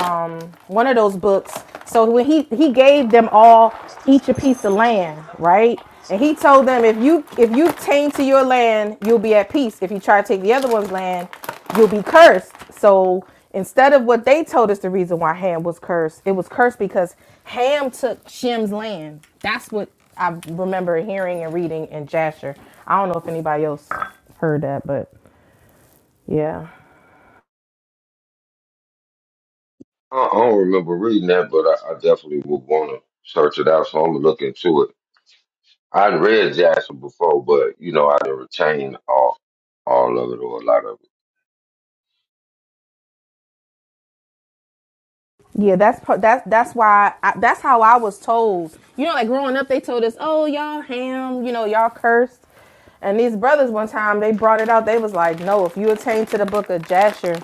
Speaker 7: um, one of those books. So when he he gave them all each a piece of land, right? And he told them if you if you tame to your land, you'll be at peace. If you try to take the other one's land, you'll be cursed. So instead of what they told us the reason why Ham was cursed, it was cursed because Ham took Shem's land. That's what I remember hearing and reading in Jasher. I don't know if anybody else heard that, but yeah.
Speaker 1: I, I don't remember reading that, but I, I definitely would want to search it out. So I'm gonna look into it. I'd read Jackson before, but you know I didn't retain all all of it or a lot of it.
Speaker 7: Yeah, that's that's that's why I, that's how I was told. You know, like growing up, they told us, "Oh, y'all ham, you know, y'all cursed." And these brothers, one time, they brought it out. They was like, "No, if you attain to the book of Jasher,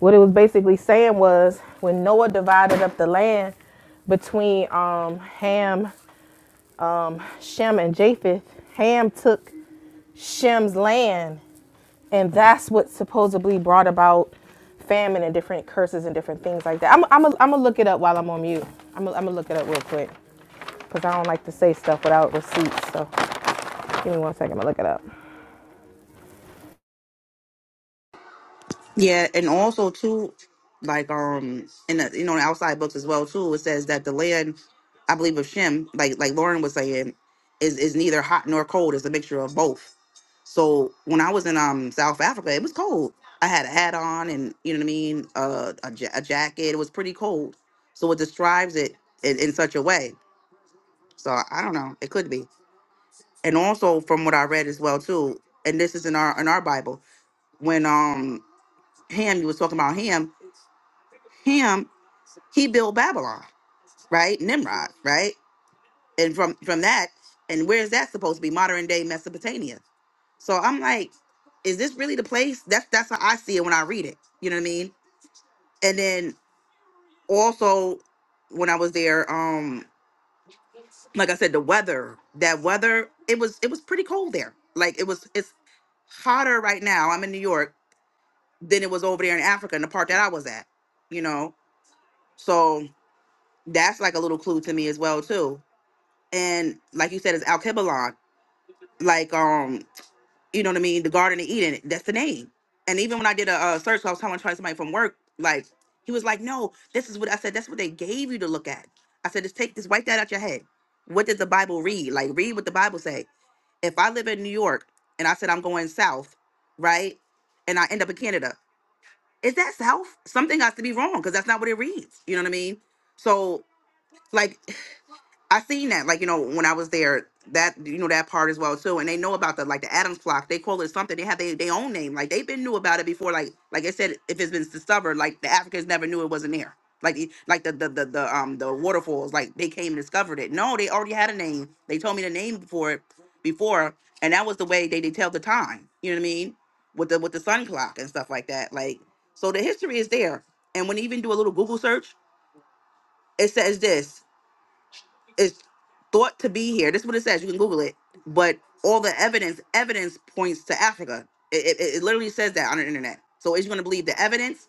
Speaker 7: what it was basically saying was when Noah divided up the land between um, Ham, um, Shem, and Japheth, Ham took Shem's land and that's what supposedly brought about famine and different curses and different things like that. I'm I'm a, I'm gonna look it up while I'm on mute. I'm i am i gonna look it up real quick because I don't like to say stuff without receipts. So give me one second. I'm gonna look it up.
Speaker 9: Yeah, and also too, like um, in the you know the outside books as well too. It says that the land, I believe of Shem, like like Lauren was saying, is is neither hot nor cold. It's a mixture of both. So when I was in um South Africa, it was cold. I had a hat on, and you know what I mean, uh, a ja- a jacket. It was pretty cold. So it describes it in, in such a way. So I I don't know. It could be. And also from what I read as well too, and this is in our in our Bible when um Ham, you was talking about Ham him, he built Babylon, right? Nimrod, right? And from from that, and where is that supposed to be? Modern day Mesopotamia. So I'm like, is this really the place? That's that's how I see it when I read it. You know what I mean? And then also when I was there, um, like I said, the weather, that weather, it was it was pretty cold there. Like it was it's hotter right now. I'm in New York than it was over there in Africa in the part that I was at, you know. So that's like a little clue to me as well too. and like you said, it's Al Like um, you know what I mean? The Garden of Eden. That's the name. And even when I did a uh, search, I was talking to somebody from work. Like he was like, "No, this is what I said. That's what they gave you to look at." I said, "Just take this, wipe that out your head. What did the Bible read? Like read what the Bible say. If I live in New York and I said I'm going south, right, and I end up in Canada, is that south? Something has to be wrong because that's not what it reads. You know what I mean? So like I seen that, like you know, when I was there, that you know that part as well too. And they know about the like the Adams clock. They call it something. They have their their own name. Like they've been knew about it before. Like like I said, if it's been discovered, like the Africans never knew it wasn't there. Like it- like the the the, the um the waterfalls. Like they came and discovered it. No, they already had a name. They told me the name for it before, and that was the way they they tell the time. You know what I mean? With the with the sun clock and stuff like that. Like so, the history is there. And when you even do a little Google search, it says this is thought to be here. This is what it says. You can Google it. But all the evidence, evidence points to Africa. It, it, it literally says that on the internet. So is you going to believe the evidence?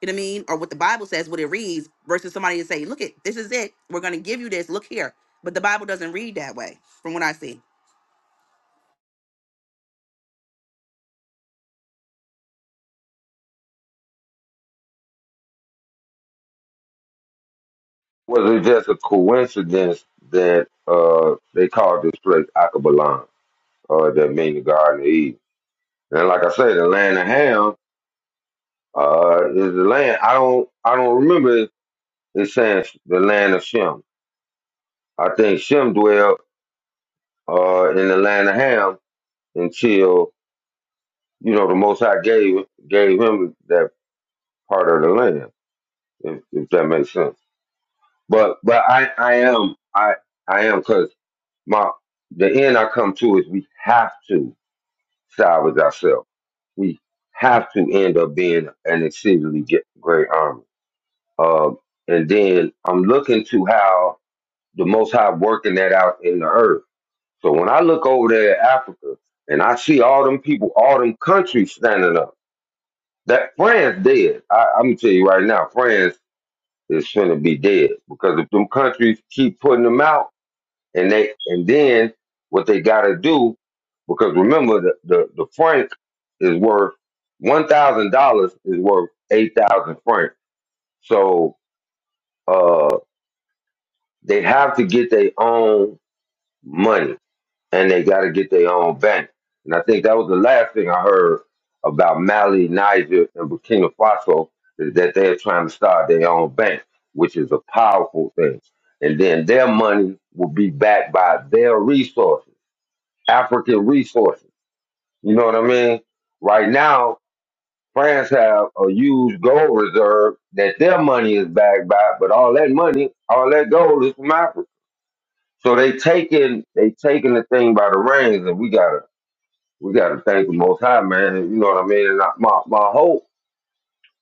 Speaker 9: You know what I mean? Or what the Bible says, what it reads, versus somebody to say, look it, this is it. We're going to give you this. Look here. But the Bible doesn't read that way, from what I see.
Speaker 1: Was it just a coincidence that uh they called this place Akabalan, uh, that mean the Garden of Eden? And like I say, the land of Ham Uh, is the land? I don't. I don't remember it saying the land of Shem. I think Shem dwelt uh, in the land of Ham until you know the Most High gave gave him that part of the land. If, if that makes sense. But but I I am I I am because my the end I come to is we have to salvage ourselves. We have to end up being an exceedingly ge- great army. Uh, and then I'm looking to how the Most High working that out in the earth. So when I look over there at Africa and I see all them people, all them countries standing up, that France dead. I, I'm gonna tell you right now, France is finna be dead because if them countries keep putting them out and they and then what they gotta do, because remember the the, the franc is worth one thousand dollars is worth eight thousand francs. So uh they have to get their own money and they got to get their own bank. And I think that was the last thing I heard about Mali, Niger, and Burkina Faso is that they're trying to start their own bank, which is a powerful thing. And then their money will be backed by their resources, African resources. You know what I mean? Right now, France have a huge gold reserve that their money is backed by, but all that money, all that gold is from Africa. So they taking they taking the thing by the reins, and we got to we got to thank the Most High, man. You know what I mean? And I, my my hope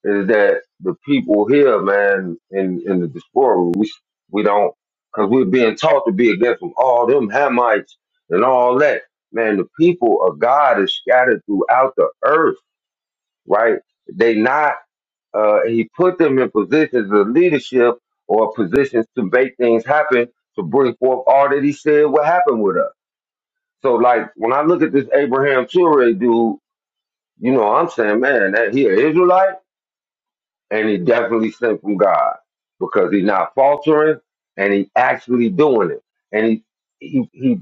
Speaker 1: is that the people here, man, in in the diaspora, we we don't, cause we're being taught to be against them, all them Hamites and all that. Man, the people of God is scattered throughout the earth, right? They not uh, he put them in positions of leadership or positions to make things happen to bring forth all that he said would happen with us. So, like when I look at this Abraham Ture dude, you know, I'm saying, man, that he an Israelite, and he definitely sent from God because he's not faltering, and he actually doing it, and he he he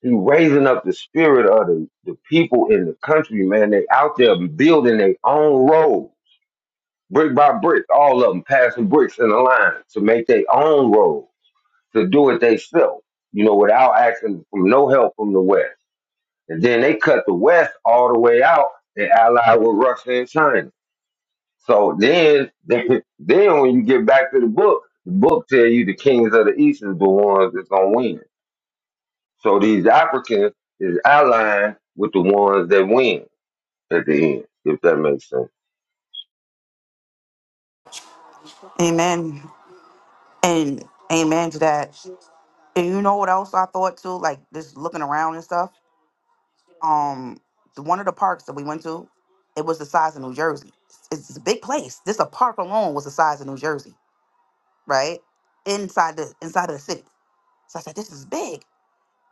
Speaker 1: he raising up the spirit of the, the people in the country, man. They out there building their own road, brick by brick, all of them passing bricks in a line to make their own road, to do it themselves, you know, without asking from no help from the West. And then they cut the West all the way out and allied with Russia and China. So then, then when you get back to the book, the book tell you the kings of the east is the ones that's gonna win. So these Africans is allying with the ones that win at the end, if that makes sense.
Speaker 9: Amen. And amen to that. And you know what else I thought too? Like just looking around and stuff. um the, one of the parks that we went to, it was the size of New Jersey. It's, it's a big place. This a park alone was the size of New Jersey, right? Inside the inside of the city. So I said, this is big.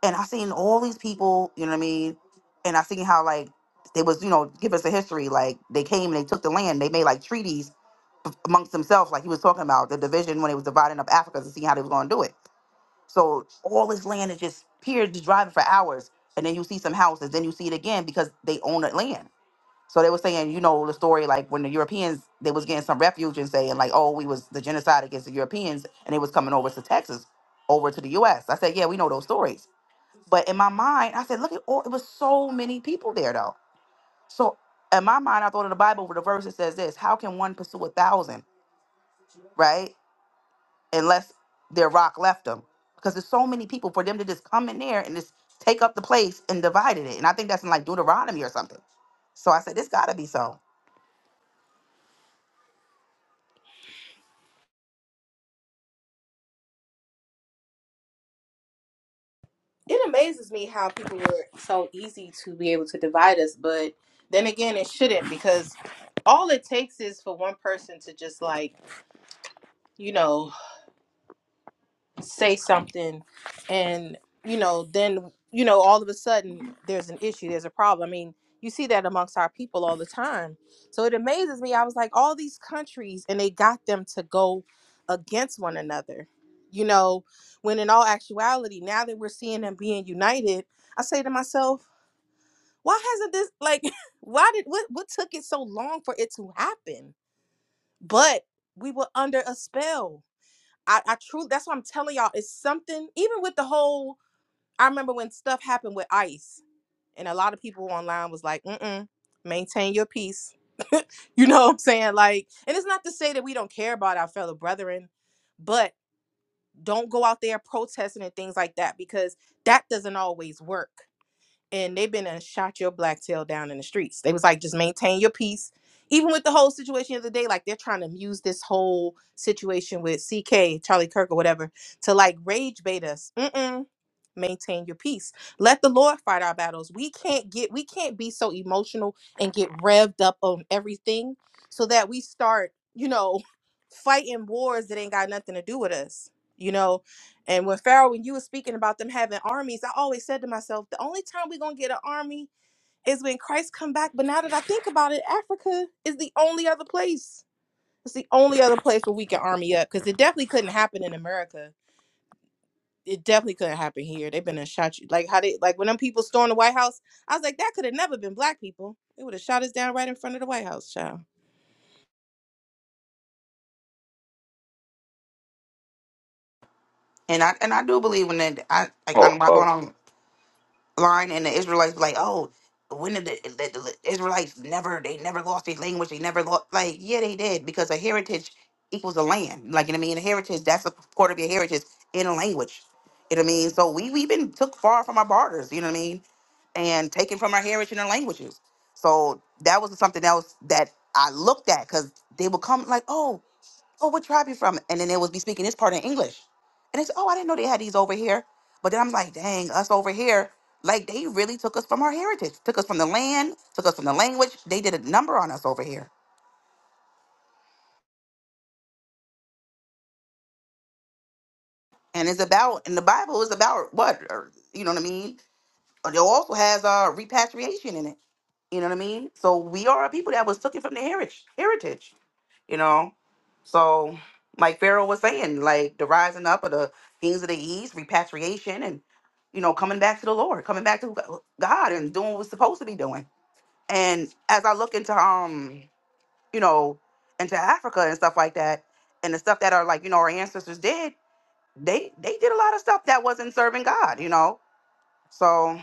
Speaker 9: And I seen all these people, you know what I mean? And I seen how like they was, you know, give us a history. Like they came and they took the land. They made like treaties b- amongst themselves, like he was talking about the division when they was dividing up Africa to see how they was gonna do it. So all this land is just here, just driving for hours, and then you see some houses, then you see it again because they own that land so they were saying, you know, the story like when the Europeans they was getting some refuge and saying like, oh, we was the genocide against the Europeans and they was coming over to Texas, over to the U.S. I said, yeah, we know those stories. But in my mind, I said, look at all it was so many people there though. So in my mind, I thought of the Bible where the verse that says this: How can one pursue a thousand, right? Unless their rock left them, because there's so many people for them to just come in there and just take up the place and divided it. And I think that's in like Deuteronomy or something. So I said, this got to be so.
Speaker 7: It amazes me how people were so easy to be able to divide us, but then again, it shouldn't because all it takes is for one person to just like, you know. say something and you know then you know all of a sudden there's an issue there's a problem i mean you see that amongst our people all the time so it amazes me i was like all these countries and they got them to go against one another you know when in all actuality now that we're seeing them being united i say to myself why hasn't this like why did what what took it so long for it to happen but we were under a spell I, I truly that's what I'm telling y'all. It's something even with the whole I remember when stuff happened with ICE and a lot of people online was like, mm-mm, maintain your peace. you know what I'm saying? Like, and it's not to say that we don't care about our fellow brethren, but don't go out there protesting and things like that because that doesn't always work and they've been and shot your black tail down in the streets. They was like, just maintain your peace. Even with the whole situation of the day, like they're trying to use this whole situation with CK, Charlie Kirk, or whatever, to like rage bait us. Mm-mm maintain your peace. Let the Lord fight our battles. We can't get we can't be so emotional and get revved up on everything so that we start, you know, fighting wars that ain't got nothing to do with us. You know, and when Pharaoh, when you were speaking about them having armies, I always said to myself, the only time we're gonna get an army is when Christ come back. But now that I think about it, Africa is the only other place. It's the only other place where we can army up because it definitely couldn't happen in America it definitely couldn't happen here. They've been and shot you. Like how they like when them people stormed the White House, I was like, that could have never been black people. They would have shot us down right in front of the White House, child.
Speaker 9: And I and I do believe in that. I like I'm
Speaker 1: Oh,
Speaker 9: not
Speaker 1: oh
Speaker 9: going online and the Israelites be like, oh, when did the, the, the Israelites never they never lost their language? They never lost like yeah they did because a heritage equals a land. Like you know what I mean, a heritage that's a part of your heritage in a language. You know what I mean? So we we've been took far from our borders. You know what I mean? And taken from our heritage and our languages. So that was something else that I looked at because they would come like, oh oh, what tribe you from? And then they would be speaking this part in English. And they said, oh, I didn't know they had these over here. But then I'm like, dang, us over here, like they really took us from our heritage, took us from the land, took us from the language. They did a number on us over here. And it's about, and the Bible is about what? Or, you know what I mean? Uh, It also has uh, repatriation in it. You know what I mean? So we are a people that was taken from the heritage, heritage, you know? So, like Pharaoh was saying, like the rising up of the things of the east, repatriation, and you know, coming back to the Lord, coming back to Go- God, and doing what we're supposed to be doing. And as I look into um, you know, into Africa and stuff like that, and the stuff that are like you know our ancestors did, they they did a lot of stuff that wasn't serving God, you know. So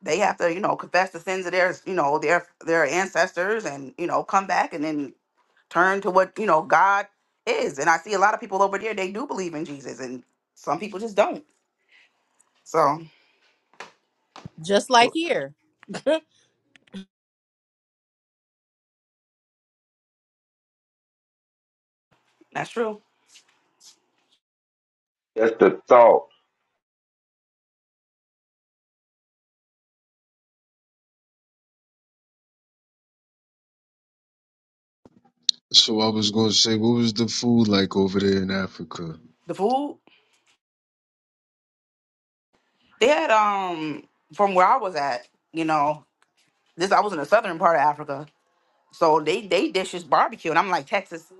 Speaker 9: they have to you know confess the sins of their you know their their ancestors and you know come back and then turn to what you know god is and i see a lot of people over there they do believe in jesus and some people just don't so
Speaker 7: Just like here.
Speaker 9: that's true
Speaker 1: that's the thought.
Speaker 8: So I was gonna say, what was the food like over there in Africa?
Speaker 9: the food they had um from where i was at you know this i was in the southern part of africa so they they dishes barbecue and i'm like texas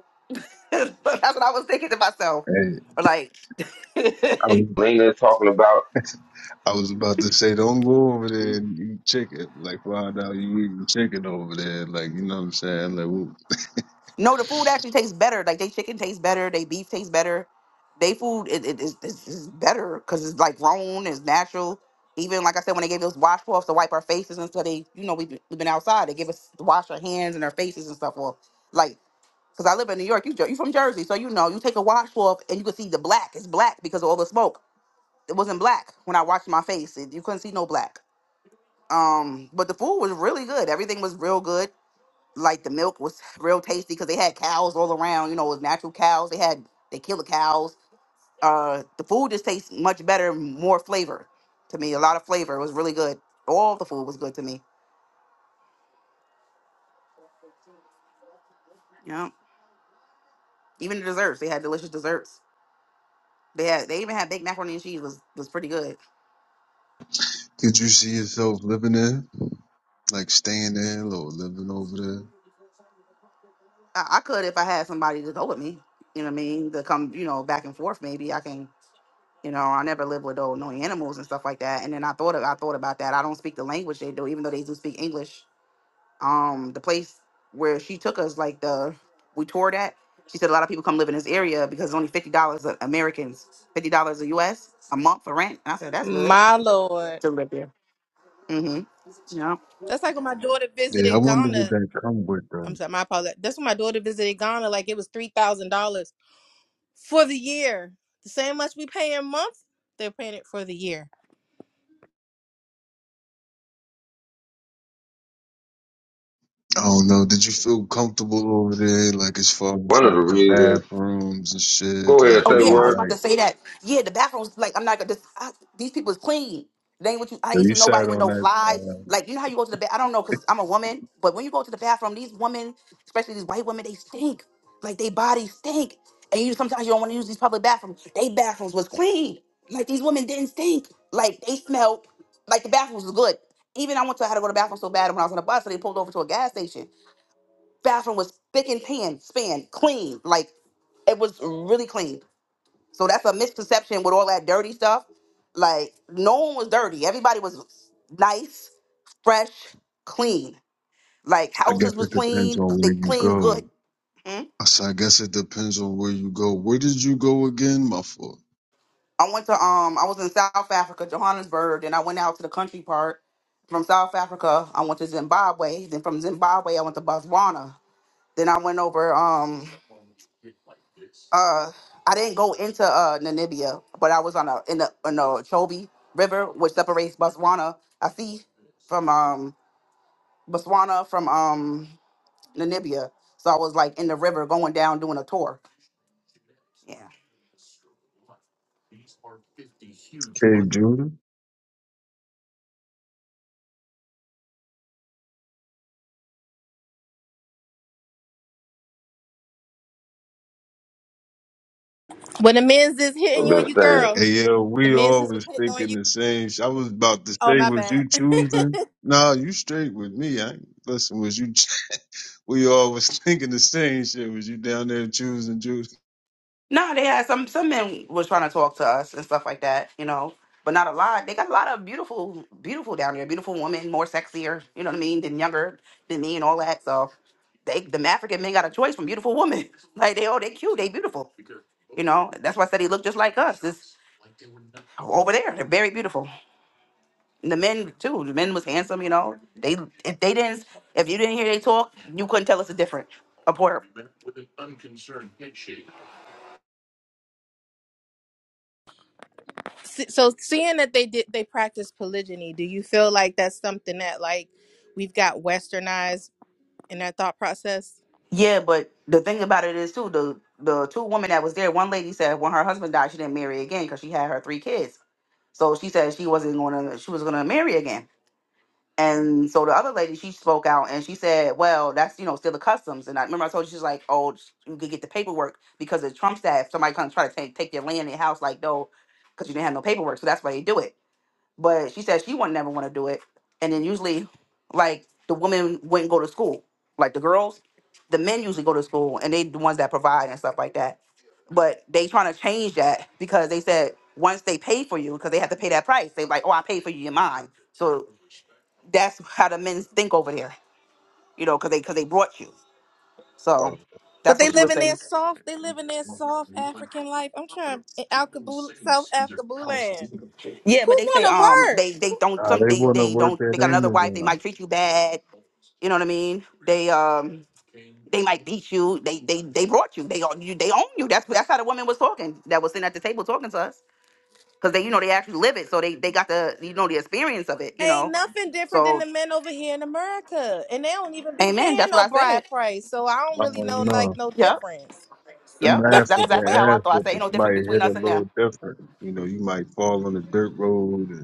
Speaker 9: that's what i was thinking to myself
Speaker 8: Hey,
Speaker 9: like
Speaker 8: I was,
Speaker 1: Lena talking about
Speaker 8: I was about to say, don't go over there and eat chicken. Like find out you eating chicken over there. Like you know what I'm saying? Like, well,
Speaker 9: No, the food actually tastes better. Like they chicken tastes better, they beef tastes better. They food it, it, it's, it's it's better because it's like grown, it's natural. Even like I said, when they gave us washcloths to wipe our faces and stuff, they you know we've been, we've been outside. They give us to wash our hands and our faces and stuff off. Like because I live in New York, you Jer- you from Jersey, so you know you take a washcloth and you can see the black. It's black because of all the smoke. It wasn't black when I washed my face. It, you couldn't see no black. Um, but the food was really good. Everything was real good like the milk was real tasty because they had cows all around. You know, it was natural cows. They had they kill the cows. Uh, the food just tastes much better, more flavor to me. A lot of flavor. It was really good. All the food was good to me. Yeah, even the desserts. They had delicious desserts. They had they even had baked macaroni and cheese was was pretty good.
Speaker 8: could you see yourself living there? like staying there or living over there.
Speaker 9: I, I could if I had somebody to go with me. You know what I mean? To come, you know, back and forth. Maybe I can. You know, I never lived with those no animals and stuff like that. And then I thought of, I thought about that. I don't speak the language they do, even though they do speak English um the place where she took us like the we toured at she said a lot of people come live in this area because it's only fifty dollars americans fifty dollars a us a month for rent and i said that's good
Speaker 7: My lord.
Speaker 9: to live there mm-hmm Yeah.
Speaker 7: That's like when my daughter
Speaker 8: Yeah, I
Speaker 7: visited
Speaker 8: wonder what
Speaker 7: Ghana.
Speaker 8: that come with
Speaker 7: I'm
Speaker 8: them.
Speaker 7: sorry, my apologies. That's when my daughter visited Ghana, like it was three thousand dollars for the year. The same much we pay a month, they're paying it for the year.
Speaker 8: I don't know. Did you feel comfortable over there? Like as far as
Speaker 1: one of
Speaker 8: like
Speaker 1: the
Speaker 8: the
Speaker 1: reasons.
Speaker 8: bathrooms and
Speaker 1: Go
Speaker 8: shit.
Speaker 1: ahead,
Speaker 8: Like
Speaker 1: say
Speaker 9: Oh
Speaker 8: was
Speaker 1: the
Speaker 9: yeah,
Speaker 8: it
Speaker 9: I was
Speaker 1: word.
Speaker 9: about to
Speaker 8: like
Speaker 9: say that. Yeah, the bathrooms like I'm not gonna. This, I, these people is clean. They ain't what you. I
Speaker 8: so
Speaker 9: ain't
Speaker 8: you
Speaker 9: seen nobody
Speaker 8: sat
Speaker 9: with
Speaker 8: on
Speaker 9: no
Speaker 8: that?
Speaker 9: flies.
Speaker 8: Uh,
Speaker 9: Like you know how you go to the bath. I don't know because I'm a woman, but when you go to the bathroom, these women, especially these white women, they stink. Like they bodies stink, and you sometimes you don't want to use these public bathrooms. They bathrooms was clean. Like these women didn't stink. Like they smelled. Like the bathrooms was good. Even I went to I had to go to the bathroom so bad when I was on a bus, so they pulled over to a gas station. Bathroom was thick and pan, span, clean. Like it was really clean. So that's a misperception with all that dirty stuff. Like no one was dirty. Everybody was nice, fresh, clean. Like
Speaker 8: I guess
Speaker 9: houses was
Speaker 8: it depends
Speaker 9: clean.
Speaker 8: on
Speaker 9: They
Speaker 8: where you
Speaker 9: clean
Speaker 8: go.
Speaker 9: good. Mhm.
Speaker 8: I said I guess it depends on where you go. Where did you go again, my fault?
Speaker 9: I went to um I was in South Africa, Johannesburg, and I went out to the country part. From South Africa, I went to Zimbabwe. Then from Zimbabwe, I went to Botswana. Then I went over um uh I didn't go into uh Namibia, but I was on a in the in the Chobe River, which separates Botswana, I see, from um Botswana, from um Namibia. So I was like in the river going down doing a tour. Yeah.
Speaker 8: Cape Judah.
Speaker 7: When the men's is hitting
Speaker 1: I've
Speaker 7: you and
Speaker 1: been
Speaker 7: you
Speaker 1: saying
Speaker 7: girl,
Speaker 8: Hey, yeah,
Speaker 7: the
Speaker 8: we
Speaker 7: men's is was
Speaker 8: always
Speaker 7: hitting on
Speaker 8: thinking
Speaker 7: you.
Speaker 8: the same. Sh- I was about to
Speaker 7: Oh
Speaker 8: say,
Speaker 7: my
Speaker 8: was
Speaker 7: bad.
Speaker 8: you choosing? Nah, you straight with me. I ain't- listen. Was you? ch- We always thinking the same shit. Was you down there choosing juice?
Speaker 9: No, they had some some men was trying to talk to us and stuff like that, you know. But not a lot. They got a lot of beautiful, beautiful down there. Beautiful women, more sexier, you know what I mean, than younger than me and all that. So they the African men got a choice from beautiful women. Like they all they cute, they beautiful. You know, that's why I said he looked just like us. This over there. They're very beautiful. The men too. The men was handsome, you know. They if they didn't if you didn't hear they talk, you couldn't tell us a different apart.
Speaker 7: se- so seeing that they did they practice polygyny do you feel like that's something that like we've got westernized in our thought process
Speaker 9: Yeah, but the thing about it is too the the two women that was there. One lady said when her husband died, she didn't marry again because she had her three kids. So she said she wasn't going to she was going to marry again. And so the other lady she spoke out and she said, well, that's you know still the customs. And I remember I told you she's like, oh, you could get the paperwork because of Trump's that if somebody comes try to take take your land and house, like no, because you didn't have no paperwork. So that's why they do it. but she said she would never want to do it. And then usually, like the women wouldn't go to school, like the girls. The men usually go to school, and they the ones that provide and stuff like that. But they trying to change that because they said once they pay for you, because they have to pay that price. They like, oh, I paid for you, you're mine. So that's how the men think over there, you know, because they because they brought you. So
Speaker 8: Oh,
Speaker 7: but
Speaker 9: that's
Speaker 7: they
Speaker 9: what she
Speaker 7: live
Speaker 9: was
Speaker 7: in
Speaker 8: nah,
Speaker 7: their
Speaker 9: saying.
Speaker 7: soft they live in their soft african life i'm trying in Alkaboo, south Alkaboo land
Speaker 9: Yeah, but
Speaker 7: who
Speaker 9: they say
Speaker 7: wanna
Speaker 9: um
Speaker 7: work
Speaker 9: they they don't some
Speaker 8: they
Speaker 9: they
Speaker 8: want to
Speaker 9: they
Speaker 8: work
Speaker 9: don't they
Speaker 8: at
Speaker 9: got another wife. They
Speaker 8: Amazon.
Speaker 9: might treat you bad. You know what I mean? They um they might beat you. They they they brought you. They own you. They own you. That's that's how the woman was talking. That was sitting at the table talking to us because they you know they actually live it. So they they got the you know the experience of it. You
Speaker 7: ain't
Speaker 9: know.
Speaker 7: nothing different than
Speaker 9: So
Speaker 7: the men over here in america and they don't even be
Speaker 9: amen. That's
Speaker 7: paying
Speaker 9: what
Speaker 7: no
Speaker 9: I said.
Speaker 7: bride price so i don't
Speaker 8: I
Speaker 7: really
Speaker 8: don't
Speaker 7: know like
Speaker 8: know.
Speaker 7: no
Speaker 9: Yep.
Speaker 7: difference
Speaker 8: Them
Speaker 9: Yep. That's
Speaker 8: ass
Speaker 9: that's
Speaker 8: whooping
Speaker 9: exactly how I
Speaker 8: ass
Speaker 9: thought. I said ain't
Speaker 8: whooping.
Speaker 9: no difference
Speaker 8: Somebody
Speaker 9: between
Speaker 8: hit a
Speaker 9: us and
Speaker 8: little
Speaker 9: them.
Speaker 8: different. You know, you might fall on the dirt road. And, you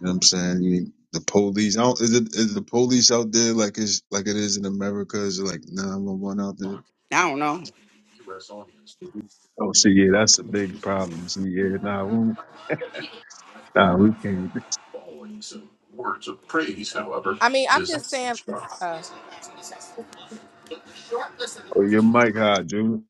Speaker 8: know what I'm saying? You, the police. I don't, is it is the police out there like it's like it is in America? Is it like 911 out there?
Speaker 9: I don't know.
Speaker 8: Oh, see, yeah, that's a big problem. See, yeah, nah, we, nah, we can't.
Speaker 7: i mean i'm just saying uh
Speaker 8: Oh, your mic high, dude.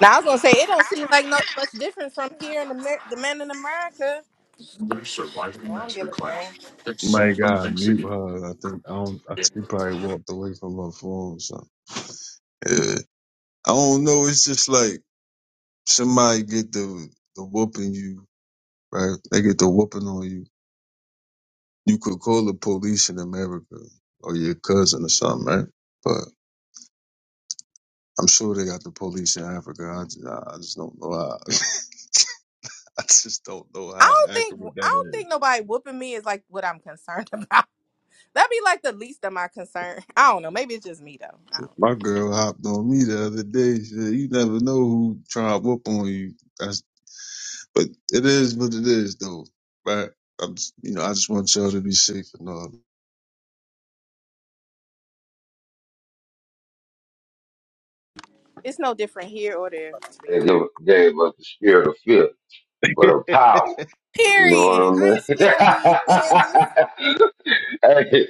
Speaker 7: now i was gonna say it don't seem like no much different from here in Amer- the men in america I don't give a damn.
Speaker 8: Mic high, mute her. I think I don't. I think she probably walked away from her phone or something. Yeah. I don't know. It's just like somebody get the the whooping you, right? They get the whooping on you. You could call the police in America or your cousin or something, right? But I'm sure they got the police in Africa. I just, I just don't know how. I just don't know
Speaker 7: I
Speaker 8: how
Speaker 7: don't think
Speaker 8: accurate
Speaker 7: I
Speaker 8: that
Speaker 7: don't
Speaker 8: is.
Speaker 7: think nobody whooping me is like what I'm concerned about. That'd be like the least of my concern. I don't know. Maybe it's just me though. I don't know.
Speaker 8: My girl hopped on me the other day. She said, "You never know who trying to whoop on you." That's, but it is what it is, though. Right? I'm, s- you know, I just want y'all to be safe and all.
Speaker 7: It's no different here or there. To be
Speaker 1: they
Speaker 7: honest.
Speaker 1: give, gave us the spirit of fear, but of power. You know
Speaker 7: Period. I ain't
Speaker 1: what
Speaker 7: scared of these men.
Speaker 1: I mean? Hey,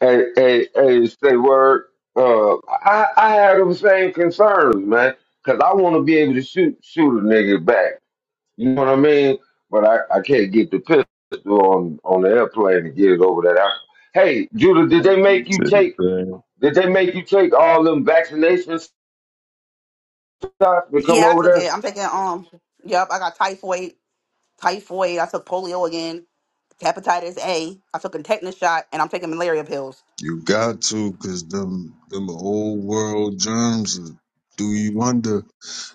Speaker 1: Hey, hey, hey, say word. Uh, I, I had those same concerns, man, because I want to be able to shoot shoot a nigga back. You know what I mean? But I, I can't get the pistol on on the airplane to get it over that. I, hey, Judah, did they make
Speaker 8: See
Speaker 1: you
Speaker 8: what I'm
Speaker 1: take?
Speaker 8: saying?
Speaker 1: Did they make you take all them vaccination shots to come
Speaker 9: Yeah, I
Speaker 1: over
Speaker 9: took
Speaker 1: there?
Speaker 9: it. I'm taking um. Yep. I got typhoid. typhoid. I took polio again, hepatitis A. I took a tetanus shot, and I'm taking malaria pills.
Speaker 8: You got to, cause them them old world germs will do you under.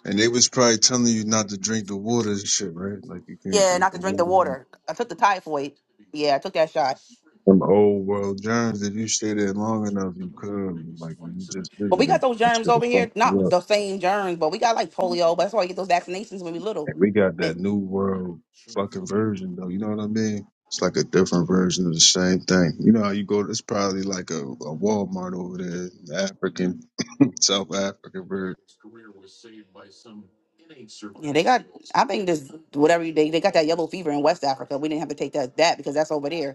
Speaker 8: And they was probably telling you not to drink the water and shit, right? Like you can't
Speaker 9: Yeah,
Speaker 8: drink
Speaker 9: not
Speaker 8: the
Speaker 9: to drink the
Speaker 8: water.
Speaker 9: water. I took the typhoid. Yeah, I took that shot.
Speaker 8: Them old world germs. If you stay there long enough, you could. Like when you just
Speaker 9: But we
Speaker 8: visited,
Speaker 9: got those
Speaker 8: that
Speaker 9: germs
Speaker 8: should have
Speaker 9: over
Speaker 8: fucked
Speaker 9: here.
Speaker 8: you up.
Speaker 9: Not the same germs, but we got like polio. But that's why we get those vaccinations when we little.
Speaker 8: And we got
Speaker 9: Man,
Speaker 8: that new world fucking version though. You know what I mean? It's like a different version of the same thing. You know how you go? It's probably like a, a Walmart over there, the African, South African version.
Speaker 9: Yeah, they got. I think this whatever you, they they got that yellow fever in West Africa. We didn't have to take that that because that's over there.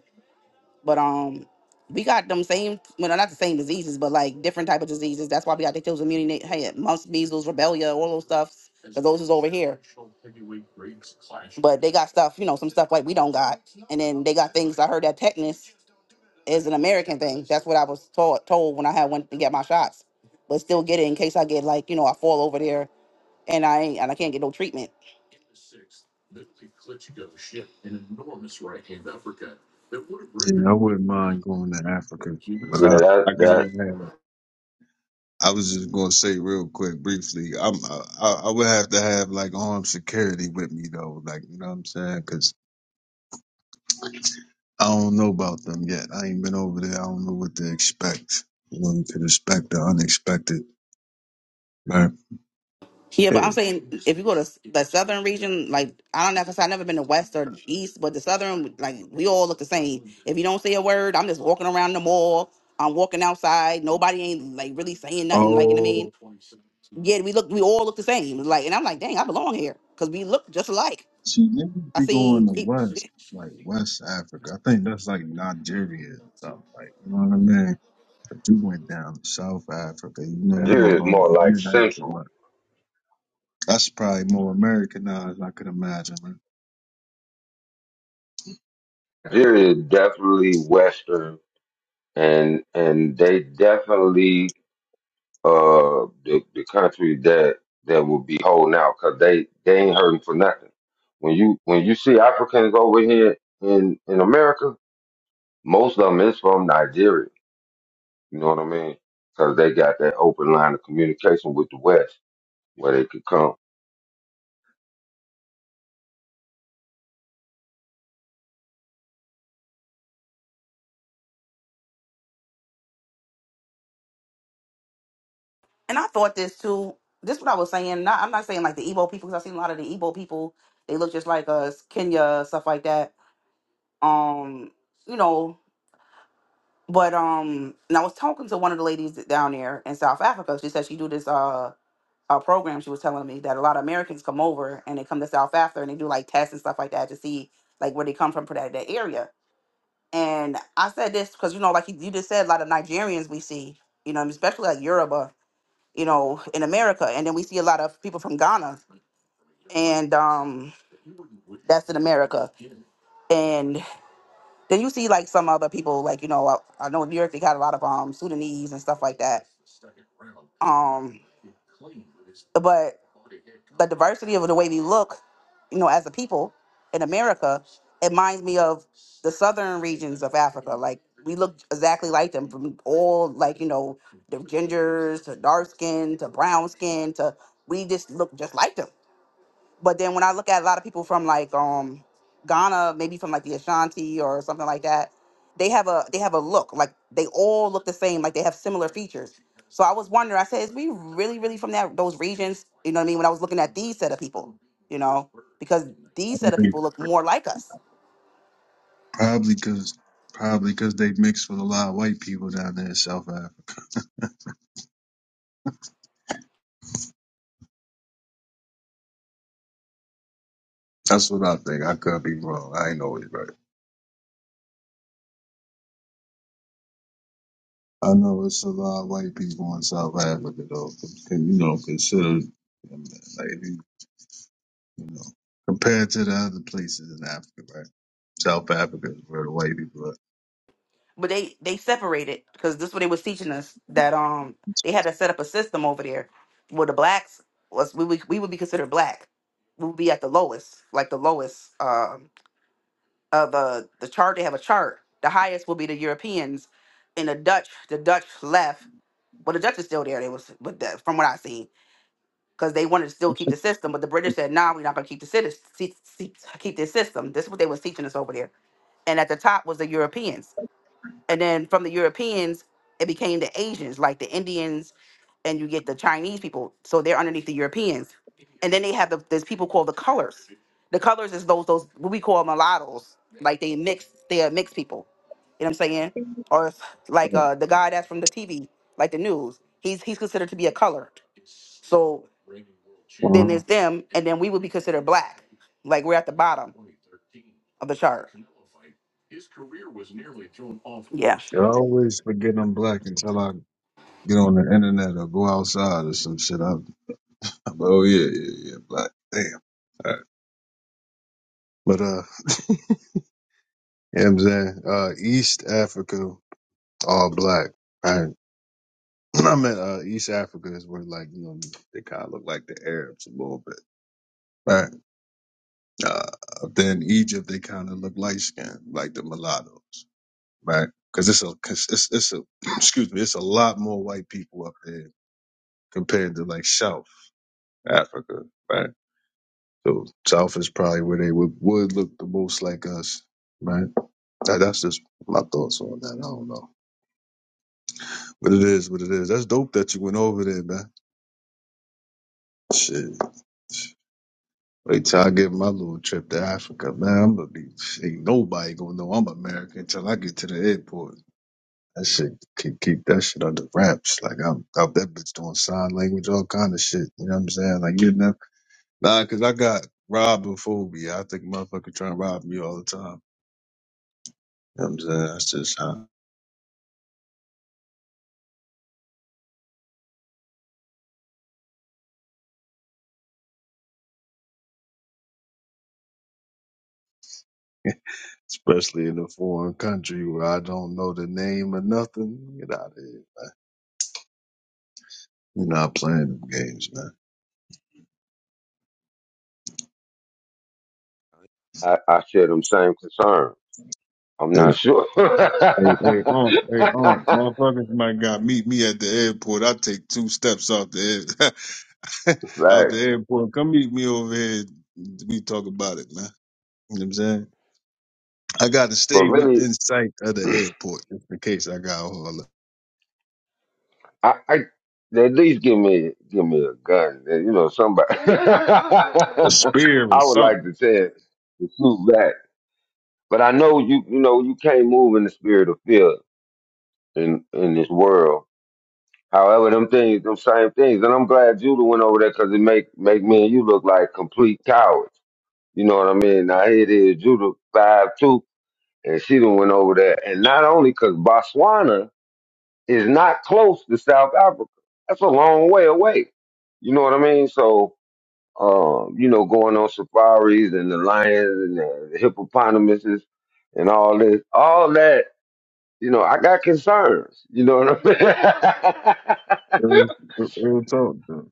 Speaker 9: But um, we got them same, well, not the same diseases, but like different type of diseases. That's why we got the those immunity, hey, mumps, measles, rubella, all those stuffs. 'cause those is over here. But they got stuff, you know, some stuff like we don't got. And then they got things. I heard that tetanus is an American thing. That's what I was taught told when I had went to get my shots. But still get it in case I get like, you know, I fall over there and I ain't, and I can't get no treatment.
Speaker 8: Yeah, I wouldn't mind going to Africa, but
Speaker 1: Yeah,
Speaker 8: I
Speaker 1: that
Speaker 8: I
Speaker 1: that
Speaker 8: gotta have. I was just gonna say real quick, briefly. I'm I, I would have to have like armed security with me though, like you know what I'm saying? Cause I don't know about them yet. I ain't been over there. I don't know what to expect. You know, you could expect the unexpected. Like,
Speaker 9: Yeah,
Speaker 8: eh,
Speaker 9: but I'm saying if you go to s- the southern region, like I don't know, cause I've never been to west or east, but the southern, like we all look the same. If you don't say a word, I'm just walking around the mall. I'm walking outside. Nobody ain't like really saying nothing. Like you know what I mean,
Speaker 8: oh,
Speaker 9: yeah, we look, we all look the same. Like, and I'm like, dang, I belong here, cause we look just alike.
Speaker 8: see, niggas
Speaker 9: I
Speaker 8: be going
Speaker 9: seen
Speaker 8: to
Speaker 9: people,
Speaker 8: West, like West Africa. I think that's like Nigeria and stuff. Like, you know what I mean? But you went down to South Africa. You know, you
Speaker 1: Nigeria
Speaker 8: don't
Speaker 1: is
Speaker 8: know
Speaker 1: more like
Speaker 8: international
Speaker 1: central.
Speaker 8: much. That's probably more Americanized, I could imagine. Man.
Speaker 1: Nigeria is definitely western, and and they definitely uh the, the country that that will be holding out because they they ain't hurting for nothing. When you when you see Africans over here in in America, most of them is from Nigeria. You know what I mean? Because they got that open line of communication with the West where they could come.
Speaker 9: and I thought this too. This what I was saying. Not, I'm not saying like the Igbo people, cause I've seen a lot of the Igbo people. They look just like us, Kenya, stuff like that. Um, you know. But um, and I was talking to one of the ladies down there in South Africa. She said she do this uh, uh program. She was telling me that a lot of Americans come over and they come to South Africa and they do like tests and stuff like that to see like where they come from for that, that area. And I said this because you know, like you you just said, a lot of Nigerians we see, you know, especially like Yoruba, you know, in America, and then we see a lot of people from Ghana, and um, that's in America. Then you see like some other people, like you know, I, I know in New York they got a lot of um Sudanese and stuff like that. Um, but the diversity of the way we look, you know, as a people in America, it reminds me of the southern regions of Africa. Like we look exactly like them from all like, you know, the gingers to dark skin to brown skin to we just look just like them. But then when I look at a lot of people from like um Ghana, maybe from like the Ashanti or something like that, they have a they have a look like they all look the same, like they have similar features. So I was wondering, I said, is we really really from that those regions? You know what I mean? When I was looking at these set of people, you know, because these set of
Speaker 8: Probably,
Speaker 9: people look more like us,
Speaker 8: probably because. Probably because they mixed with a lot of white people down there in South Africa. That's what I think. I could be wrong. I ain't always right. I know it's a lot of white people in South Africa, though. 'cause, You know, consider like you know, compared to the other places in Africa, right? South Africa is where the white people are.
Speaker 9: but they they separated because this is what they was teaching us that um they had to set up a system over there where the blacks was we would, we would be considered black, we would be at the lowest, like the lowest. um of uh, the chart. They have a chart. The highest will be the Europeans, and the Dutch. The Dutch left. Well, the Dutch is still there. They was, but the, from what I seen, because they wanted to still keep the system, but the British said, "Nah, we're not gonna keep the citi- se- se- keep this system." This is what they was teaching us over there. And at the top was the Europeans, and then from the Europeans, it became the Asians, like the Indians, and you get the Chinese people. So they're underneath the Europeans. And then they have the there's people called the colors. The colors is those those what we call mulattoes. Like they mix they are mixed people. You know what I'm saying? Or if, like uh the guy that's from the TV, like the news, he's he's considered to be a color. So then there's
Speaker 8: Well,
Speaker 9: them, and then we would be considered black. Like we're at the bottom of the chart. Yeah.
Speaker 8: I always forget I'm black until I get on the internet or go outside or some shit. I'm, I'm like, oh yeah, yeah, yeah, black. Damn. All right. But uh, you know what I'm saying uh, East Africa all black, right? I meant uh, East Africa is where like you know they kind of look like the Arabs a little bit, right? Uh, up there in Egypt, they kind of look light skinned, like the mulattoes, right? Because it's a 'cause it's it's a excuse me, it's a lot more white people up there compared to like South Africa, right? So South is probably where they would would look the most like us, right? That- That's just my thoughts on that. I don't know, but it is what it is. That's dope that you went over there, man. Shit. Wait till I get my little trip to Africa, man. I'm gonna be ain't nobody gonna know I'm American until I get to the airport. That shit keep keep that shit under wraps. Like I'm out that bitch doing sign language, all kind of shit. You know what I'm saying? Like you know, nah, 'cause I got robophobia. I think motherfucker trying to rob me all the time. You know what I'm saying? That's just how. Especially in a foreign country where I don't know the name or nothing. Get out of here, man. You're not playing them games, man.
Speaker 1: I, I share them same concern. I'm
Speaker 8: Hey,
Speaker 1: not sure.
Speaker 8: hey, hey, um, hey, um, motherfuckers might got meet me at the airport. I take two steps out the air, out
Speaker 1: right.
Speaker 8: the airport. Come meet me over here. We talk about it, man. You know what I'm saying? I got to
Speaker 1: But
Speaker 8: stay
Speaker 1: really,
Speaker 8: within sight of the airport just in case I got all
Speaker 1: I, I at least give me give me a gun. eh, You know, somebody.
Speaker 8: a
Speaker 1: I
Speaker 8: spear or
Speaker 1: would like
Speaker 8: something.
Speaker 1: to say it, to shoot back, but I know you. You know, you can't move in the spirit of fear in in this world. However, them things, them same things, and I'm glad Judah went over there because it make make me and you look like complete cowards. You know what I mean? Now here it is, Judah five two, and she done went over there, and not only because Botswana is not close to South Africa. That's a long way away. You know what I mean? So, um, you know, going on safaris and the lions and the the hippopotamuses and all this, all that, you know, I got concerns. You know what I mean?
Speaker 8: Real real talk, though.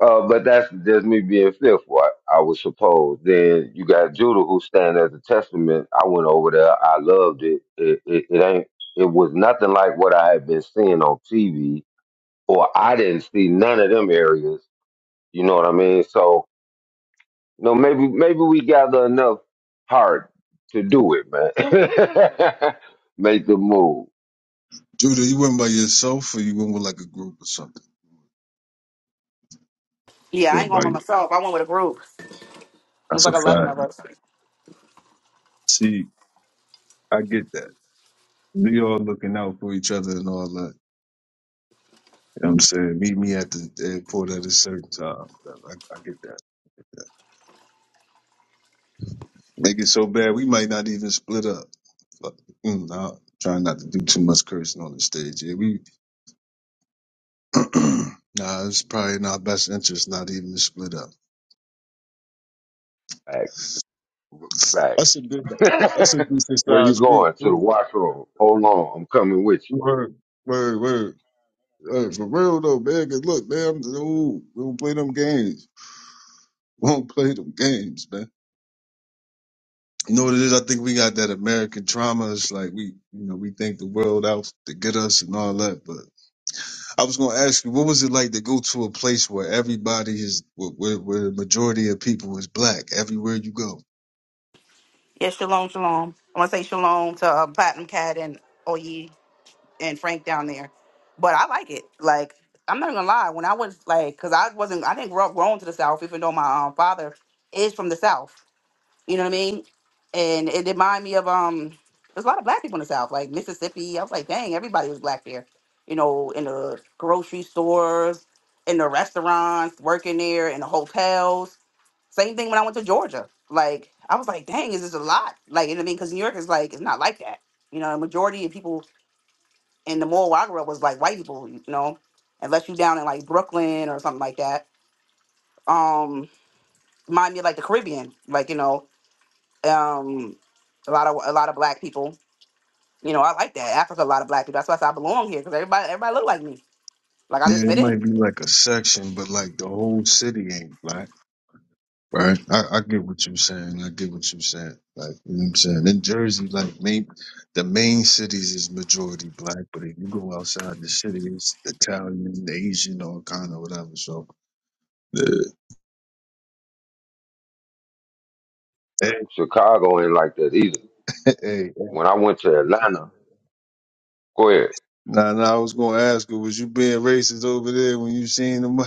Speaker 1: uh, but that's just me being fearful, I, I would suppose. Then you got Judah who stand as a testament. I went over there. I loved it. It, it. it ain't. It was nothing like what I had been seeing on TV or I didn't see none of them areas. You know what I mean? So, you know, maybe maybe we gather enough heart to do it, man. Make the move.
Speaker 8: Judah, you went by yourself or you went with like a group or something?
Speaker 9: Yeah, I ain't
Speaker 8: Went by
Speaker 9: going by
Speaker 8: you.
Speaker 9: myself. I went with a group. It was
Speaker 8: That's
Speaker 9: like
Speaker 8: a
Speaker 9: eleven of
Speaker 8: fact.
Speaker 9: us.
Speaker 8: See, I get that. We all looking out for each other and all that. You know what I'm saying? Meet me at the airport at a certain time. Whatever. I, I get that. Yeah. Make it so bad, we might not even split up. Fuck. Mm, nah, trying not to do too much cursing on the stage. Yeah, we. nah, it's probably in our best interest not even to split up.
Speaker 1: Facts.
Speaker 8: That's
Speaker 1: Facts.
Speaker 8: a good. That's a decent
Speaker 1: Where you
Speaker 8: sized group
Speaker 1: going? To the
Speaker 8: too.
Speaker 1: washroom. Hold on, I'm coming with you.
Speaker 8: Word, word, word. word. Hey, For real though, man. 'cause look, man, I'm, ooh, we don't play them games. We don't play them games, man. You know what it is? I think we got that American trauma. It's like we, you know, we think the world out to get us and all that. But I was going to ask you, what was it like to go to a place where everybody is, where, where, where the majority of people is black everywhere you go?
Speaker 9: Yeah, shalom, shalom. I wanna say shalom to uh, Platinum Cat and Oye. and Frank down there. But I like it. Like I'm not gonna lie, when I was like, cause I wasn't, I didn't grow up grown to the South, even though my um, father is from the South. You know what I mean? And it reminded me of um, there's a lot of black people in the South, like Mississippi. I was like, dang, everybody was black there. You know, in the grocery stores, in the restaurants, working there, in the hotels. Same thing when I went to Georgia. Like I was like, dang, is this a lot? Like you know what I mean? Because New York is like, it's not like that. You know, the majority of people and the mall where I grew up was like white people, you know, unless you down in like Brooklyn or something like that. Um, remind me of like the Caribbean, like you know, um, a lot of a lot of black people. You know, I like that Africa. A lot of black people. That's why I, said I belong here because everybody everybody look like me. Like I
Speaker 8: Yeah,
Speaker 9: just
Speaker 8: it
Speaker 9: fit in.
Speaker 8: might be like a section, but like the whole city ain't black. Right. I, I get what you're saying. I get what you're saying. Like, you know what I'm saying? In Jersey, like, main, the main cities is majority black, but if you go outside the city, it's Italian, Asian, all kind of whatever. So, Hey, hey,
Speaker 1: Chicago ain't like that either.
Speaker 8: hey. hey.
Speaker 1: When I went to Atlanta, go ahead.
Speaker 8: Nah, nah, I was gonna ask her, was you being racist over there when you seen them?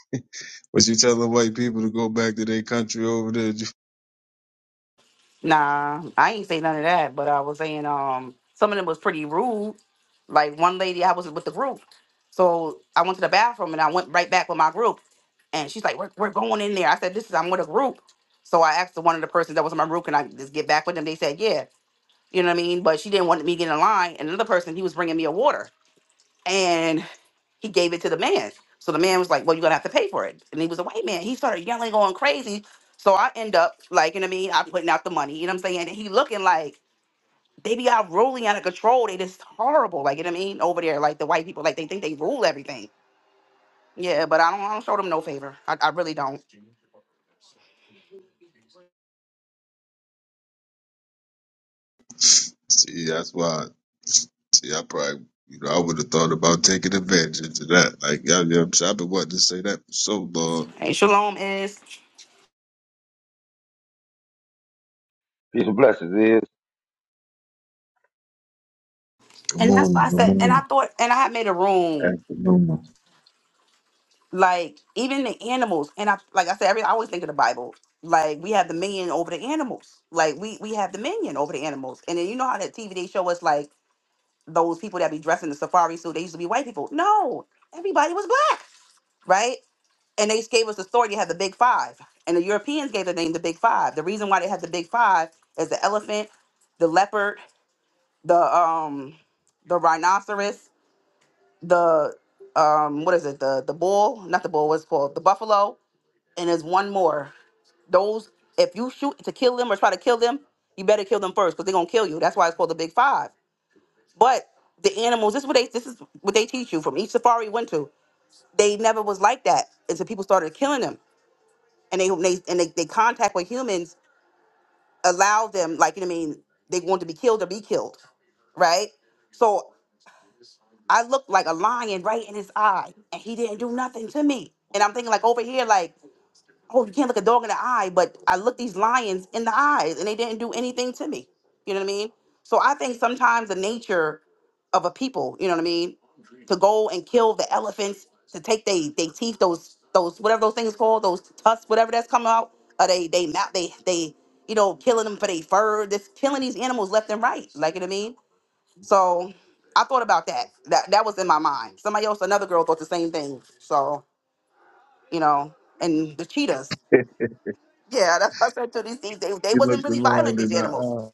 Speaker 8: was you telling white people to go back to their country over there?
Speaker 9: Nah, I ain't say none of that, but I was saying um some of them was pretty rude. Like one lady, I was with the group, so I went to the bathroom and I went right back with my group, and she's like, "We're, we're going in there." I said, "This is I'm with a group," so I asked one of the persons that was in my group, "Can I just get back with them?" They said, "Yeah," you know what I mean. But she didn't want me to get in line, and another person he was bringing me a water and he gave it to the man. So the man was like, "Well, you're gonna have to pay for it." And he was a white man. He started yelling, going crazy. So I end up like, you know what I mean? I'm putting out the money. You know what I'm saying? And he looking like they be out ruling out of control. They just horrible. Like you know what I mean? Over there, like the white people, like they think they rule everything. Yeah, but I don't. I don't show them no favor. I, I really don't.
Speaker 8: see, that's why. See, I probably, you know, I would have thought about taking advantage of that. Like, I, I'm, I've been wanting to say that for so long.
Speaker 9: And shalom is,
Speaker 1: Peace and blessings is.
Speaker 8: Good
Speaker 9: and that's why
Speaker 8: morning,
Speaker 9: I
Speaker 8: good
Speaker 9: said. And I
Speaker 8: morning,
Speaker 9: thought, and I had made a room.
Speaker 8: afternoon.
Speaker 9: Like even the animals, and I like I said, every I always think of the Bible. Like we have dominion over the animals. Like we we have dominion over the animals. And then you know how that TV they show us like those people that be dressed in the safari suit. They used to be white people. No, everybody was black, right? and they gave us the story. to have the big five. And the Europeans gave the name the big five. The reason why they had the big five is the elephant, the leopard, the um the rhinoceros, the um what is it, the the bull, not the bull, what's it called? The buffalo and there's one more. Those, if you shoot to kill them or try to kill them, you better kill them first because they're gonna kill you. That's why it's called the Big Five. But the animals, this is what they this is what they teach you from each safari you went to. They never was like that until people started killing them. And they they and they, they contact with humans allow them, like you know what I mean, they want to be killed or be killed. Right? So I looked like a lion right in his eye, and he didn't do nothing to me. And I'm thinking like over here, like oh, you can't look a dog in the eye, but I looked these lions in the eyes and they didn't do anything to me. You know what I mean? So I think sometimes the nature of a people, you know what I mean, to go and kill the elephants, to take they they teeth, those those whatever those things called, those tusks, whatever that's coming out, or they they mount they they you know killing them for their fur, just killing these animals left and right. Like you know what I mean? So I thought about that. That that was in my mind. Somebody else, another girl, thought the same thing. So you know, and the cheetahs. Yeah, that's what I said to these things. They they
Speaker 8: you
Speaker 9: wasn't
Speaker 8: looked a
Speaker 9: really violent
Speaker 8: lion
Speaker 9: these
Speaker 8: in the
Speaker 9: animals
Speaker 8: eye.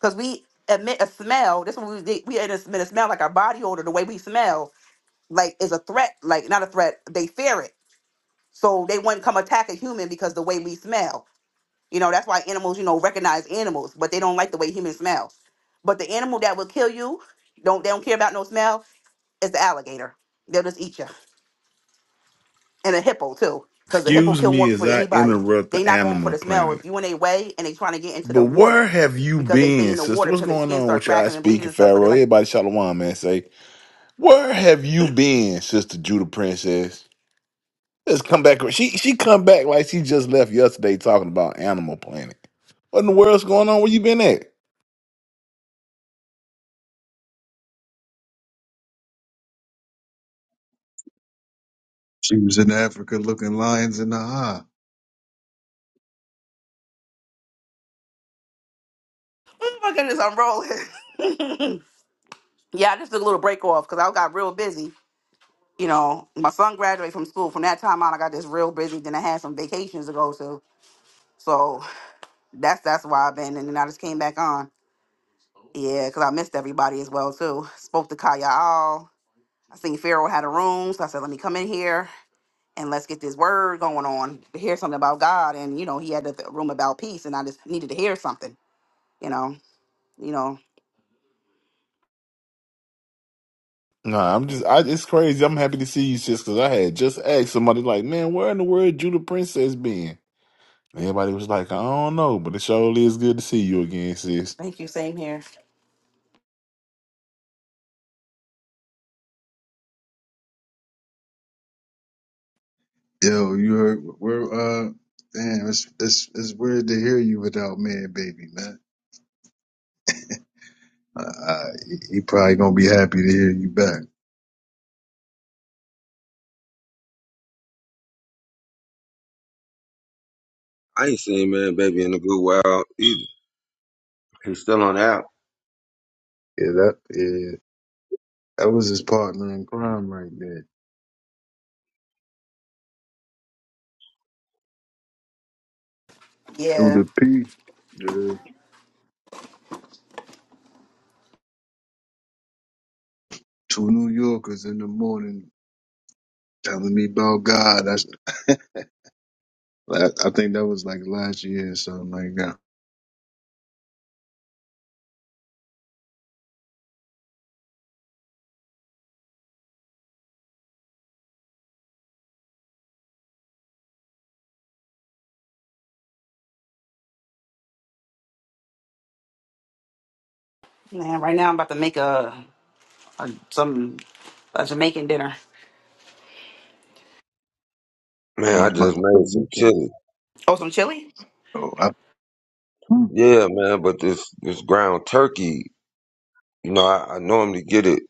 Speaker 9: because we emit a smell. This one we did- we emit a smell like our body odor. The way we smell like is a threat. Like not a threat. They fear it, so they wouldn't come attack a human because the way we smell. You know that's why animals you know recognize animals, but they don't like the way humans smell. But the animal that will kill you, don't they don't care about no smell is the alligator. They'll just eat you. and a hippo too, because the hippo
Speaker 10: Excuse
Speaker 9: kill
Speaker 10: me
Speaker 9: more
Speaker 10: as
Speaker 9: people than
Speaker 10: I
Speaker 9: anybody.
Speaker 10: interrupt
Speaker 9: They
Speaker 10: the
Speaker 9: not going for
Speaker 10: animal
Speaker 9: the smell. If
Speaker 10: planet.
Speaker 9: you in a way and they trying to get into the
Speaker 10: But where
Speaker 9: water
Speaker 10: have you
Speaker 9: because they stay in
Speaker 10: been,
Speaker 9: the
Speaker 10: sister?
Speaker 9: water
Speaker 10: What's
Speaker 9: because their
Speaker 10: going
Speaker 9: skin
Speaker 10: on
Speaker 9: start
Speaker 10: with your I
Speaker 9: cracking and
Speaker 10: speak
Speaker 9: bleeding
Speaker 10: and
Speaker 9: and stuff. So they're
Speaker 10: Pharaoh?
Speaker 9: like,
Speaker 10: Everybody shalom, man. Say, where have you been, sister Judah Princess? Let's come back. She she come back like she just left yesterday talking about Animal Planet. What in the world's going on? Where you been at?
Speaker 8: She was in Africa looking lions in the eye.
Speaker 9: oh my goodness, I'm rolling. yeah, I just took a little break off because I got real busy. You know, my son graduated from school. From that time on, I got this real busy. Then I had some vacations to go to. So that's that's why I've been. And then I just came back on. Yeah, because I missed everybody as well too. Spoke to Kaya All. I seen Pharaoh had a room, so I said, let me come in here. and let's get this word going on to hear something about God. And you know, he had the th- room about peace, and I just needed to hear something. You know, you know.
Speaker 10: Nah, I'm just I it's crazy. I'm happy to see you, sis, because I had just asked somebody like, man, where in the world Judah Princess been? And Everybody was like, I don't know, but it surely is good to see you again, sis.
Speaker 9: Thank you. Same here.
Speaker 8: Yo, you heard we're uh damn, it's it's it's weird to hear you without man baby, man. Uh, uh he, he probably gonna be happy to hear you back.
Speaker 1: I ain't seen man baby in a good while either. He's still on the app.
Speaker 8: Yeah, that yeah, that was his partner in crime right there. Through
Speaker 9: Yeah,
Speaker 8: the P, dude. Two New Yorkers in the morning telling me about God. That's I I think that was like last year or something like that.
Speaker 9: man. Right now, I'm about to make a, a some a Jamaican dinner.
Speaker 8: I
Speaker 1: Man, I
Speaker 8: was about
Speaker 1: just
Speaker 8: to say
Speaker 1: made
Speaker 8: you
Speaker 1: some
Speaker 8: can
Speaker 1: chili.
Speaker 9: Oh, some chili.
Speaker 8: oh I, Hmm.
Speaker 1: Yeah, man, but this this ground turkey You know, I, I normally get it.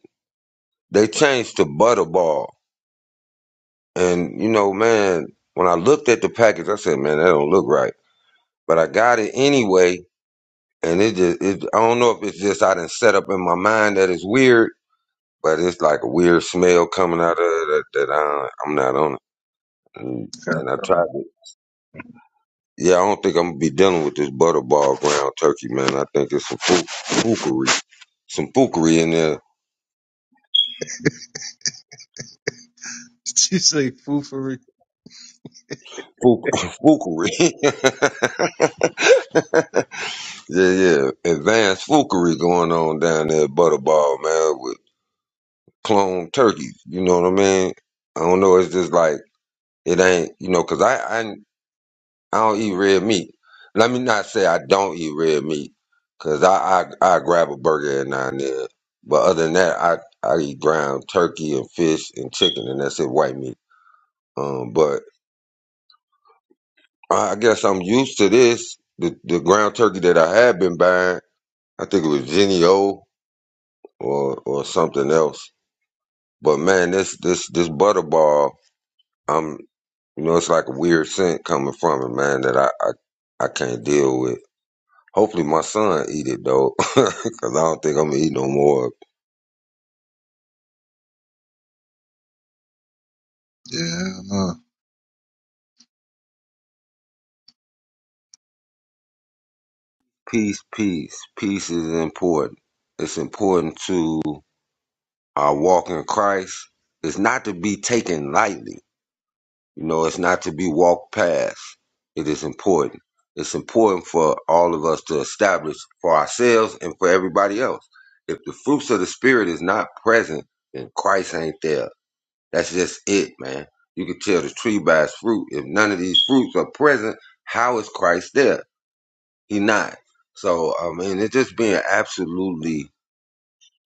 Speaker 1: They changed to Butterball. And, you know, man, when I looked at the package, I said, man, that don't look right. But I got it anyway. And it just, it, I don't know if it's just I didn't set up in my mind that it's weird, but it's like a weird smell coming out of it that, that I, I'm not on it. And, and I tried it. Yeah, I don't think I'm going to be dealing with this Butterball ground turkey, man. I think it's some fook, fookery, some fookery in there.
Speaker 8: she say foofery.
Speaker 1: Fook, fookery. Yeah, yeah. Advanced foolery going on down there at Butterball, man, with clone turkeys. You know what I mean? I don't know. It's just like, it ain't, you know, 'cause I, I, I don't eat red meat. Let me not say I don't eat red meat, 'cause I, I, I grab a burger every now and then. But other than that, I, I eat ground turkey and fish and chicken, and that's it, white meat. Um, but I I guess I'm used to this. The, the ground turkey that I had been buying, I think it was Jenny O or, or something else But man, this this this butterball, um, you know, it's like a weird scent coming from it, man, that I I, I can't deal with. Hopefully, my son eat it though, because I don't think I'm gonna eat no more.
Speaker 8: Yeah,
Speaker 1: Peace, peace, peace is important. It's important to our walk in Christ. It's not to be taken lightly. You know, it's not to be walked past. It is important. It's important for all of us to establish for ourselves and for everybody else. If the fruits of the spirit is not present, then Christ ain't there. That's just it, man. You can tell the tree by its fruit. If none of these fruits are present, how is Christ there? He not. So I mean, it's just being absolutely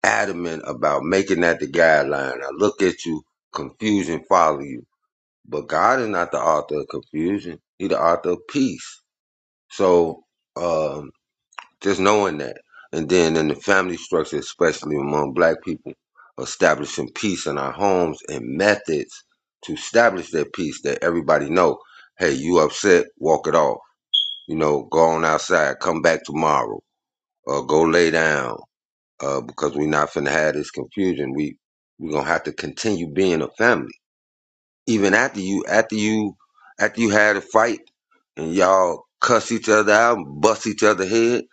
Speaker 1: adamant about making that the guideline. I look at you, confusion follows you. But God is not the author of confusion. He the author of peace. So um, just knowing that. And then in the family structure, especially among black people, establishing peace in our homes and methods to establish that peace that everybody know, hey, you upset, walk it off. You know, go on outside, come back tomorrow, or go lay down, uh, because we're not finna have this confusion. We we're gonna have to continue being a family even after you, after you, after you had a fight and y'all cuss each other out, bust each other head.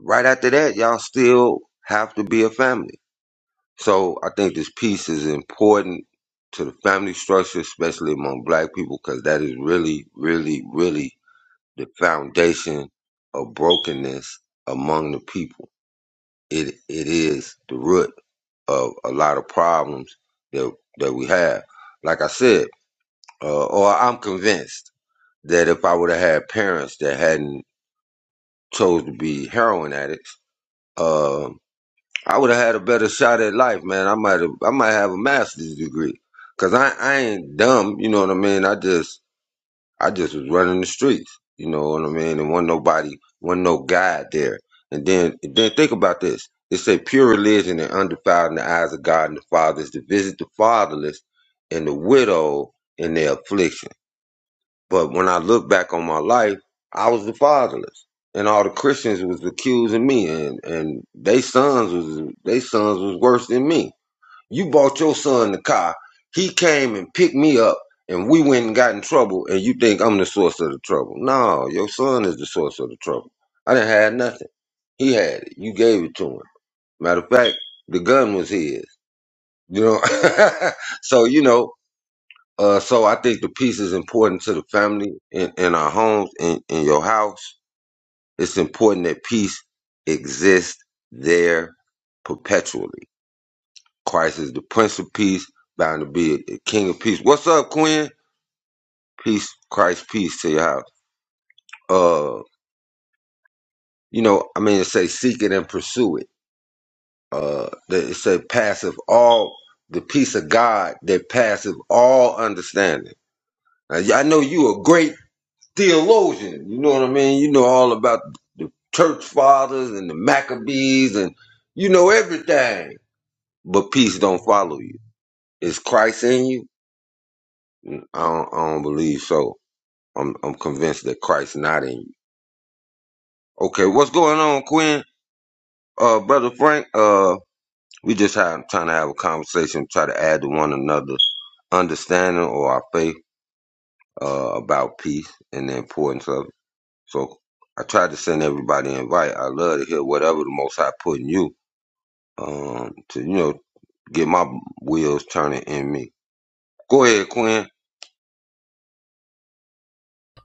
Speaker 1: Right after that, y'all still have to be a family. So I think this piece is important to the family structure, especially among black people, because that is really, really, really the foundation of brokenness among the people. It it is the root of a lot of problems that that we have. Like I said, uh, or I'm convinced that if I would have had parents that hadn't chose to be heroin addicts, uh, I would have had a better shot at life, man. I might have, I might have a master's degree, cause I, I ain't dumb, you know what I mean. I just, I just was running the streets, you know what I mean. And wasn't nobody, wasn't no guide there. And then, then think about this. It said pure religion and undefiled in the eyes of God and the Father is to visit the fatherless and the widow in their affliction. But when I look back on my life, I was the fatherless, and all the Christians was accusing me, and and they sons was they sons was worse than me. You bought your son the car. He came and picked me up, and we went and got in trouble. And you think I'm the source of the trouble? No, your son is the source of the trouble. I didn't have nothing. He had it. You gave it to him. Matter of fact, the gun was his. You know, so you know uh, so I think the peace is important to the family in, in our homes, in, in your house. It's important that peace exists there perpetually. Christ is the Prince of Peace, bound to be the King of Peace. What's up, Quinn? Peace, Christ, peace to your house. Uh, you know, I mean, it say seek it and pursue it. Uh, that it say passive all the peace of God that passeth all understanding. Now, I know you agree theologian. You know what I mean? You know all about the church fathers and the Maccabees and you know everything. But peace don't follow you. Is Christ in you? I don't, I don't believe so. I'm I'm convinced that Christ's not in you. Okay, what's going on, Quinn? Uh, brother Frank. Uh, we just have, trying to have a conversation, try to add to one another understanding or our faith uh, about peace and the importance of it. So I tried to send everybody an invite. I love to hear whatever the Most High put in you um, to, you know, get my wheels turning in me. Go ahead, Quinn.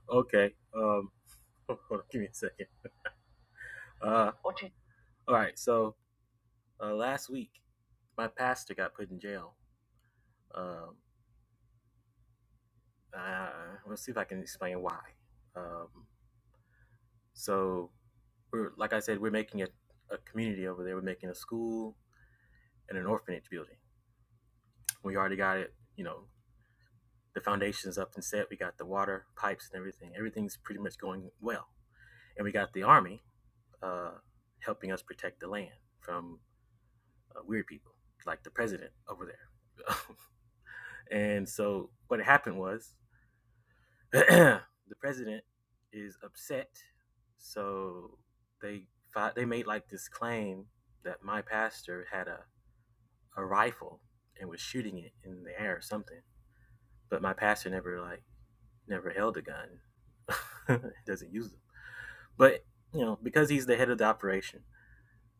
Speaker 11: Okay. Um, give me a second. Uh, you, all right. So uh, last week, my pastor got put in jail. Um, uh, let's see if I can explain why. Um, so we're like I said, we're making a, a community over there. We're making a school and an orphanage building. We already got it. You know, the foundations up and set. We got the water pipes and everything. Everything's pretty much going well. And we got the army uh, helping us protect the land from uh, weird people, like the president over there. and so what happened was the president is upset, so they they made like this claim that my pastor had a, a rifle and was shooting it in the air or something, but my pastor never like never held a gun, doesn't use them. But you know because he's the head of the operation,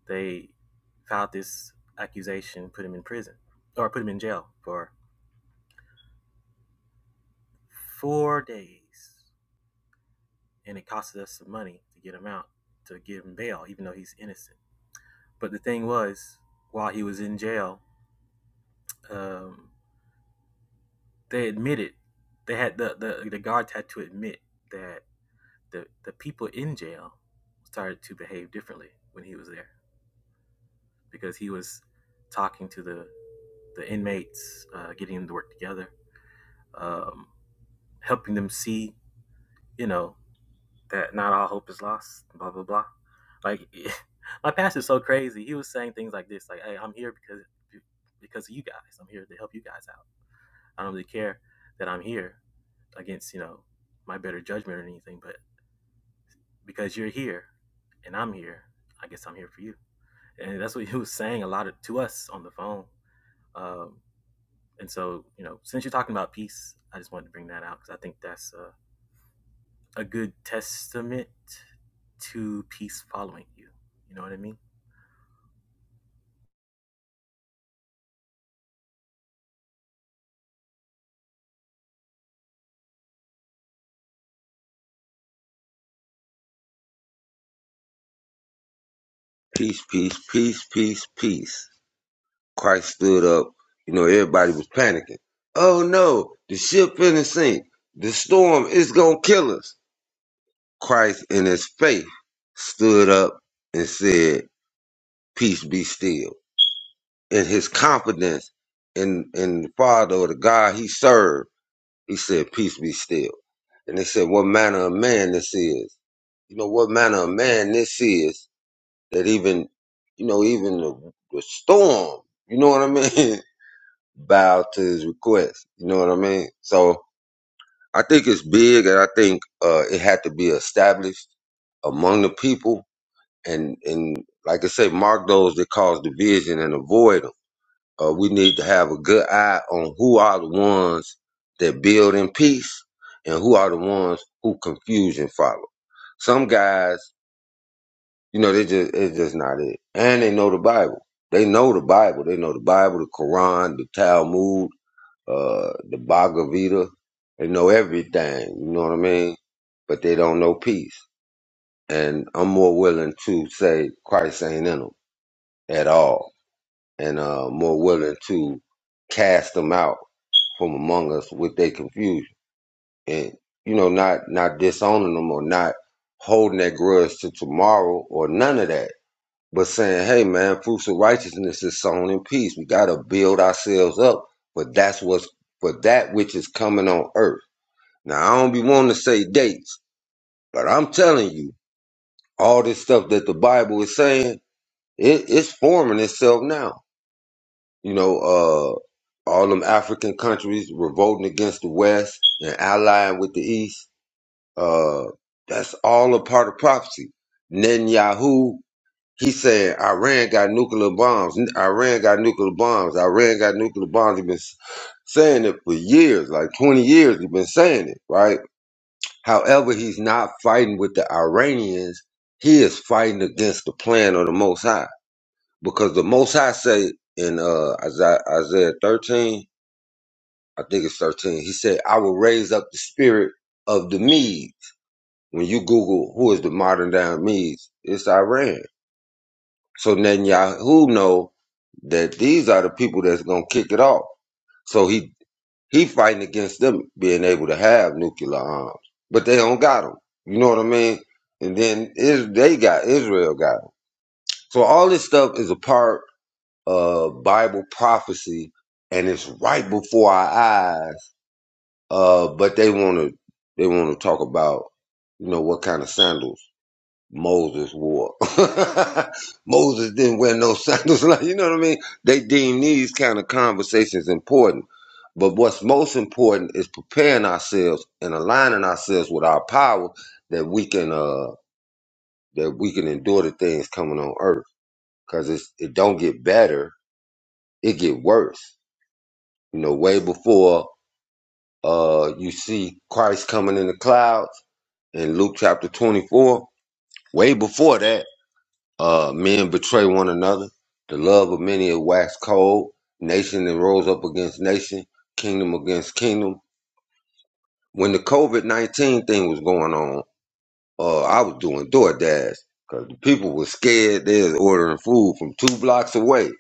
Speaker 11: they filed this accusation, put him in prison or put him in jail for four days, and it costed us some money to get him out to give him bail, even though he's innocent. But the thing was, while he was in jail, um, they admitted they had the, the the guards had to admit that the the people in jail started to behave differently when he was there because he was talking to the the inmates, uh, getting them to work together, um, helping them see, you know, that not all hope is lost, blah blah blah. Like my pastor's so crazy. He was saying things like this, like, "Hey, I'm here because because of you guys. I'm here to help you guys out. I don't really care that I'm here against you know my better judgment or anything, but because you're here and I'm here, I guess I'm here for you." And that's what he was saying a lot of, to us on the phone. Um, and so, you know, since you're talking about peace, I just wanted to bring that out because I think that's a, a good testament to peace following you. You know what I mean?
Speaker 1: Peace, peace, peace, peace, peace. Christ stood up. You know, everybody was panicking. Oh no, the ship in the sink. The storm is gonna kill us. Christ in his faith stood up and said, Peace be still. And his confidence in in the Father or the God he served He said, Peace be still. And they said, What manner of man this is? You know, what manner of man this is that even, you know, even the, the storm, you know what I mean? Bow to his request. You know what I mean? So I think it's big and I think uh, it had to be established among the people and, and like I say, mark those that cause division and avoid them." Uh, we need to have a good eye on who are the ones that build in peace and who are the ones who confusion follow. Some guys, you know, they just it's just not it, and they know the Bible. They know the Bible. They know the Bible, the Quran, the Talmud, uh, the Bhagavad Gita. They know everything. You know what I mean? But they don't know peace. And I'm more willing to say Christ ain't in them at all, and uh, more willing to cast them out from among us with their confusion and you know not not disowning them or not holding that grudge to tomorrow or none of that but saying hey man fruits of righteousness is sown in peace we got to build ourselves up for that's what's for that which is coming on earth now i don't be wanting to say dates but i'm telling you all this stuff that the bible is saying it, it's forming itself now you know, uh, all them African countries revolting against the West and allying with the East. Uh, that's all a part of prophecy. Netanyahu, he said, Iran got nuclear bombs. Iran got nuclear bombs. Iran got nuclear bombs. He's been s- saying it for years, like 20 years, he's been saying it, right? However, he's not fighting with the Iranians. He is fighting against the plan of the Most High because the Most High say in uh, Isaiah Isaiah 13, I think it's 13. He said, I will raise up the spirit of the Medes. When you Google who is the modern day Medes, it's Iran. So Netanyahu know that these are the people that's gonna kick it off. So he he fighting against them being able to have nuclear arms, but they don't got them. You know what I mean? And then is they got Israel got them. So all this stuff is a part of Bible prophecy, and it's right before our eyes Uh, but they want to they want to talk about you know what kind of sandals Moses wore. Moses didn't wear no sandals, like you know what I mean. They deem these kind of conversations important, but what's most important is preparing ourselves and aligning ourselves with our power that we can uh that we can endure the things coming on earth because it's it don't get better, it get worse. You know, way before uh you see Christ coming in the clouds in Luke chapter 24, way before that, uh, men betray one another. The love of many is waxed cold. Nation then rose up against nation, kingdom against kingdom. When the COVID 19 thing was going on, uh, I was doing DoorDash because the people were scared. They was ordering food from two blocks away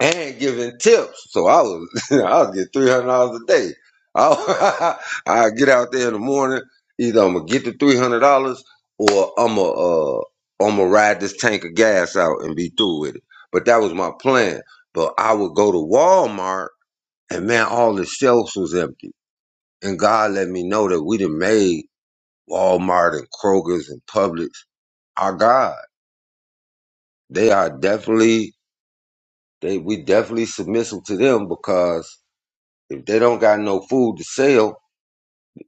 Speaker 1: and giving tips. So I was I was get three hundred dollars a day. I I get out there in the morning. Either I'm gonna get the three hundred dollars or I'm gonna uh, I'm gonna ride this tank of gas out and be through with it. But that was my plan. But I would go to Walmart and man, all the shelves was empty. And God let me know that we done made Walmart and Kroger's and Publix our God. They are definitely they we definitely submissive to them because If they don't got no food to sell,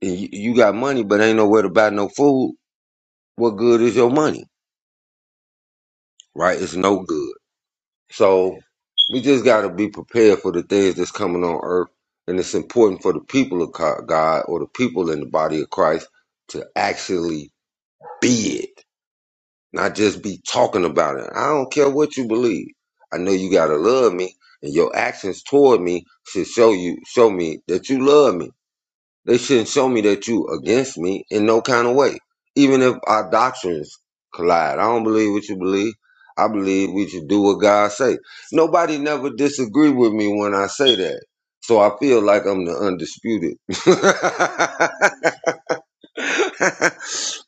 Speaker 1: and you, you got money but ain't nowhere to buy no food, what good is your money? Right? It's no good. So we just got to be prepared for the things that's coming on earth, and it's important for the people of God or the people in the body of Christ to actually be it, not just be talking about it. I don't care what you believe. I know you gotta love me, and your actions toward me should show you show me that you love me. They shouldn't show me that you against me in no kind of way. Even if our doctrines collide. I don't believe what you believe. I believe we should do what God say. Nobody never disagree with me when I say that. So I feel like I'm the undisputed.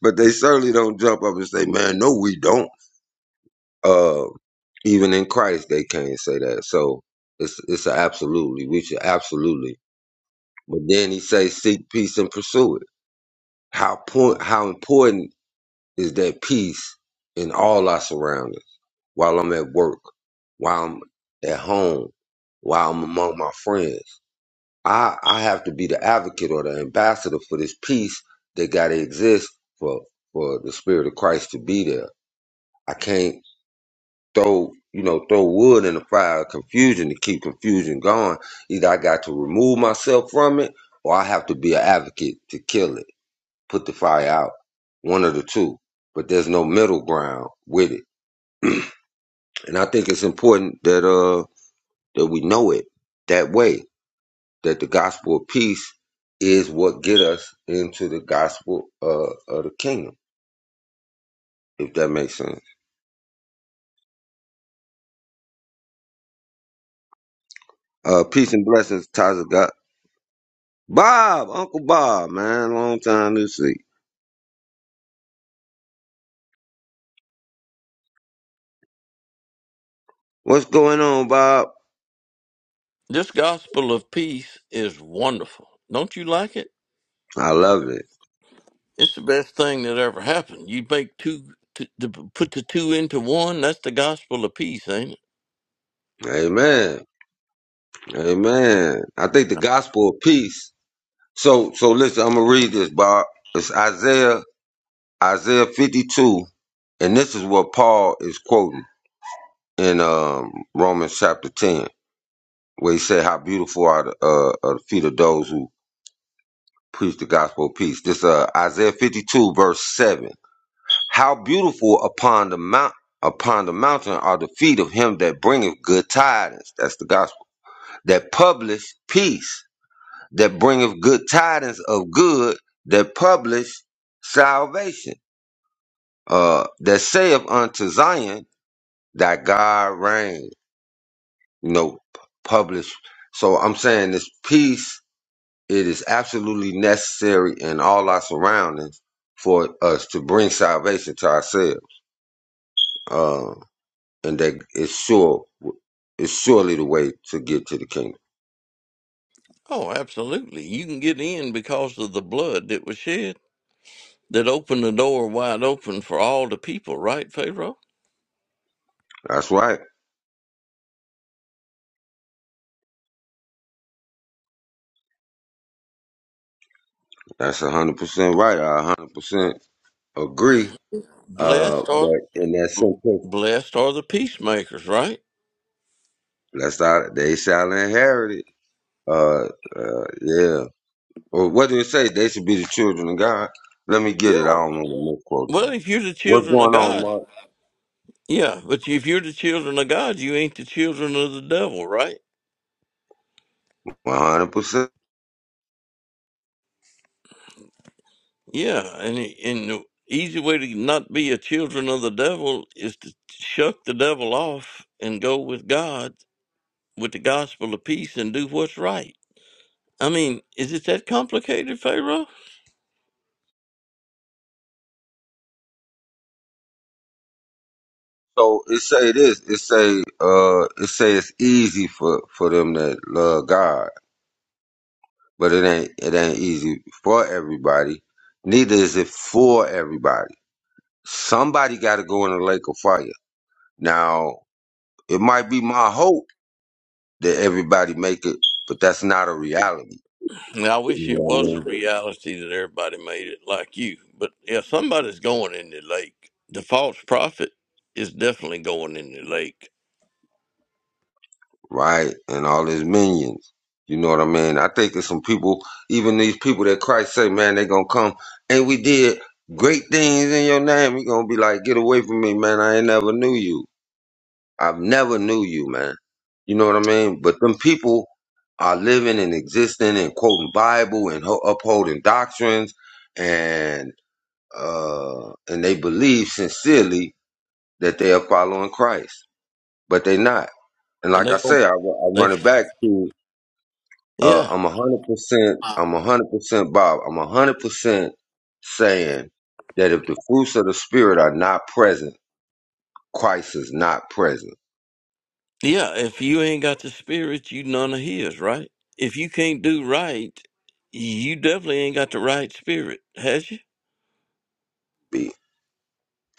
Speaker 1: but they certainly don't jump up and say, man, no, we don't. Uh, even in Christ, they can't say that. So it's it's a absolutely. We should absolutely. But then he says, seek peace and pursue it. How point how important is that peace in all our surroundings while I'm at work, while I'm at home, while I'm among my friends. I, I have to be the advocate or the ambassador for this peace that gotta exist for for the spirit of Christ to be there. I can't throw you know, throw wood in the fire of confusion to keep confusion going. Either I got to remove myself from it or I have to be an advocate to kill it put the fire out, one of the two. But there's no middle ground with it. And I think it's important that uh that we know it that way, that the gospel of peace is what get us into the gospel uh, of the kingdom, if that makes sense. Uh peace and blessings, Taza God. Bob, Uncle Bob, man, long time no see. What's going on, Bob?
Speaker 12: This gospel of peace is wonderful. Don't you like it?
Speaker 1: I love it.
Speaker 12: It's the best thing that ever happened. You make two to, to put the two into one. That's the gospel of peace, ain't it?
Speaker 1: Amen. Amen. I think the gospel of peace So so listen, I'm gonna read this, Bob. It's Isaiah Isaiah 52, and this is what Paul is quoting in um, Romans chapter 10, where he said, "How beautiful are the, uh, are the feet of those who preach the gospel of peace." This uh, Isaiah 52 verse 7. How beautiful upon the mount upon the mountain are the feet of him that bringeth good tidings. That's the gospel that publish peace, that bringeth good tidings of good, that publish salvation uh, that saith unto Zion that God reign, you know, p- publish. So I'm saying this peace, it is absolutely necessary in all our surroundings for us to bring salvation to ourselves. Uh, and that it's sure, it's surely the way to get to the kingdom.
Speaker 12: Oh, absolutely. You can get in because of the blood that was shed that opened the door wide open for all the people, right, Pharaoh?
Speaker 1: That's right. That's 100% right. I 100% agree. Uh,
Speaker 12: Blessed are
Speaker 1: but in that sentence,
Speaker 12: blessed are the peacemakers, right?
Speaker 1: that's how they shall inherit it. Uh, uh, yeah. Well, what did it say? They should be the children of God. Let me get it.
Speaker 12: Yeah.
Speaker 1: I don't know what misquoted.
Speaker 12: Well, if you're the
Speaker 1: What's
Speaker 12: children of
Speaker 1: going on,
Speaker 12: God,
Speaker 1: Mark?
Speaker 12: yeah. But if you're the children of God, you ain't the children of the devil, right?
Speaker 1: One hundred percent.
Speaker 12: Yeah, and it- and the easy way to not be a children of the devil is to shuck the devil off and go with God with the gospel of peace and do what's right. I mean, is it that complicated, Pharaoh?
Speaker 1: So it say this. It say uh, it say it's easy for for them that love God, but it ain't it ain't easy for everybody. Neither is it for everybody. Somebody got to go in the lake of fire. Now it might be my hope that everybody make it, but that's not a reality.
Speaker 12: I
Speaker 1: You know
Speaker 12: wish it
Speaker 1: what I
Speaker 12: was a
Speaker 1: mean?
Speaker 12: reality that everybody made it like you. But yeah, somebody's going in the lake. The false prophet is definitely going in the lake,
Speaker 1: right? And all his minions. You know what I mean? I think it's some people, even these people that Christ say, man, they gonna come and we did great things in your name. you gonna be like, get away from me, man. I ain't never knew you. I've never knew you, man. You know what I mean? But them people are living and existing and quoting Bible and ho- upholding doctrines and uh and they believe sincerely that they are following Christ, but they not. And
Speaker 12: and
Speaker 1: like I
Speaker 12: they going
Speaker 1: say, I, ru- I
Speaker 12: they
Speaker 1: run it back to uh,
Speaker 12: yeah.
Speaker 1: I'm a hundred percent. I'm a hundred percent, Bob. I'm a hundred percent saying that if the fruits of the spirit are not present, Christ is not present.
Speaker 12: Yeah, if you ain't got the spirit, you none of his, right? If you can't do right, you definitely ain't got the right spirit, has you?
Speaker 1: B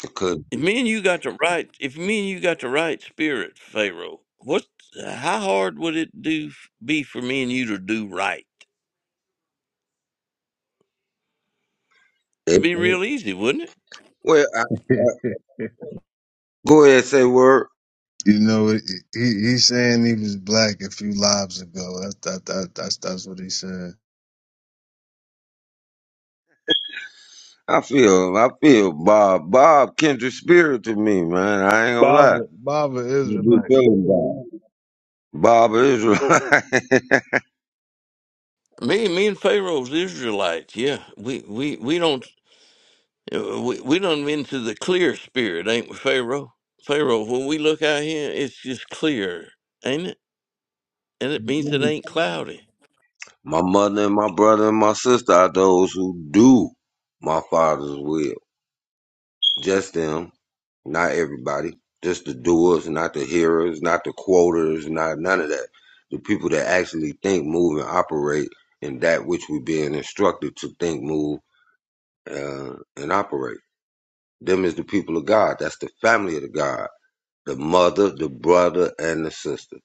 Speaker 1: because
Speaker 12: If me and you got the right, if me and you got the right spirit, Pharaoh, what? How hard would it do be for me and you to do right? It'd
Speaker 1: it,
Speaker 12: be real easy, wouldn't it?
Speaker 1: well, I,
Speaker 8: I
Speaker 1: I,
Speaker 8: know.
Speaker 1: go ahead and say word.
Speaker 8: You know, he, he's saying he was black a few lives ago. That's that, that that's that's what he said.
Speaker 1: I feel, I feel Bob, Bob, kindred spirit to me, man. I ain't gonna lie.
Speaker 8: Baba,
Speaker 1: I
Speaker 8: Baba
Speaker 1: be
Speaker 8: Israelite.
Speaker 1: feeling Bob. Bob Israel.
Speaker 12: Me, me and Pharaoh's Israelites. Yeah, we we we don't uh, we we don't into the clear spirit, ain't we, Pharaoh? Pharaoh, when we look out here, it's just clear, ain't it? and it means it ain't cloudy.
Speaker 1: my mother and my brother and my sister are those who do my father's will. Just them, not everybody. Just the doers, not the hearers, not the quoters, not none of that. The people that actually think, move, and operate in that which we're being instructed to think, move, uh, and operate. Them is the people of God. That's the family of the God. The mother, the brother, and the sister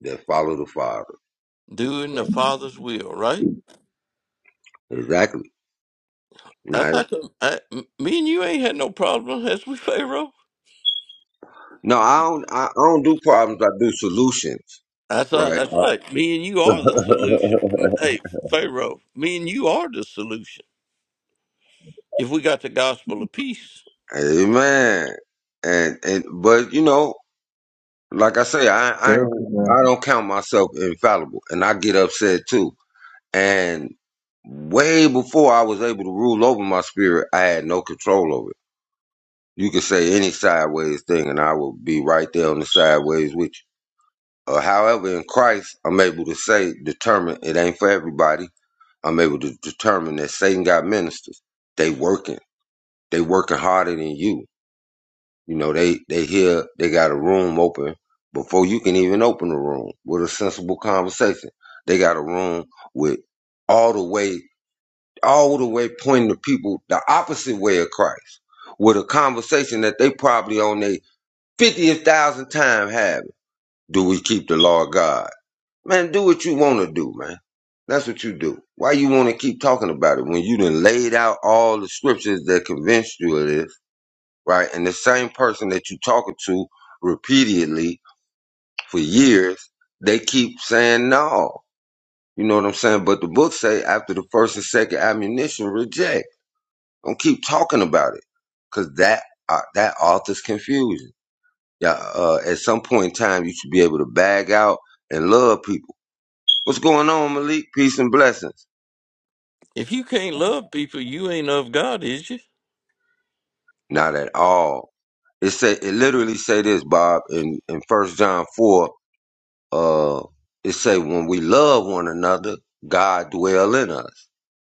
Speaker 1: that follow the father.
Speaker 12: Doing
Speaker 1: So
Speaker 12: the Father's will, right?
Speaker 1: exactly. Now,
Speaker 12: That's how come me and you ain't had no problem, has we, Pharaoh?
Speaker 1: no, I don't. I, I don't do problems. I do solutions.
Speaker 12: That's right,
Speaker 1: Right.
Speaker 12: that's right. Me and you are the solution. Hey, Pharaoh, me and you are the solution. If we got the gospel of peace,
Speaker 1: Amen. And and but you know like I say, I I
Speaker 8: Careful,
Speaker 1: ain't-
Speaker 8: man.
Speaker 1: I don't count myself infallible, and I get upset too. And way before I was able to rule over my spirit, I had no control over it. You could say any sideways thing, and I will be right there on the sideways with you. Uh, however, in Christ, I'm able to say, determine it ain't for everybody. I'm able to determine that Satan got ministers. They working. They working harder than you You know, they they hear they got a room open before you can even open the room with a sensible conversation. They got a room with all the way all the way pointing to people the opposite way of Christ with a conversation that they probably on their fiftieth thousand time having. Do we keep the law of God? Man, do what you want to do, man. That's what you do. Why you want to keep talking about it when you done laid out all the scriptures that convinced you of this? right? And the same person that you talking to repeatedly for years, they keep saying no. You know what I'm saying? But the book say after the first and second ammunition, reject. Don't keep talking about it, cause that uh, that author's confusion. Yeah, uh, at some point in time, you should be able to bag out and love people. What's going on, Malik? Peace and blessings.
Speaker 12: if you can't love people, you ain't of God, is you?
Speaker 1: Not at all. It say it literally say this, Bob, in in First John four uh it say when we love one another god dwell in us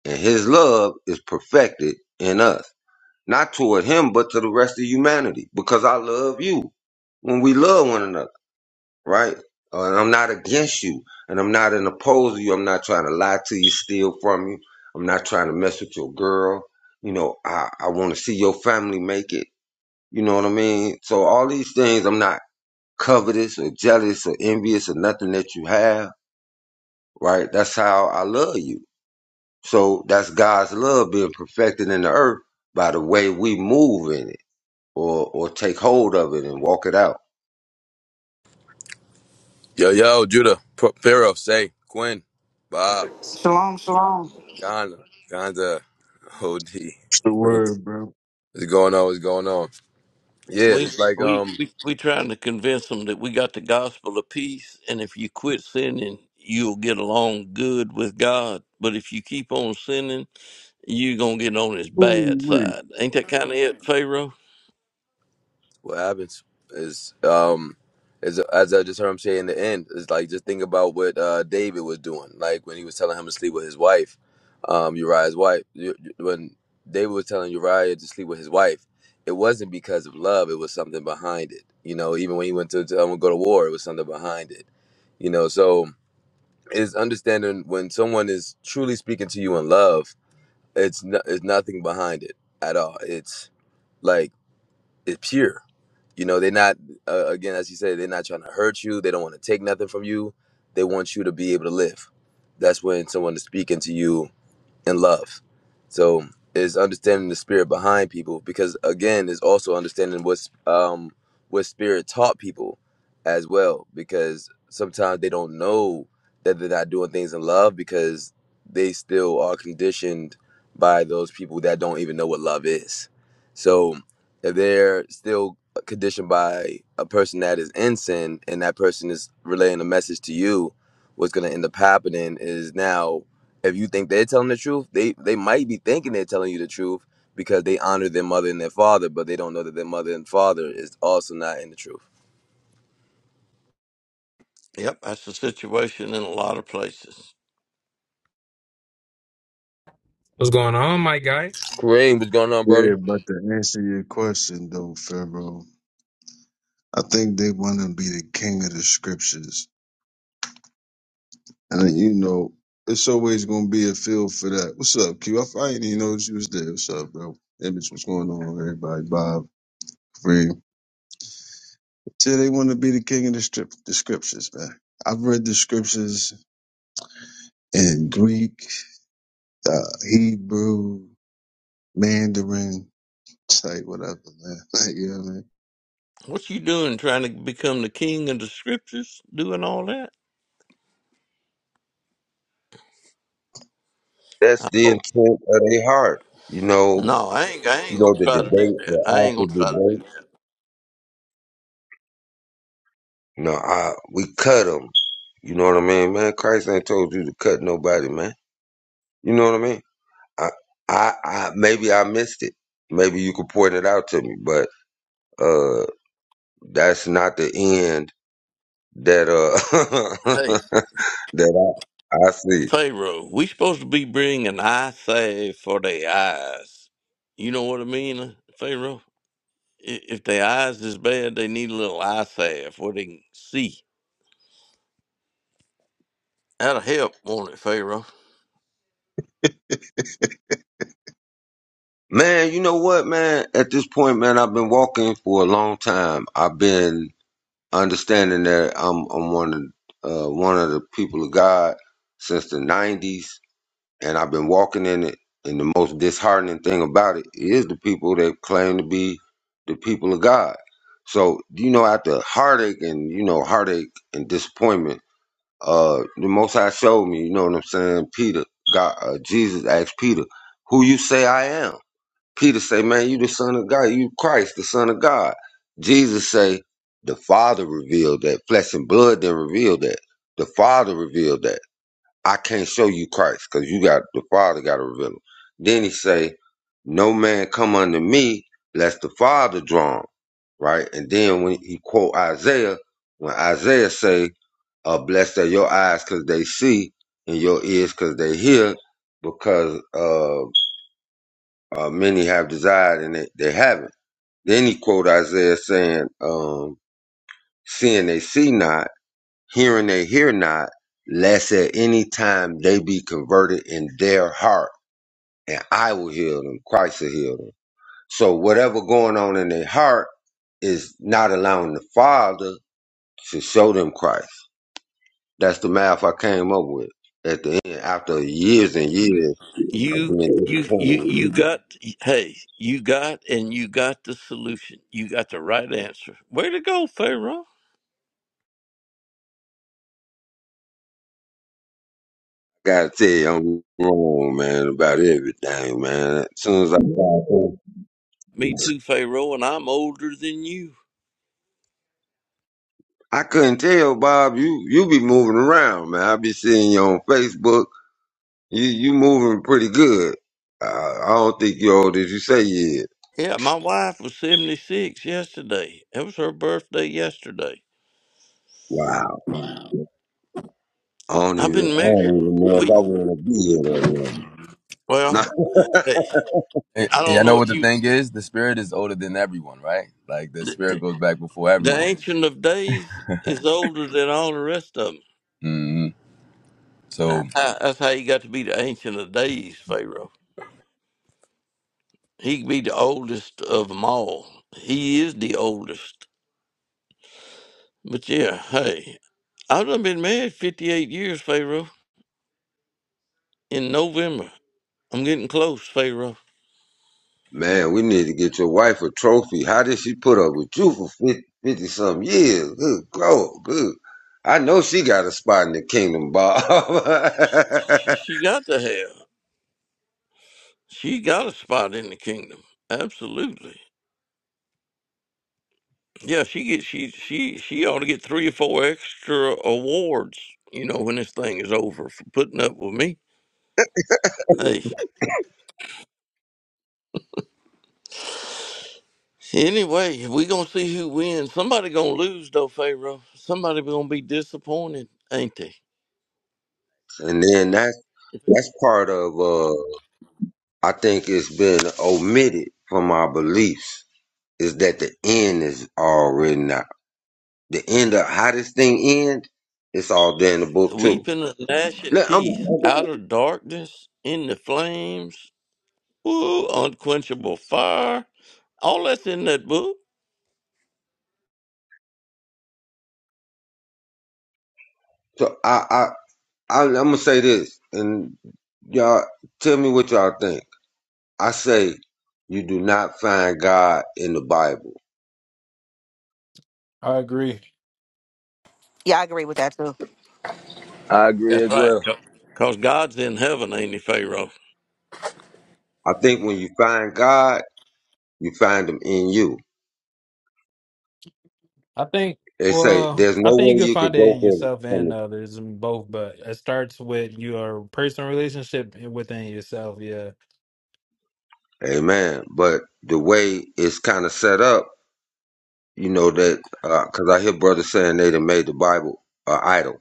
Speaker 1: and his love is perfected in us not toward him but to the rest of humanity because i love you when we love one another right Uh, and i'm not against you and i'm not in opposed to you i'm not trying to lie to you steal from you i'm not trying to mess with your girl you know i i want to see your family make it you know what i mean so all these things i'm not covetous or jealous or envious or nothing that you have right? That's how I love you. So that's God's love being perfected in the earth by the way we move in it or, or take hold of it and walk it out.
Speaker 13: Yo, yo, Judah, P- Pharaoh, Say, Quinn, Bob,
Speaker 9: Shalom, shalom.
Speaker 13: Ghana, Ganda, OD,
Speaker 8: It's the
Speaker 13: Frank.
Speaker 8: word, bro.
Speaker 13: What's going on? What's going on? Yeah,
Speaker 12: We
Speaker 13: it's like
Speaker 12: we
Speaker 13: um,
Speaker 12: we we trying to convince them that we got the gospel of peace, and if you quit sinning, you'll get along good with God. But if you keep on sinning you gonna get on his
Speaker 8: Ooh,
Speaker 12: bad
Speaker 8: wee.
Speaker 12: side. Ain't that kind of it, Pharaoh?
Speaker 13: what happens is um, is as I just heard him say in the end, it's like just think about what uh David was doing, like when he was telling him to sleep with his wife, um, Uriah's wife. You- you- When David was telling Uriah to sleep with his wife, it wasn't because of love; it was something behind it. You know, even when he went to, to um, go to war, it was something behind it. You know, so. is understanding when someone is truly speaking to you in love it's no, it's nothing behind it at all it's like it's pure you know they're not uh, again as you say they're not trying to hurt you they don't want to take nothing from you they want you to be able to live that's when someone is speaking to you and love. So is understanding the spirit behind people because again is also understanding what's um what spirit taught people as well because sometimes they don't know that they're not doing things in love because they still are conditioned by those people that don't even know what love is. So if they're still conditioned by a person that is in sin and that person is relaying a message to you, what's gonna end up happening is now if you think they're telling the truth, they they might be thinking they're telling you the truth because they honor their mother and their father, but they don't know that their mother and father is also not in the truth.
Speaker 12: Yep, that's the situation in a lot of places.
Speaker 14: What's going on, my guy?
Speaker 13: Kareem, what's going on, brother?
Speaker 8: Yeah, but to answer your question though, Pharaoh, I think they want to be the king of the scriptures, and then, you know, it's always gonna be a feel for that. What's up, Q? I I didn't even know you was there. What's up, bro? Image, what's going on, everybody? Bob, Free. See, they want to be the king of the, strip, the scriptures, man. I've read the scriptures in Greek, uh, Hebrew, Mandarin, it's like whatever, man. Like, you know what
Speaker 12: What you doing, trying to become the king of the scriptures, doing all that?
Speaker 1: That's the
Speaker 12: Oh.
Speaker 1: intent of their heart. You know,
Speaker 12: No, I ain't. I
Speaker 1: you
Speaker 12: ain't
Speaker 1: know,
Speaker 12: gonna
Speaker 1: the debate,
Speaker 12: try to do that. I
Speaker 1: the
Speaker 12: ain't
Speaker 1: after
Speaker 12: gonna try to do
Speaker 1: debate, you know, I, we cut them. You know what I mean, man? Christ ain't told you to cut nobody, man. You know what I mean? I, I, I maybe I missed it. Maybe you could point it out to me, but, uh, that's not the end that,
Speaker 12: that. Hey,
Speaker 1: uh, that I, I see.
Speaker 12: Pharaoh, we supposed to be bringing eye save for their eyes. You know what I mean, Pharaoh? I- If their eyes is bad, they need a little eye salve where they can see. That'll help, won't it, Pharaoh?
Speaker 8: I mean?
Speaker 1: Man, you know what, man? At this point, man, I've been walking for a long time. I've been understanding that I'm I'm one of uh, one of the people of God since the '90s, and I've been walking in it. And the most disheartening thing about it is the people that claim to be the people of God. So you know, after heartache and you know heartache and disappointment uh the most High showed me, you know what I'm saying? Peter, God uh, Jesus asked Peter, Who you say I am? Peter say, Man, you the son of God, you Christ, the son of God. Jesus say, The Father revealed that. Flesh and blood then revealed that. The Father revealed that. I can't show you Christ, because you got the Father gotta reveal him. Then he say, No man come unto me, lest the Father draw him. Right? And then when he quote Isaiah, when Isaiah say, uh, blessed are your eyes because they see, and your ears because they hear, because uh, uh, many have desired and they, they haven't. Then he quote Isaiah saying, um, "Seeing they see not, hearing they hear not, lest at any time they be converted in their heart, and I will heal them. Christ will heal them." So whatever going on in their heart is not allowing the Father to show them Christ That's the math I came up with at the end after years and years of
Speaker 12: you
Speaker 1: being
Speaker 12: you
Speaker 1: disappointed
Speaker 12: you
Speaker 1: with
Speaker 12: you
Speaker 1: people.
Speaker 12: got hey you got and you got the solution you got the right answer way to go pharaoh
Speaker 1: I gotta tell you, I'm wrong, man, about everything, man. As soon as I
Speaker 12: me too pharaoh and i'm older than you
Speaker 1: I couldn't tell, Bob, you you be moving around, man. I be seeing you on Facebook. You you moving pretty good. Uh, I don't think you're old as you say you is.
Speaker 12: yeah my wife was 76 yesterday it was her birthday yesterday
Speaker 1: Wow. I don't
Speaker 12: i've
Speaker 1: even
Speaker 12: been
Speaker 1: I
Speaker 12: married
Speaker 1: don't even know if
Speaker 12: we,
Speaker 1: I wanna be here that long.
Speaker 12: well hey,
Speaker 13: Yeah,
Speaker 12: i
Speaker 13: yeah, I
Speaker 12: don't
Speaker 13: know
Speaker 12: know
Speaker 13: what
Speaker 12: if
Speaker 13: the
Speaker 12: you
Speaker 13: thing is. The spirit is older than everyone, right? Like the
Speaker 12: the,
Speaker 13: spirit goes back before
Speaker 12: the
Speaker 13: everyone.
Speaker 12: ancient of days is older than all the rest of them
Speaker 13: hmm So
Speaker 12: that's how, that's how you got to be the ancient of days pharaoh He could be the oldest of them all. He is the oldest. But yeah, hey, I've done been married 58 years, Pharaoh. In November, I'm getting close, Pharaoh.
Speaker 1: Man, we need to get your wife a trophy. How did she put up with you for 50, 50 something years? Good God, good. I know she got a spot in the kingdom, Bob.
Speaker 12: She, she got to have. She got a spot in the kingdom. Absolutely. Yeah, she gets. She she she ought to get three or four extra awards. You know, when this thing is over for putting up with me. Hey, anyway, we gonna see who wins. Somebody gonna lose though, Pharaoh. Somebody gonna be disappointed, ain't they?
Speaker 1: and then that's that's part of uh I think it's been omitted from our beliefs is that the end is all written out. The end of how this thing ends, it's all there in the book too.
Speaker 12: weeping and gnashing
Speaker 1: Look, I'm
Speaker 12: teeth out of darkness in the flames woo, unquenchable fire all that's in that book
Speaker 1: so I I, I I'm gonna say this and y'all tell me what y'all think I say you do not find God in the Bible.
Speaker 14: I agree.
Speaker 9: Yeah, I agree with that too.
Speaker 13: I agree
Speaker 12: that's
Speaker 13: as
Speaker 12: right
Speaker 13: well.
Speaker 12: because god's in heaven ain't he pharaoh
Speaker 1: I think when you find God, you find him in you.
Speaker 14: I think,
Speaker 1: They say
Speaker 14: well,
Speaker 1: there's no
Speaker 14: I think you
Speaker 1: way
Speaker 14: could
Speaker 1: you could
Speaker 14: find it
Speaker 1: go
Speaker 14: in
Speaker 1: from,
Speaker 14: yourself and
Speaker 1: from
Speaker 14: others, and both, but it starts with your personal relationship within yourself. Yeah.
Speaker 1: Amen. But the way it's kind of set up, you know that because I hear brothers saying they done made the Bible an idol,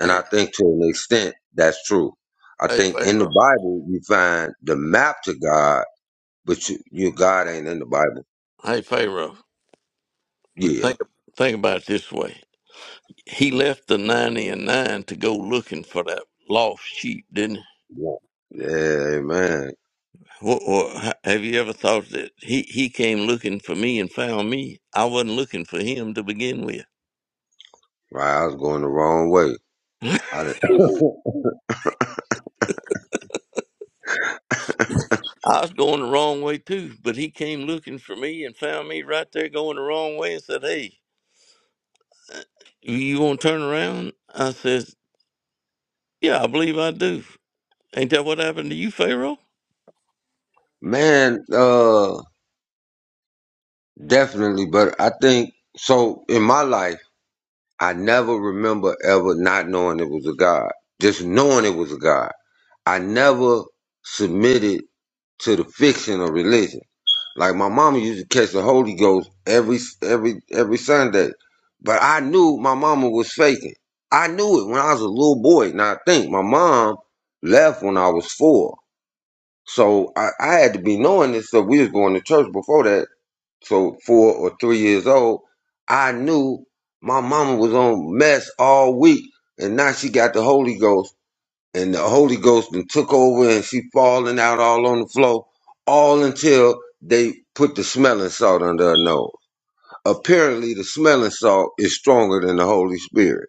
Speaker 1: and I
Speaker 12: hey
Speaker 1: think to an extent that's true. I
Speaker 12: hey
Speaker 1: think in the
Speaker 12: pharaoh
Speaker 1: Bible you find the map to God, but you, you God ain't in the Bible.
Speaker 12: hey pharaoh
Speaker 1: Yeah,
Speaker 12: think, think about it this way he left the 90 and 9 to go looking for that lost sheep didn't he
Speaker 1: yeah, yeah, man.
Speaker 12: Wha- wha- have you ever thought that he, he came looking for me and found me? I wasn't looking for him to begin with.
Speaker 1: Right, I was going the wrong way. I did.
Speaker 12: I was going the wrong way too, but he came looking for me and found me right there going the wrong way and said, Hey, you want to turn around? I says, Yeah, I believe I do. Ain't that what happened to you, Pharaoh?
Speaker 1: Man, uh, definitely. But I think so. In my life, I never remember ever not knowing it was a God. Just knowing it was a God. I never submitted to the fiction of religion. Like my mama used to catch the Holy Ghost every every every Sunday, but I knew my mama was faking. I knew it when I was a little boy. Now I think my mom left when I was four, so I, I had to be knowing this stuff. We was going to church before that, so four or three years old, I knew my mama was on mess all week, and now she got the Holy Ghost, and the Holy Ghost and took over, and she falling out all on the floor, all until they put the smelling salt under her nose. Apparently, the smelling salt is stronger than the Holy Spirit,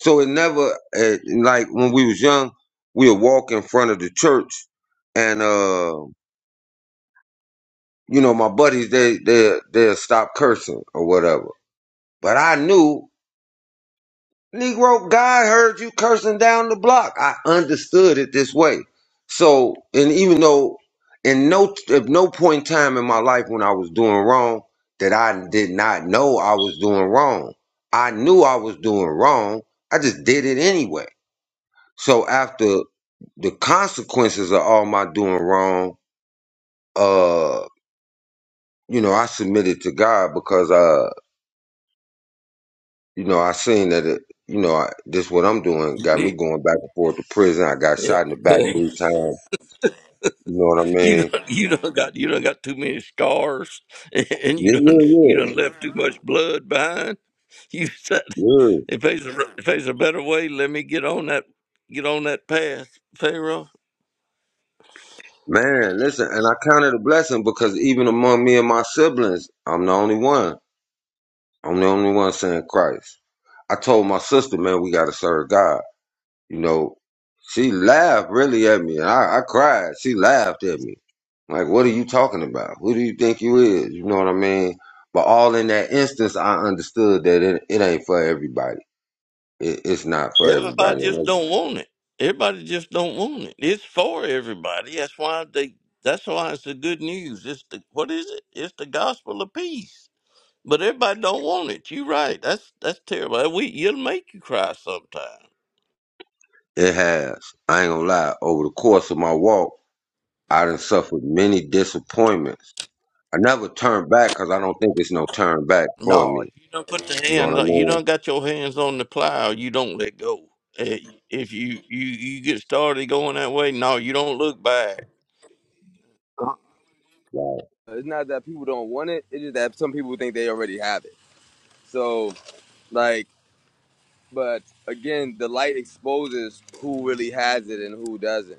Speaker 1: so it never eh, like when we was young, we would walk in front of the church, and uh, you know my buddies they they they stop cursing or whatever But I knew, Negro, God heard you cursing down the block. I understood it this way. So, and even though, in no, at no point in time in my life when I was doing wrong, that I did not know I was doing wrong. I knew I was doing wrong. I just did it anyway. So after the consequences of all my doing wrong, uh, you know, I submitted to God because uh, you know, I seen that it, you know, I, this what I'm doing
Speaker 12: You
Speaker 1: got me
Speaker 12: need-
Speaker 1: going back and forth to prison. I got
Speaker 12: yeah.
Speaker 1: shot in the back three times. You know what I
Speaker 12: you
Speaker 1: mean?
Speaker 12: done, you done got you done got too many scars, and you
Speaker 1: Yeah,
Speaker 12: done you
Speaker 1: yeah,
Speaker 12: done left too much blood behind. You said
Speaker 1: yeah, yeah.
Speaker 12: if there's a if there's a better way, let me get on that get on that path, Pharaoh.
Speaker 1: Man, listen, and I counted a blessing because even among me and my siblings, I'm the only one. I'm the only one saying Christ. I told my sister, man, we gotta serve God. You know, she laughed really at me. and I, I cried. She laughed at me. Like, what are you talking about? Who do you think you is? You know what I mean? But all in that instance, I understood that it, it ain't for everybody. It, it's not for
Speaker 12: Everybody
Speaker 1: everybody.
Speaker 12: just
Speaker 1: And
Speaker 12: don't want it. Everybody just don't want it. It's for everybody. That's why they. That's why it's the good news. It's the what is it? It's the gospel of peace. But everybody don't want it. You right. That's that's terrible. We it'll make you cry sometime.
Speaker 1: It it has. I ain't gonna lie. Over the course of my walk, I done suffered many disappointments. I never turned back because I don't think it's no turn back for
Speaker 12: No,
Speaker 1: me.
Speaker 12: if you don't put the
Speaker 1: You know what
Speaker 12: hand.
Speaker 1: I
Speaker 12: on- You
Speaker 1: mean?
Speaker 12: don't got your hands on the plow. You don't let go. Eh, If you you you get started going that way, no, you don't look back.
Speaker 1: Like,
Speaker 13: It's not that people don't want it; it's just that some people think they already have it. So, like, but again, the light exposes who really has it and who doesn't.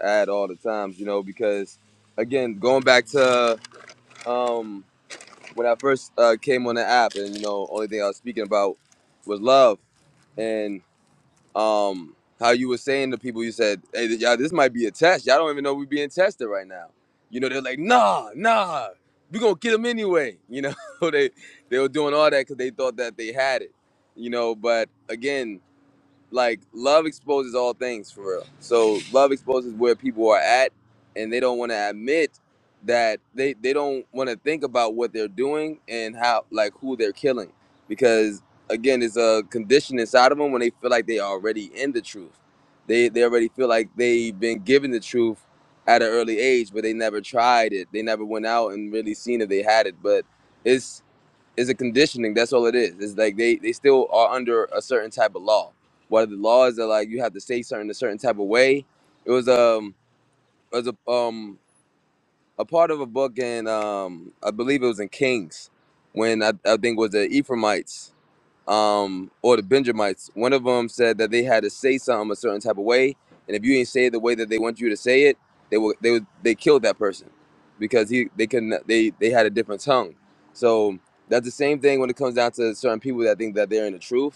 Speaker 13: at all the times, you know, because again, going back to um, when I first uh, came on the app, and you know, only thing I was speaking about was love and um, how you were saying to people, you said, "Hey, y'all, this might be a test. Y'all don't even know we're being tested right now." You know, they're like, "Nah, nah, we gonna get them anyway." You know, they they were doing all that because they thought that they had it. You know, but again like love exposes all things for real. So love exposes where people are at and they don't want to admit that they they don't want to think about what they're doing and how like who they're killing because again it's a condition inside of them when they feel like they already in the truth. They they already feel like they've been given the truth at an early age but they never tried it. They never went out and really seen if they had it but it's. Is a conditioning. That's all it is. It's like they they still are under a certain type of law. Whether the laws are like you have to say certain a certain type of way. It was um it was a um a part of a book in um I believe it was in Kings when I, I think it was the Ephraimites um, or the Benjamites. One of them said that they had to say something a certain type of way, and if you didn't say it the way that they want you to say it, they will they would they killed that person because he they couldn't they they had a different tongue. So that's the same thing when it comes down to certain people that think that they're in the truth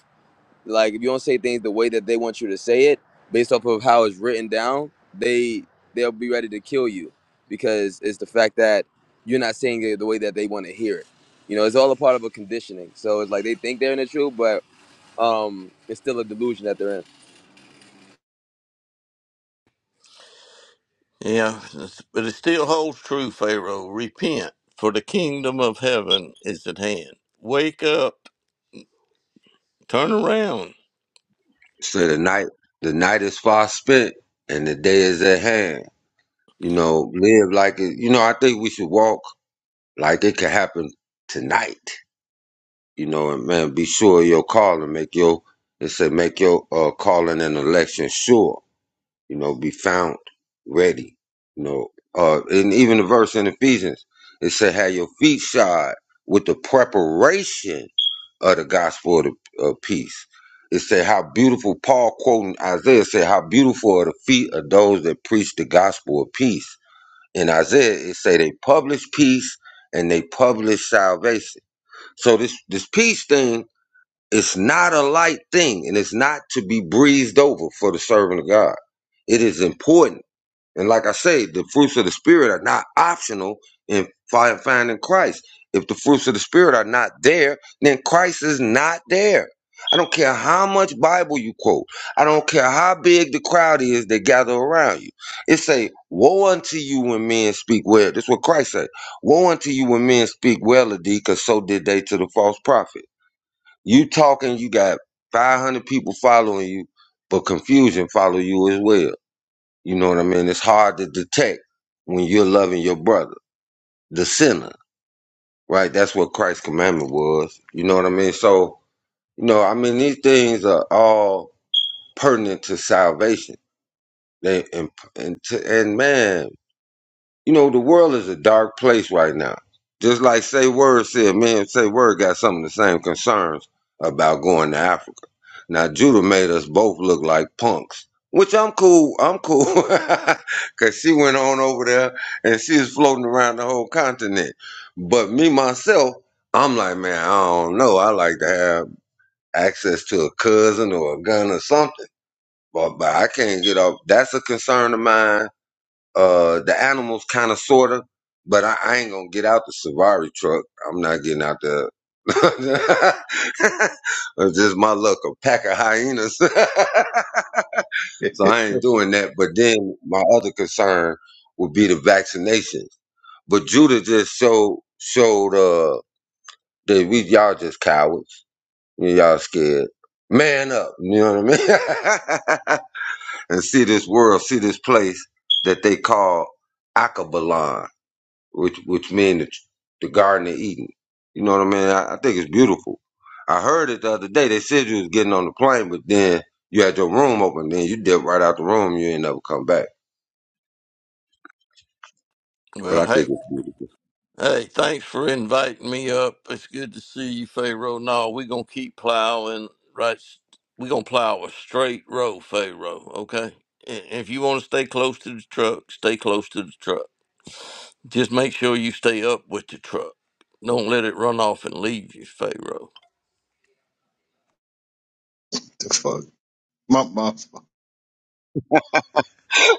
Speaker 13: like if you don't say things the way that they want you to say it, based off of how it's written down, they they'll be ready to kill you because it's the fact that you're not saying it the way that they want to hear it. You know, it's all a part of a conditioning. So it's like they think they're in the truth, but um, it's still a delusion that they're in.
Speaker 12: Yeah, but it still holds true, Pharaoh. Repent, for the kingdom of heaven is at hand. Wake up, turn around.
Speaker 1: so the night, the night is far spent and the day is at hand. You know, live like it. You know, I think we should walk like it could happen tonight. You know, and man, be sure of your call and make your it said make your uh, calling and election sure. You know, be found ready. You know, uh, and even the verse in Ephesians it said, "Have your feet shod with the preparation of the gospel of, the, of peace." It said, "How beautiful." Paul quoting Isaiah said, "How beautiful are the feet of those that preach the gospel of peace." in Isaiah, it say they publish peace and they publish salvation. So this this peace thing is not a light thing, and it's not to be breezed over for the servant of God. It is important and like I say, the fruits of the spirit are not optional in fi- finding Christ. If the fruits of the spirit are not there, then Christ is not there. I don't care how much Bible you quote. I don't care how big the crowd is that gather around you. It say, "Woe unto you when men speak well." That's what Christ said. "Woe unto you when men speak well of thee, because so did they to the false prophet." You talking, you got five hundred people following you, but confusion follow you as well. You know what I mean? It's hard to detect when you're loving your brother, the sinner, right? That's what Christ's commandment was. You know what I mean? So, you know, I mean, these things are all pertinent to salvation. They and and, to, and man, You know, the world is a dark place right now. Just like Say Word said, man, Say Word got some of the same concerns about going to Africa. Now, Judah made us both look like punks, which I'm cool. I'm cool. Because she went on over there and she was floating around the whole continent. But me, myself, I'm like, man, I don't know. I like to have access to a cousin or a gun or something. But, but I can't get off. That's a concern of mine uh the animals kind of sorta, but I, I ain't gonna get out the Safari truck. I'm not getting out the. it's just my luck, a pack of hyenas. so I ain't doing that. But then my other concern would be the vaccinations. But Judah just showed showed uh that we y'all just cowards. Yeah, Y'all scared. Man up, you know what I mean? and see this world, see this place that they call Akabalan which which mean the, the Garden of Eden. You know what I mean? I, I think it's beautiful. I heard it the other day. They said you was getting on the plane, but then you had your room open. Then you dipped right out the room. You ain't never come back. But
Speaker 12: Well,
Speaker 1: I
Speaker 12: hey,
Speaker 1: think it's beautiful.
Speaker 12: hey, thanks for inviting me up. It's good to see you, Pharaoh. No, we're going to keep plowing, right? We're going to plow a straight row, Pharaoh, okay? I- If you want to stay close to the truck, stay close to the truck. Just make sure you stay up with the truck. Don't let it run off and leave you, Pharaoh.
Speaker 8: the fuck? My mom.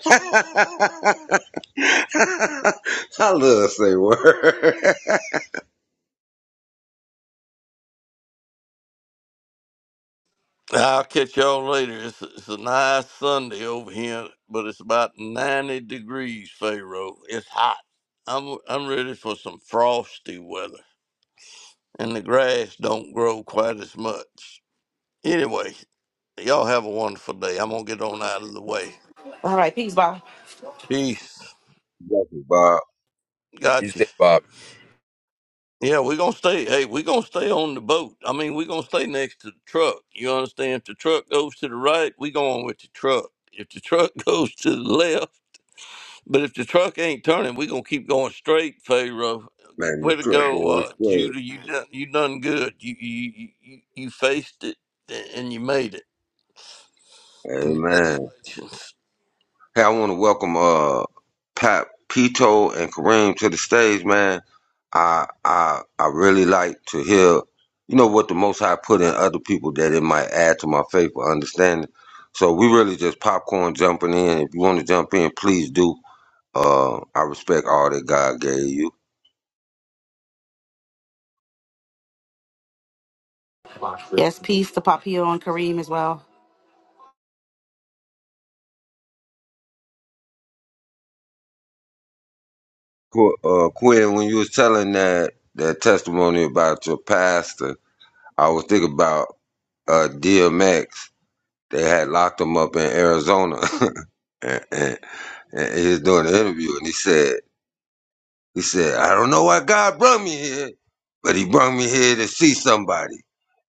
Speaker 1: I love to say word.
Speaker 12: I'll catch y'all later. It's, it's a nice Sunday over here, but it's about 90 degrees, Pharaoh. It's hot. I'm, I'm ready for some frosty weather, and the grass don't grow quite as much. Anyway, y'all have a wonderful day. I'm going to get on out of the way.
Speaker 9: All right, peace, bye.
Speaker 12: Peace.
Speaker 1: Thank Bob.
Speaker 13: You
Speaker 12: Gotcha.
Speaker 13: say, Bob.
Speaker 12: Yeah, we're going to stay. Hey, we're going to stay on the boat. I mean, we're going to stay next to the truck. You understand? If the truck goes to the right, we going with the truck. If the truck goes to the left, But if the truck ain't turning, we gonna keep going straight, Pharaoh.
Speaker 1: Man, the
Speaker 12: Way to
Speaker 1: trip
Speaker 12: go,
Speaker 1: going
Speaker 12: uh,
Speaker 1: straight.
Speaker 12: Judah. You done you done good. You you you you you faced it and you made it.
Speaker 1: Amen.
Speaker 12: Congratulations.
Speaker 1: Hey, I want to welcome uh Pat Pito and Kareem to the stage, man. I I I really like to hear, you know, what the Most High put in other people that it might add to my faith or understanding. So we really just popcorn jumping in. If you want to jump in, please do. Uh, I respect all that God gave you.
Speaker 9: Yes, peace to Papio and Kareem as well.
Speaker 1: Qu- Uh, Quinn, when you was telling that that testimony about your pastor, I was thinking about uh, DMX. They had locked him up in Arizona. and, And he was doing an interview, and he said, he said, I don't know why God brought me here, but He brought me here to see somebody.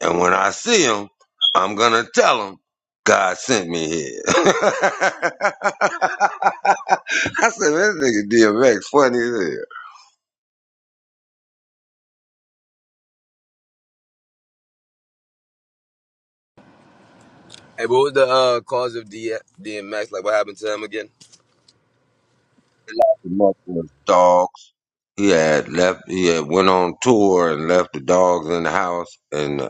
Speaker 1: And when I see him, I'm gonna tell him God sent me here. I said, this nigga DMX funny as hell.
Speaker 13: Hey, what was the uh, cause of D- DMX? Like, what happened to him again?
Speaker 1: The mother was dogs. He had left. He had went on tour and left the dogs in the house and. Uh,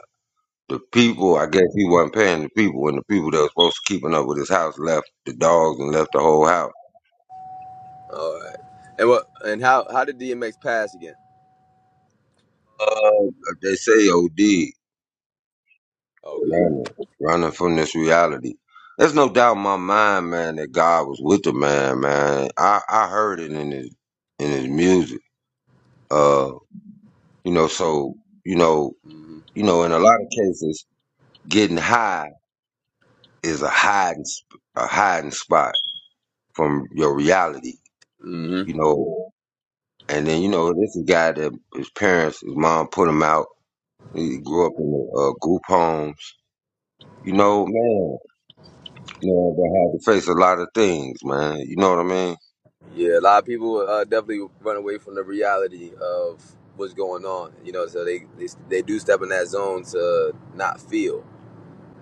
Speaker 1: the people, I guess he wasn't paying the people, and the people that was supposed to keeping up with his house left the dogs and left the whole house.
Speaker 13: All right. And what? And how? How did DMX pass again?
Speaker 1: Uh, like they say OD,
Speaker 13: Okay.
Speaker 1: running, running from this reality. There's no doubt in my mind, man, that God was with the man, man. I, I heard it in his in his music. Uh, you know, so you know, you know, in a lot of cases, getting high is a hiding sp- a hiding spot from your reality.
Speaker 13: Mm-hmm.
Speaker 1: You know, and then you know, this is a guy that his parents, his mom put him out. He grew up in uh, group homes. You know, man. Yeah, they had to face a lot of things, man. You know what I mean?
Speaker 13: Yeah, a lot of people uh, definitely run away from the reality of what's going on. You know, so they they, they do step in that zone to not feel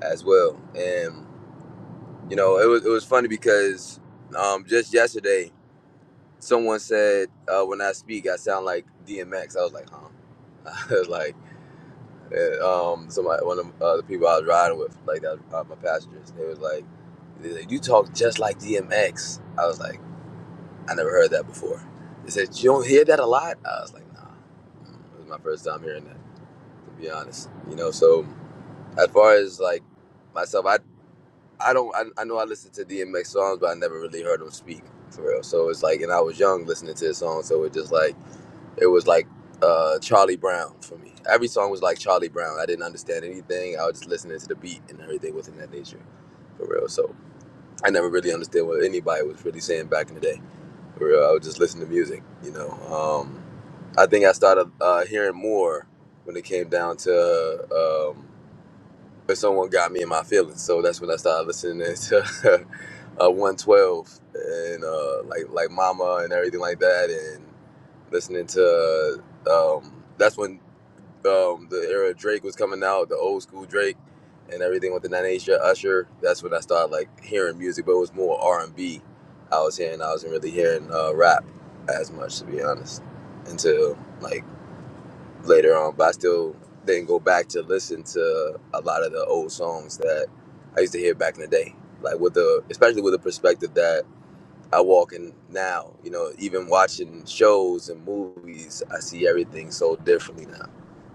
Speaker 13: as well. And you know, it was it was funny because um, just yesterday someone said uh, when I speak I sound like DMX. I was like, huh? I was like, eh, um, somebody one of uh, the people I was riding with, like that, uh, my passengers, they was like, they was like, you talk just like DMX. I was like. I never heard that before. They said, You don't hear that a lot? I was like, Nah. It was my first time hearing that, to be honest. You know, so as far as like myself, I I don't, I, I know I listened to DMX songs, but I never really heard him speak for real. So it's like, and I was young listening to his songs, so it just like, it was like uh, Charlie Brown for me. Every song was like Charlie Brown. I didn't understand anything. I was just listening to the beat and everything within that nature for real. So I never really understood what anybody was really saying back in the day. For I would just listen to music. You know, um, I think I started uh, hearing more when it came down to um, if someone got me in my feelings. So that's when I started listening to uh, 112 and uh, like like Mama and everything like that, and listening to um, that's when um, the era Drake was coming out, the old school Drake, and everything with the Nine Inch Usher. That's when I started like hearing music, but it was more R and B. I was hearing, I wasn't really hearing uh, rap as much, to be honest, until like later on. But I still didn't go back to listen to a lot of the old songs that I used to hear back in the day, like with the especially with the perspective that I walk in now. You know, even watching shows and movies, I see everything so differently now.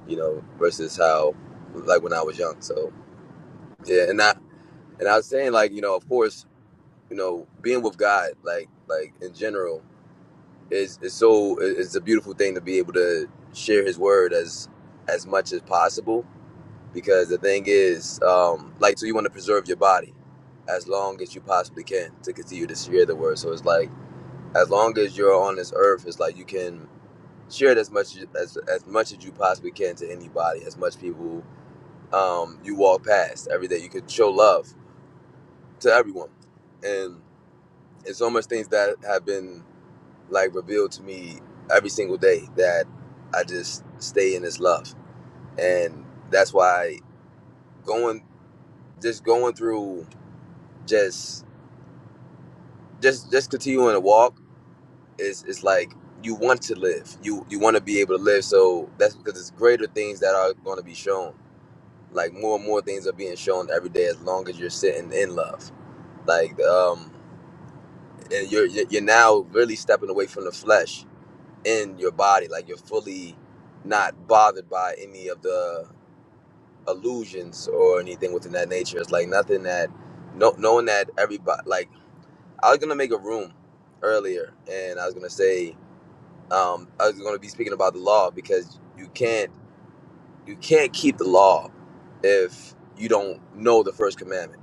Speaker 13: You know, versus how like when I was young. So yeah, and I and I was saying like you know, of course, you know, being with God, like like in general, is is so it's a beautiful thing to be able to share His word as as much as possible. Because the thing is, um, like, so you want to preserve your body as long as you possibly can to continue to share the word. So it's like as long as you're on this earth, it's like you can share it as much as as much as you possibly can to anybody, as much people um, you walk past every day. You could show love to everyone, and it's so much things that have been like revealed to me every single day that I just stay in this love, and that's why going just going through just just just continuing to walk is is like you want to live. You you want to be able to live. So that's because it's greater things that are going to be shown. Like more and more things are being shown every day as long as you're sitting in love. Like um, and you're you're you're now really stepping away from the flesh in your body. Like you're fully not bothered by any of the illusions or anything within that nature. It's like nothing that no knowing that everybody like I was gonna make a room earlier and I was gonna say um, I was going to be speaking about the law because you can't you can't keep the law if you don't know the first commandment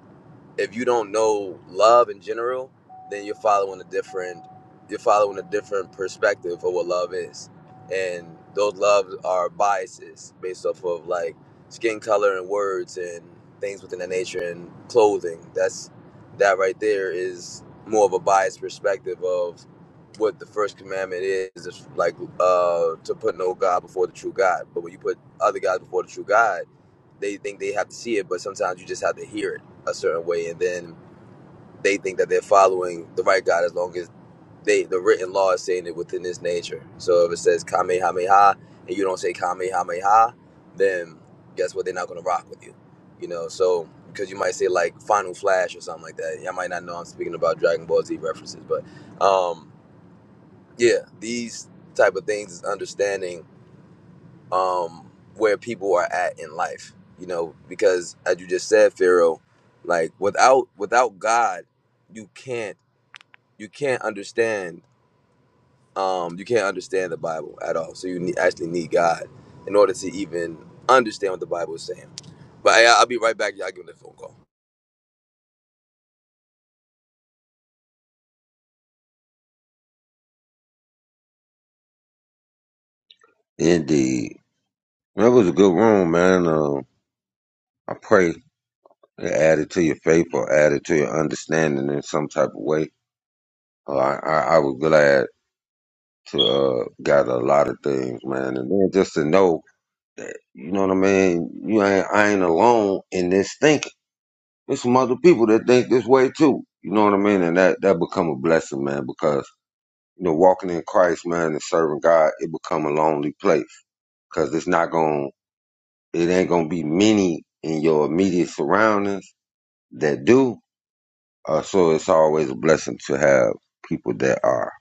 Speaker 13: if you don't know love in general, then you're following a different you're following a different perspective of what love is. And those loves are biases based off of like skin color and words and things within that nature and clothing. That's that right there is more of a biased perspective of what the first commandment is, is like uh to put no God before the true God. But when you put other gods before the true God, they think they have to see it, but sometimes you just have to hear it a certain way, and then they think that they're following the right God as long as they the written law is saying it within this nature. So if it says Kamehameha and you don't say Kamehameha, then guess what? They're not going to rock with you, you know. So because you might say like Final Flash or something like that. Y'all might not know I'm speaking about Dragon Ball Z references, but um, yeah, these type of things is understanding um, where people are at in life. You know, because as you just said, Pharaoh, like without without God, you can't you can't understand um, you can't understand the Bible at all. So you need, actually need God in order to even understand what the Bible is saying. But hey, I, I'll be right back. Y'all give me the phone call.
Speaker 1: Indeed. That was a good room, man. Um, I pray it added to your faith or added to your understanding in some type of way. Uh, I, I, I was glad to uh, gather a lot of things, man. And then just to know, you know what I mean? You ain't, I ain't alone in this thinking. There's some other people that think this way too. You know what I mean? And that, that become a blessing, man, because, you know, walking in Christ, man, and serving God, it become a lonely place because it's not going it ain't going to be many in your immediate surroundings that do uh, so it's always a blessing to have people that are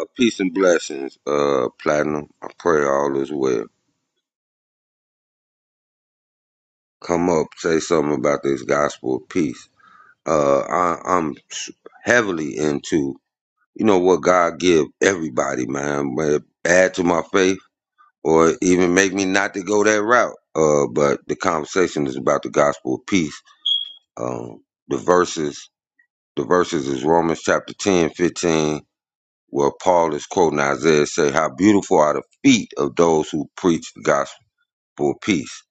Speaker 1: uh, peace and blessings uh platinum i pray all is well come up say something about this gospel of peace uh I, i'm heavily into you know what god give everybody man but add to my faith or even make me not to go that route uh but the conversation is about the gospel of peace Um, the verses, the verses is Romans chapter 10, 15, where Paul is quoting Isaiah, say, "How beautiful are the feet of those who preach the gospel of peace."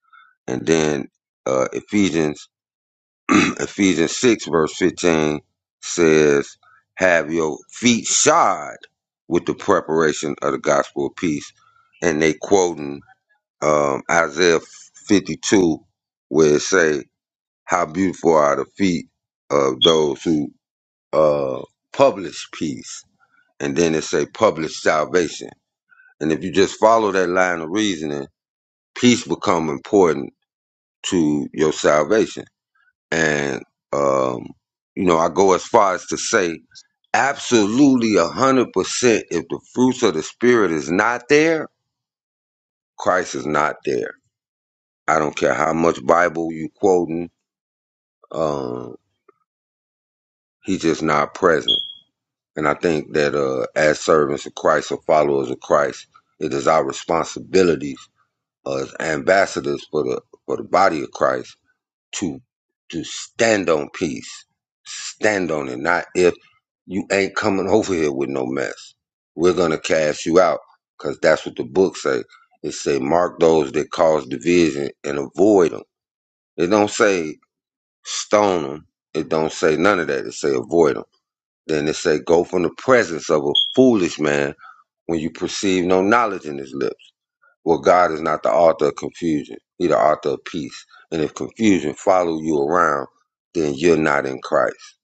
Speaker 1: And then uh, Ephesians, Ephesians six verse fifteen says, "Have your feet shod with the preparation of the gospel of peace." And they quoting um, Isaiah fifty two, where it say, "How beautiful are the feet of those who uh published peace and then it say published salvation and if you just follow that line of reasoning peace become important to your salvation and um you know i go as far as to say absolutely a hundred percent if the fruits of the spirit is not there christ is not there i don't care how much bible you quoting um he's just not present And I think that uh, as servants of Christ or followers of Christ, it is our responsibilities as ambassadors for the for the body of Christ to to stand on peace, stand on it. Not if you ain't coming over here with no mess, we're gonna cast you out because that's what the book say. It say mark those that cause division and avoid them. It don't say stone them. It don't say none of that. It say avoid them. Then it say, Go from the presence of a foolish man when you perceive no knowledge in his lips. Well, God is not the author of confusion. He the author of peace. And if confusion follow you around, then you're not in Christ.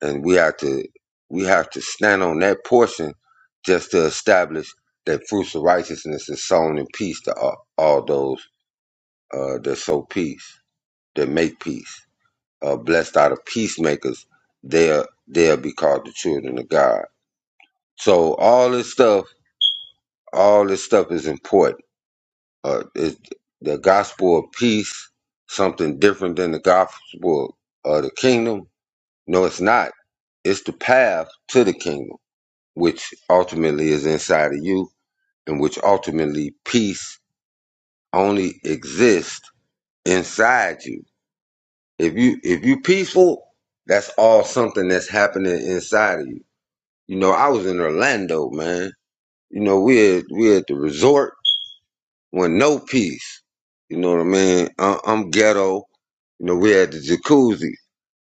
Speaker 1: And we have to we have to stand on that portion just to establish that fruits of righteousness is sown in peace to all, all those uh, that sow peace, that make peace. Uh, blessed are the peacemakers; they'll they'll be called the children of God So all this stuff, all this stuff is important. Uh, it, the gospel of peace, something different than the gospel of the kingdom. No, it's not. It's the path to the kingdom, which ultimately is inside of you, and which ultimately peace only exists inside you. If you if you peaceful, that's all something that's happening inside of you. You know, I was in Orlando, man. You know, we at, we at the resort with no peace. You know what I mean? I, I'm ghetto. You know, we had the jacuzzi,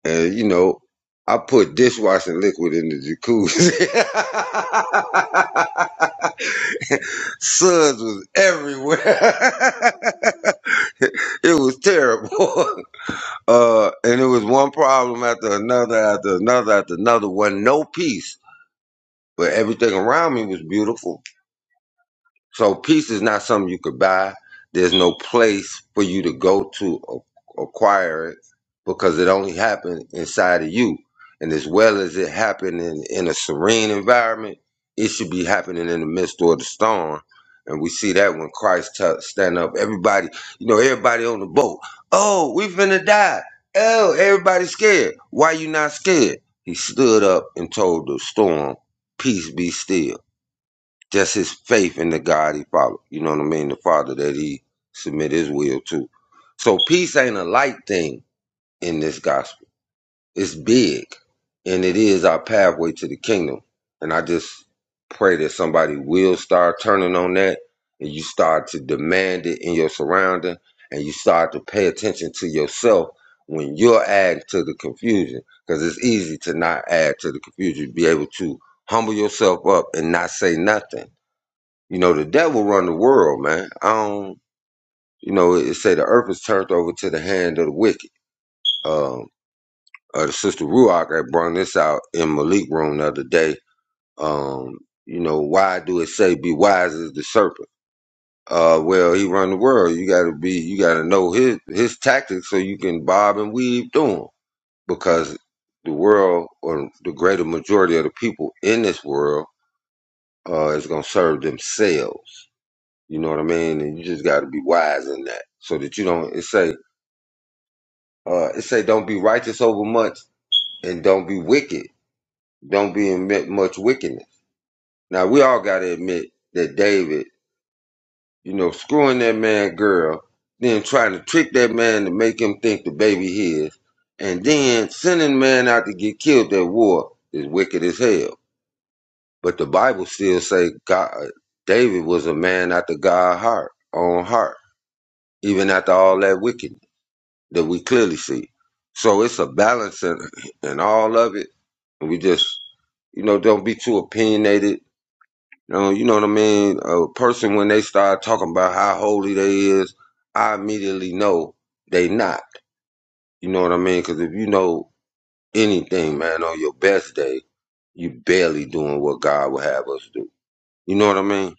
Speaker 1: and you know, I put dishwashing liquid in the jacuzzi. Suds was everywhere. it was terrible. Uh, and it was one problem after another, after another, after another. Wasn't no peace, but everything around me was beautiful so peace is not something you could buy. There's no place for you to go to a- acquire it because it only happens inside of you. And as well as it happening in in a serene environment, it should be happening in the midst of the storm. And we see that when Christ t- stand up, everybody, you know, everybody on the boat. Oh, we finna die. Oh, everybody's scared. Why you not scared? He stood up and told the storm, "Peace be still." just his faith in the God he followed. You know what I mean? The Father that he submit his will to. So peace ain't a light thing in this gospel. It's big, and it is our pathway to the kingdom. And I just pray that somebody will start turning on that, and you start to demand it in your surrounding, and you start to pay attention to yourself when you're adding to the confusion. Because it's easy to not add to the confusion. Be able to humble yourself up and not say nothing you know, the devil run the world, man. I don't, you know, it say the earth is turned over to the hand of the wicked. Um, uh, the sister Ruach had brought this out in Malik room the other day. Um, you know, why do it say be wise as the serpent? Uh, well, he run the world. You gotta be, you gotta know his, his tactics so you can bob and weave through 'em. Because the world or the greater majority of the people in this world, uh, is gonna serve themselves You know what I mean? And you just got to be wise in that, so that you don't. It say, uh, it say, don't be righteous over much, and don't be wicked. Don't be admit much wickedness. Now we all got to admit that David, you know, screwing that man girl, then trying to trick that man to make him think the baby his, and then sending man out to get killed at war is wicked as hell. But the Bible still say God, David was a man after God's heart, own heart, even after all that wickedness. that we clearly see. So it's a balance in, in all of it. And we just, you know, don't be too opinionated. You know, you know what I mean? A person, when they start talking about how holy they is, I immediately know they not. You know what I mean? Because if you know anything, man, on your best day, you barely doing what God would have us do. You know what I mean?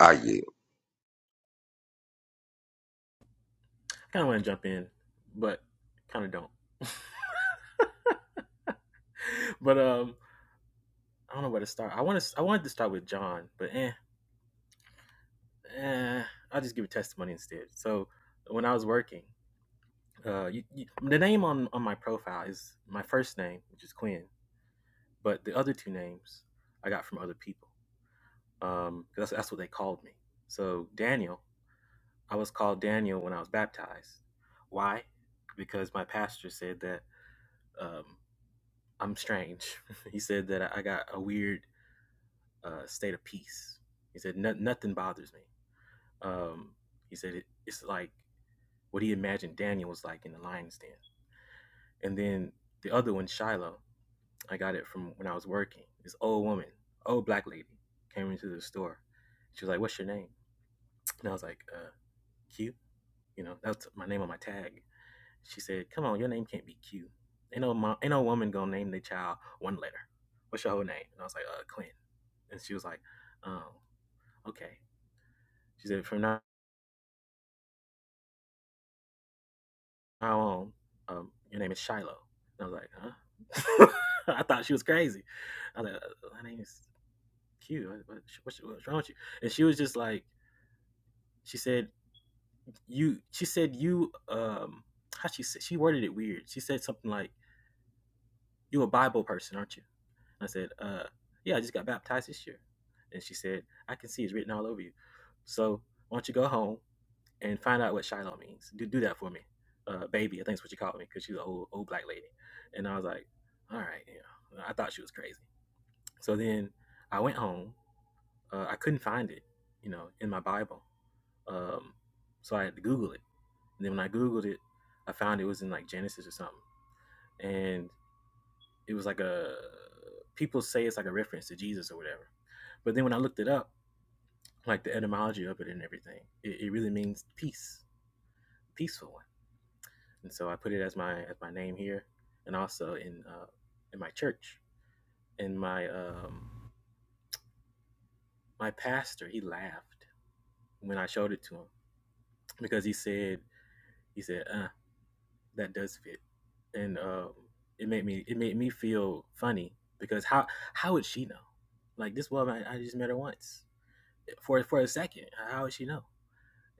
Speaker 1: I yield.
Speaker 11: I kind of want to jump in, but kind of don't. But um, I don't know where to start. I want to. I wanted to start with John, but eh, eh I'll just give a testimony instead. So when I was working, uh, you, you, the name on on my profile is my first name, which is Quinn, but the other two names I got from other people. Um, that's that's what they called me. So Daniel I was called Daniel when I was baptized. Why? Because my pastor said that um, I'm strange. he said that I got a weird uh, state of peace. He said no, nothing bothers me. Um, he said it, it's like what he imagined Daniel was like in the lion's den. And then the other one, Shiloh, I got it from when I was working. This old woman, old black lady, came into the store. She was like, "What's your name?" And I was like, uh, "Q." You know, that's my name on my tag. She said, "Come on, your name can't be Q. Ain't no mom, ain't no woman gonna name their child one letter. What's your whole name?" And I was like, "Uh, Clint." And she was like, "Um, okay." She said, "From now on, um, your name is Shiloh." And I was like, "Huh?" I thought she was crazy. I was like, uh, "My name is Q. what's, what's wrong with you?" And she was just like, she said, "You." She said, "You." Um, how she said she worded it weird. She said something like, "You a Bible person, aren't you?" I said, uh, yeah, I just got baptized this year. And she said, I can see it's written all over you. So why don't you go home and find out what Shiloh means? Do do that for me, uh, baby. I think that's what she called me because she's an old old black lady. And I was like, all right, you know, I thought she was crazy. So then I went home. Uh, I couldn't find it, you know, in my Bible. Um, so I had to Google it. And then when I Googled it, I found it was in like Genesis or something. And it was like a people say it's like a reference to Jesus or whatever. But then when I looked it up, like the etymology of it and everything, it, it really means peace, peaceful one. And so I put it as my as my name here, and also in uh, in my church. And my um, my pastor he laughed when I showed it to him because he said he said uh, that does fit, and um, it made me it made me feel funny because how how would she know? Like this woman, I, I just met her once. for for a second. How would she know?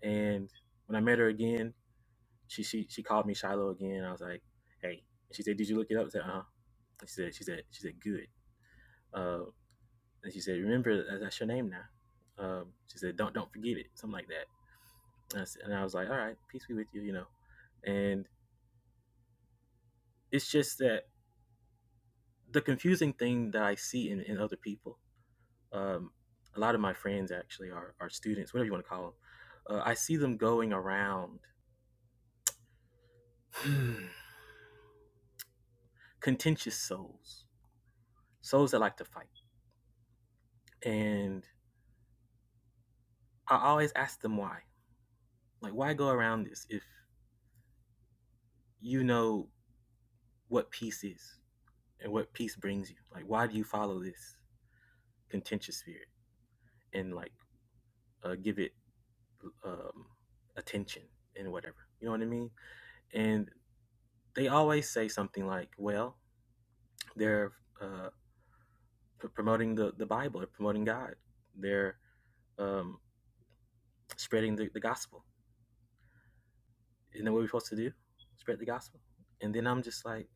Speaker 11: And when I met her again, she she she called me Shiloh again. I was like, hey. And She said, did you look it up? I said, uh huh. She said, she said, she said, good. Uh, and she said, remember that's your name now. Um, she said, don't don't forget it, something like that. And I, said, and I was like, all right, peace be with you, you know. And it's just that the confusing thing that I see in, in other people, um, a lot of my friends actually are, are students, whatever you want to call them. Uh, I see them going around Hmm. contentious souls, souls that like to fight. And I always ask them why. Like, why go around this if you know what peace is and what peace brings you? Like, why do you follow this contentious spirit and like uh, give it um, attention and whatever? You know what I mean? And they always say something like, well, they're uh, p- promoting the, the Bible, they're promoting God, they're um, spreading the, the gospel. Isn't that what we're supposed to do? Spread the gospel. And then I'm just like,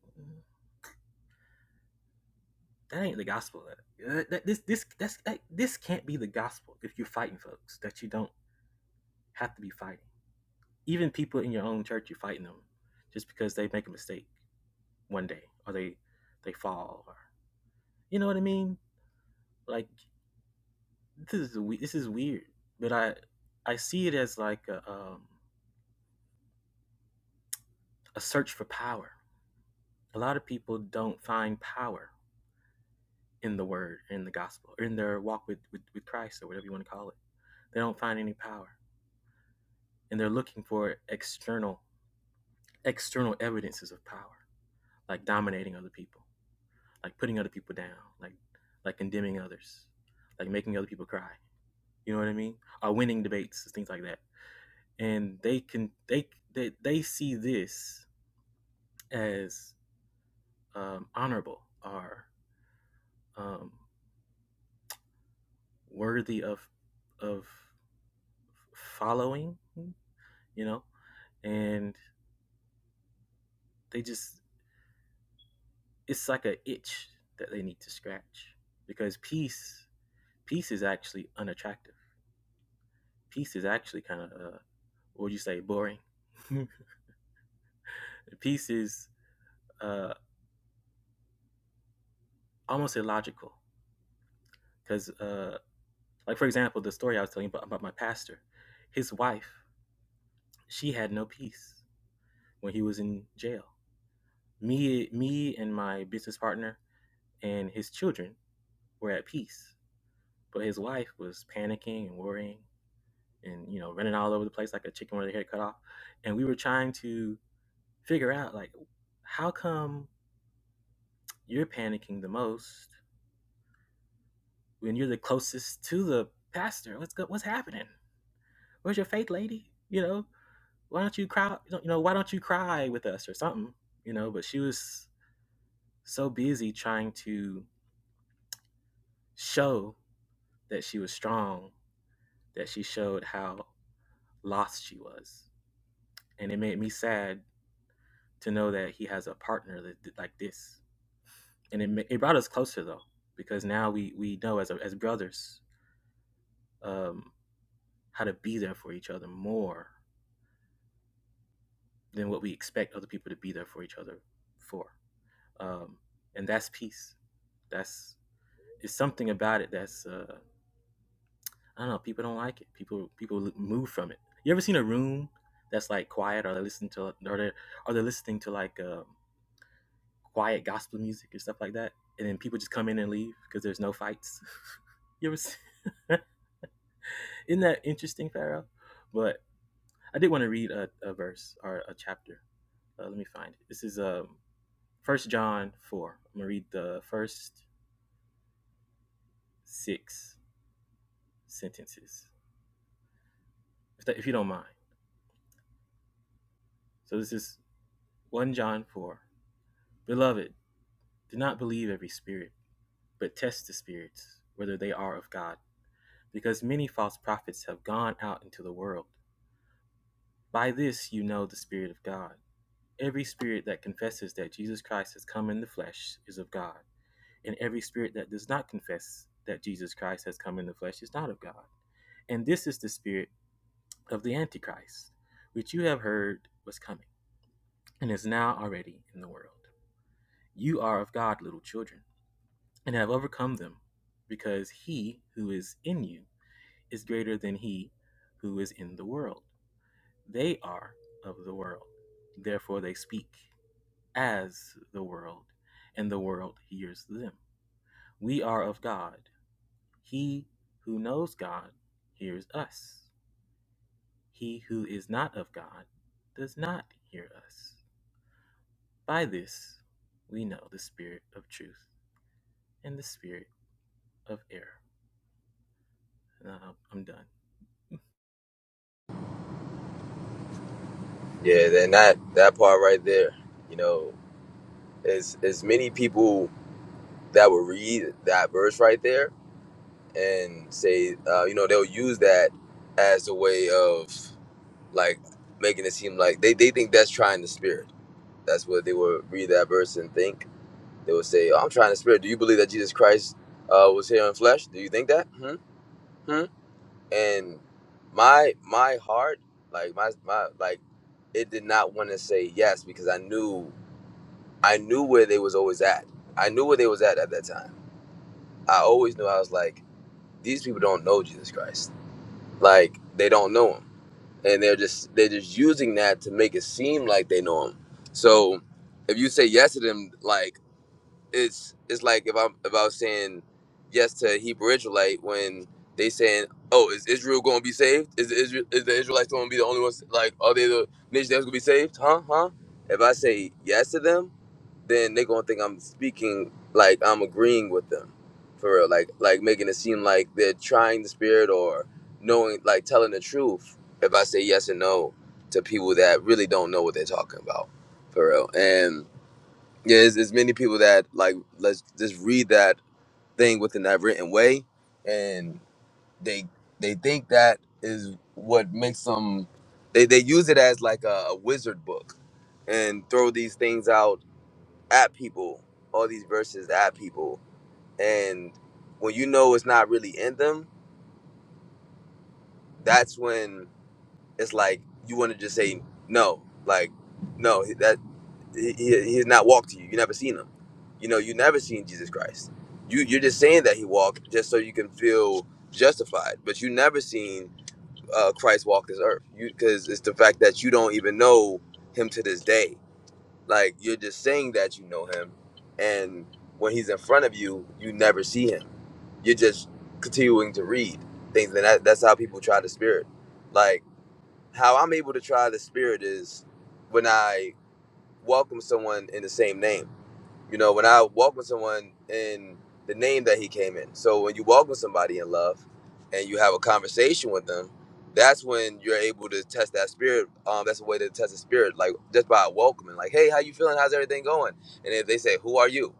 Speaker 11: that ain't the gospel. That, that- this this that's that, this can't be the gospel if you're fighting folks that you don't have to be fighting. Even people in your own church, you're fighting them just because they make a mistake one day or they they fall or you know what I mean. Like this is this is weird, but I I see it as like a, um, a search for power. A lot of people don't find power in the word, in the gospel, or in their walk with, with, with Christ or whatever you want to call it. They don't find any power. And they're looking for external external evidences of power, like dominating other people, like putting other people down, like like condemning others, like making other people cry. You know what I mean? Or winning debates, things like that. And they can they they, they see this as um, honorable or um, worthy of of following, you know. And they just it's like a itch that they need to scratch because peace peace is actually unattractive. Peace is actually kind of uh, what would you say boring. peace is uh, almost illogical because uh, like for example the story I was telling you about, about my pastor, his wife she had no peace when he was in jail. Me me and my business partner and his children were at peace, but his wife was panicking and worrying and you know running all over the place like a chicken with their head cut off and we were trying to figure out like how come you're panicking the most when you're the closest to the pastor what's good what's happening where's your faith lady you know why don't you cry you know why don't you cry with us or something you know but she was so busy trying to show that she was strong that she showed how lost she was and it made me sad to know that he has a partner that, like this and it it brought us closer though because now we we know as a, as brothers um, how to be there for each other more than what we expect other people to be there for each other for, um, and that's peace. That's it's something about it that's uh, I don't know. People don't like it. People people move from it. You ever seen a room that's like quiet, or they listen to, or they are they listening to like um, quiet gospel music and stuff like that, and then people just come in and leave because there's no fights. you ever see? Isn't that interesting, Pharaoh? But I did want to read a, a verse or a chapter. Uh, let me find it. This is um, 1 John 4. I'm going to read the first six sentences, if, that, if you don't mind. So this is 1 John 4. Beloved, do not believe every spirit, but test the spirits, whether they are of God, because many false prophets have gone out into the world. By this you know the Spirit of God. Every spirit that confesses that Jesus Christ has come in the flesh is of God and every spirit that does not confess that Jesus Christ has come in the flesh is not of God. And this is the spirit of the Antichrist, which you have heard was coming, and is now already in the world. You are of God, little children, and have overcome them, because he who is in you is greater than he who is in the world. They are of the world, therefore they speak as the world, and the world hears them. We are of God, He who knows God hears us. He who is not of God does not hear us. By this we know the spirit of truth and the spirit of error. And uh, I'm done.
Speaker 13: Yeah, then that that part right there, you know, as as many people that will read that verse right there and say, uh, you know, they'll use that as a way of like making it seem like they, they think that's trying the spirit. That's what they will read that verse and think. They will say, oh, I'm trying the spirit. Do you believe that Jesus Christ uh, was here in flesh? Do you think that? Hmm? Hmm? And my my heart, like my my like it did not want to say yes because I knew I knew where they was always at. I knew where they was at at that time. I always knew I was like, these people don't know Jesus Christ like they don't know him and they're just they're just using that to make it seem like they know him so if you say yes to them like it's it's like if i'm if i was saying yes to a hebrew israelite when they saying oh is israel going to be saved is the israel is the israelites going to be the only ones like are they the nation that's going to be saved huh huh if i say yes to them then they're gonna think I'm speaking like I'm agreeing with them, for real. Like like making it seem like they're trying the spirit or knowing like telling the truth. If I say yes and no to people that really don't know what they're talking about, for real. And yeah, there's, there's many people that like let's just read that thing within that written way, and they they think that is what makes them. They, they use it as like a, a wizard book and throw these things out at people, all these verses at people. And when you know it's not really in them, that's when it's like you want to just say no, like no, that he, he, he's not walked to you. You never seen him. You know, you never seen Jesus Christ. You you're just saying that he walked just so you can feel justified, but you never seen uh, Christ walk this earth. You because it's the fact that you don't even know him to this day. Like you're just saying that you know him, and when he's in front of you, you never see him. You're just continuing to read things, and that, that's how people try the spirit. Like how I'm able to try the spirit is when I welcome someone in the same name. You know, when I walk with someone in the name that he came in. So when you walk with somebody in love and you have a conversation with them, that's when you're able to test that spirit. Um, that's a way to test the spirit, like just by welcoming, like, hey, how you feeling? How's everything going? And if they say, Who are you?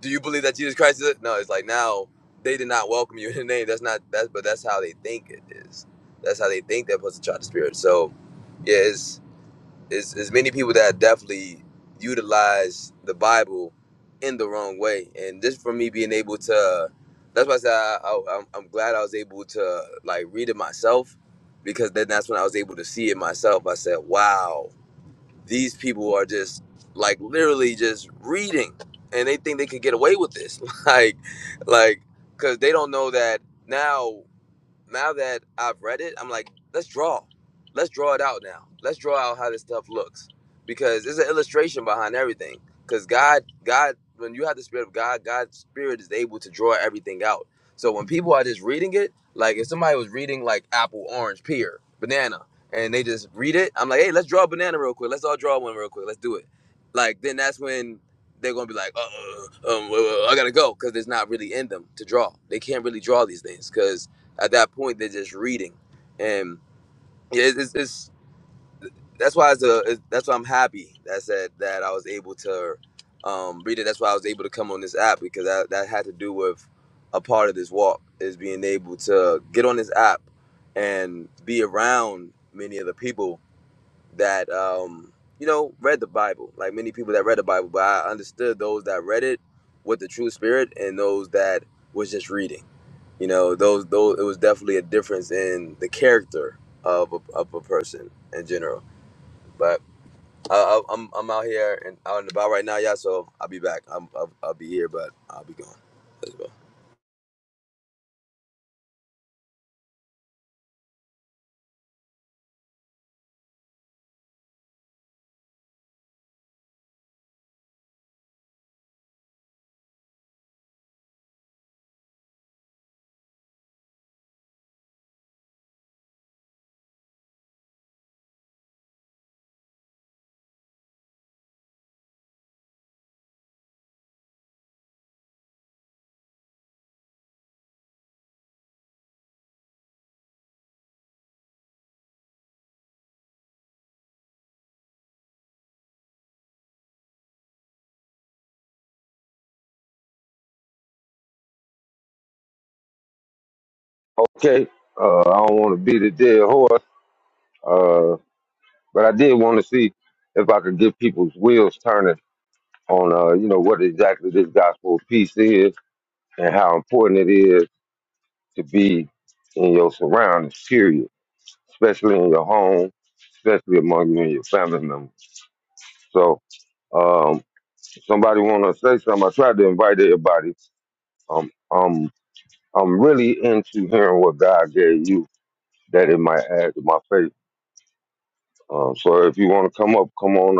Speaker 13: Do you believe that Jesus Christ is it? No, it's like now they did not welcome you in the name. That's not that's but that's how they think it is. That's how they think they're supposed to try the spirit. So yeah, it's is it's many people that definitely utilize the Bible in the wrong way, and this for me being able to, that's why I said I, I, I'm, I'm glad I was able to like read it myself, because then that's when I was able to see it myself. I said, "Wow, these people are just like literally just reading, and they think they could get away with this, like, like, because they don't know that now." now that I've read it, I'm like, let's draw. Let's draw it out now. Let's draw out how this stuff looks because there's an illustration behind everything. Because God, God, when you have the spirit of God, God's spirit is able to draw everything out. So when people are just reading it, like if somebody was reading like apple, orange, pear, banana, and they just read it, I'm like, hey, let's draw a banana real quick. Let's all draw one real quick. Let's do it. Like then that's when they're gonna be like, uh, uh, um, uh, uh, I gotta go because there's not really in them to draw. They can't really draw these things because at that point, they're just reading, and yeah, it's, it's, it's that's why it's a it's, that's why I'm happy. That's that said that I was able to um, read it. That's why I was able to come on this app because that that had to do with a part of this walk is being able to get on this app and be around many of the people that um, you know read the Bible. Like many people that read the Bible, but I understood those that read it with the true spirit and those that was just reading you know those those it was definitely a difference in the character of a, of a person in general but I, I, I'm I'm out here and out and about right now, yeah. So I'll be back. I'm I'll, I'll be here, but I'll be gone as well.
Speaker 1: Okay. Uh, I don't want to be the dead horse, uh, but I did want to see if I could get people's wheels turning on uh, you know what exactly this gospel of peace is and how important it is to be in your surroundings, period, especially in your home, especially among you and your family members. So, um, somebody want to say something? I tried to invite everybody. Um, um, I'm really into hearing what God gave you that it might add to my faith. Um, so if you want to come up on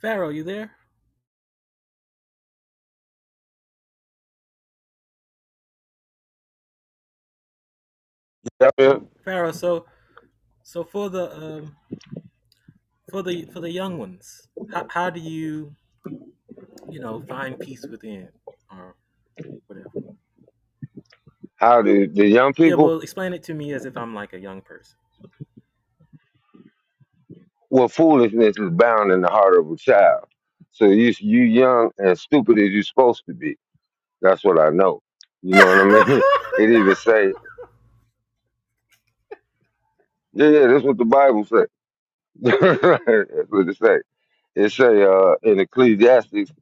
Speaker 11: Pharaoh, you there?
Speaker 1: the,
Speaker 11: Pharaoh, so so for the um for the for the young ones how, how do you you know find peace within or whatever
Speaker 1: how do the young
Speaker 11: yeah
Speaker 1: people?
Speaker 11: well explain it to me as if i'm like a young person
Speaker 1: Well, foolishness is bound in the heart of a child. So you you young and stupid as you're supposed to be. That's what I know. You know what I mean? It even say, yeah, yeah, that's what the Bible say. that's what it say. It say uh, in Ecclesiastes,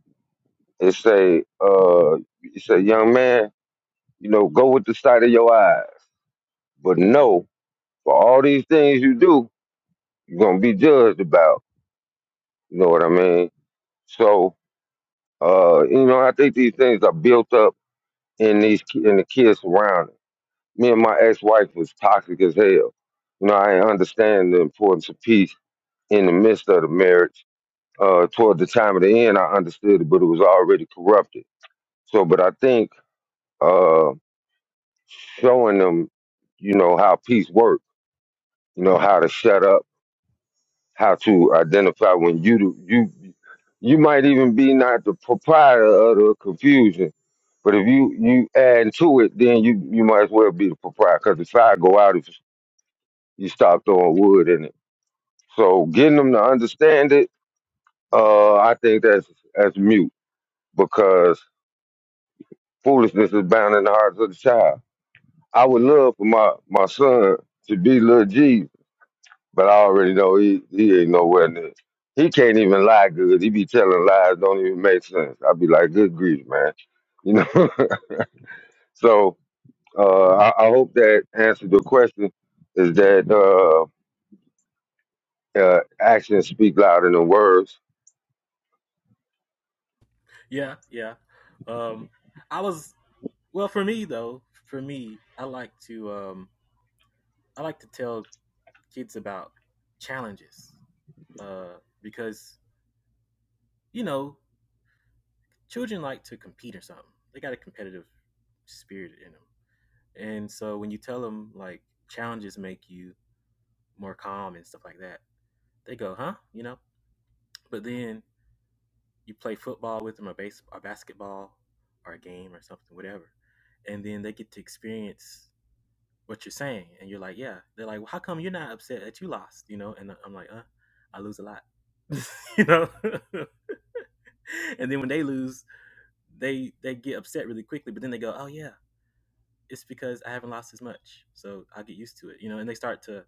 Speaker 1: it say, uh, it say, young man, you know, go with the sight of your eyes, but know for all these things you do, you're gonna be judged about. You know what I mean? So, uh, you know, I think these things are built up and these ki- and the kids around him. Me and my ex-wife was toxic as hell. You know, I didn't understand the importance of peace in the midst of the marriage. Uh, toward the time of the end, I understood it, but it was already corrupted. So, but I think uh, showing them, you know, how peace works, you know, how to shut up, how to identify when you do, you you might even be not the proprietor of the confusion, but if you you add to it, then you you might as well be the proprietor. Because the fire go out if you stop throwing wood in it. So getting them to understand it, uh, I think that's that's mute because foolishness is bound in the hearts of the child. I would love for my, my son to be little Jesus, but I already know he, he ain't nowhere near. He can't even lie good. He be telling lies don't even make sense. I'd be like, good grief, man. You know? so uh, I, I hope that answered the question is that uh, uh, actions speak louder than words
Speaker 11: yeah yeah um i was well for me though for me i like to um i like to tell kids about challenges uh because you know children like to compete or something they got a competitive spirit in them and so when you tell them like challenges make you more calm and stuff like that they go huh you know But then you play football with them or base or basketball or a game or something, whatever. And then they get to experience what you're saying. And you're like, yeah. They're like, well, how come you're not upset that you lost? You know, and I- am like, uh, I lose a lot. you know? and then when they lose, they they get upset really quickly, but then they go, Oh yeah, it's because I haven't lost as much. So I'll get used to it. You know, and they start to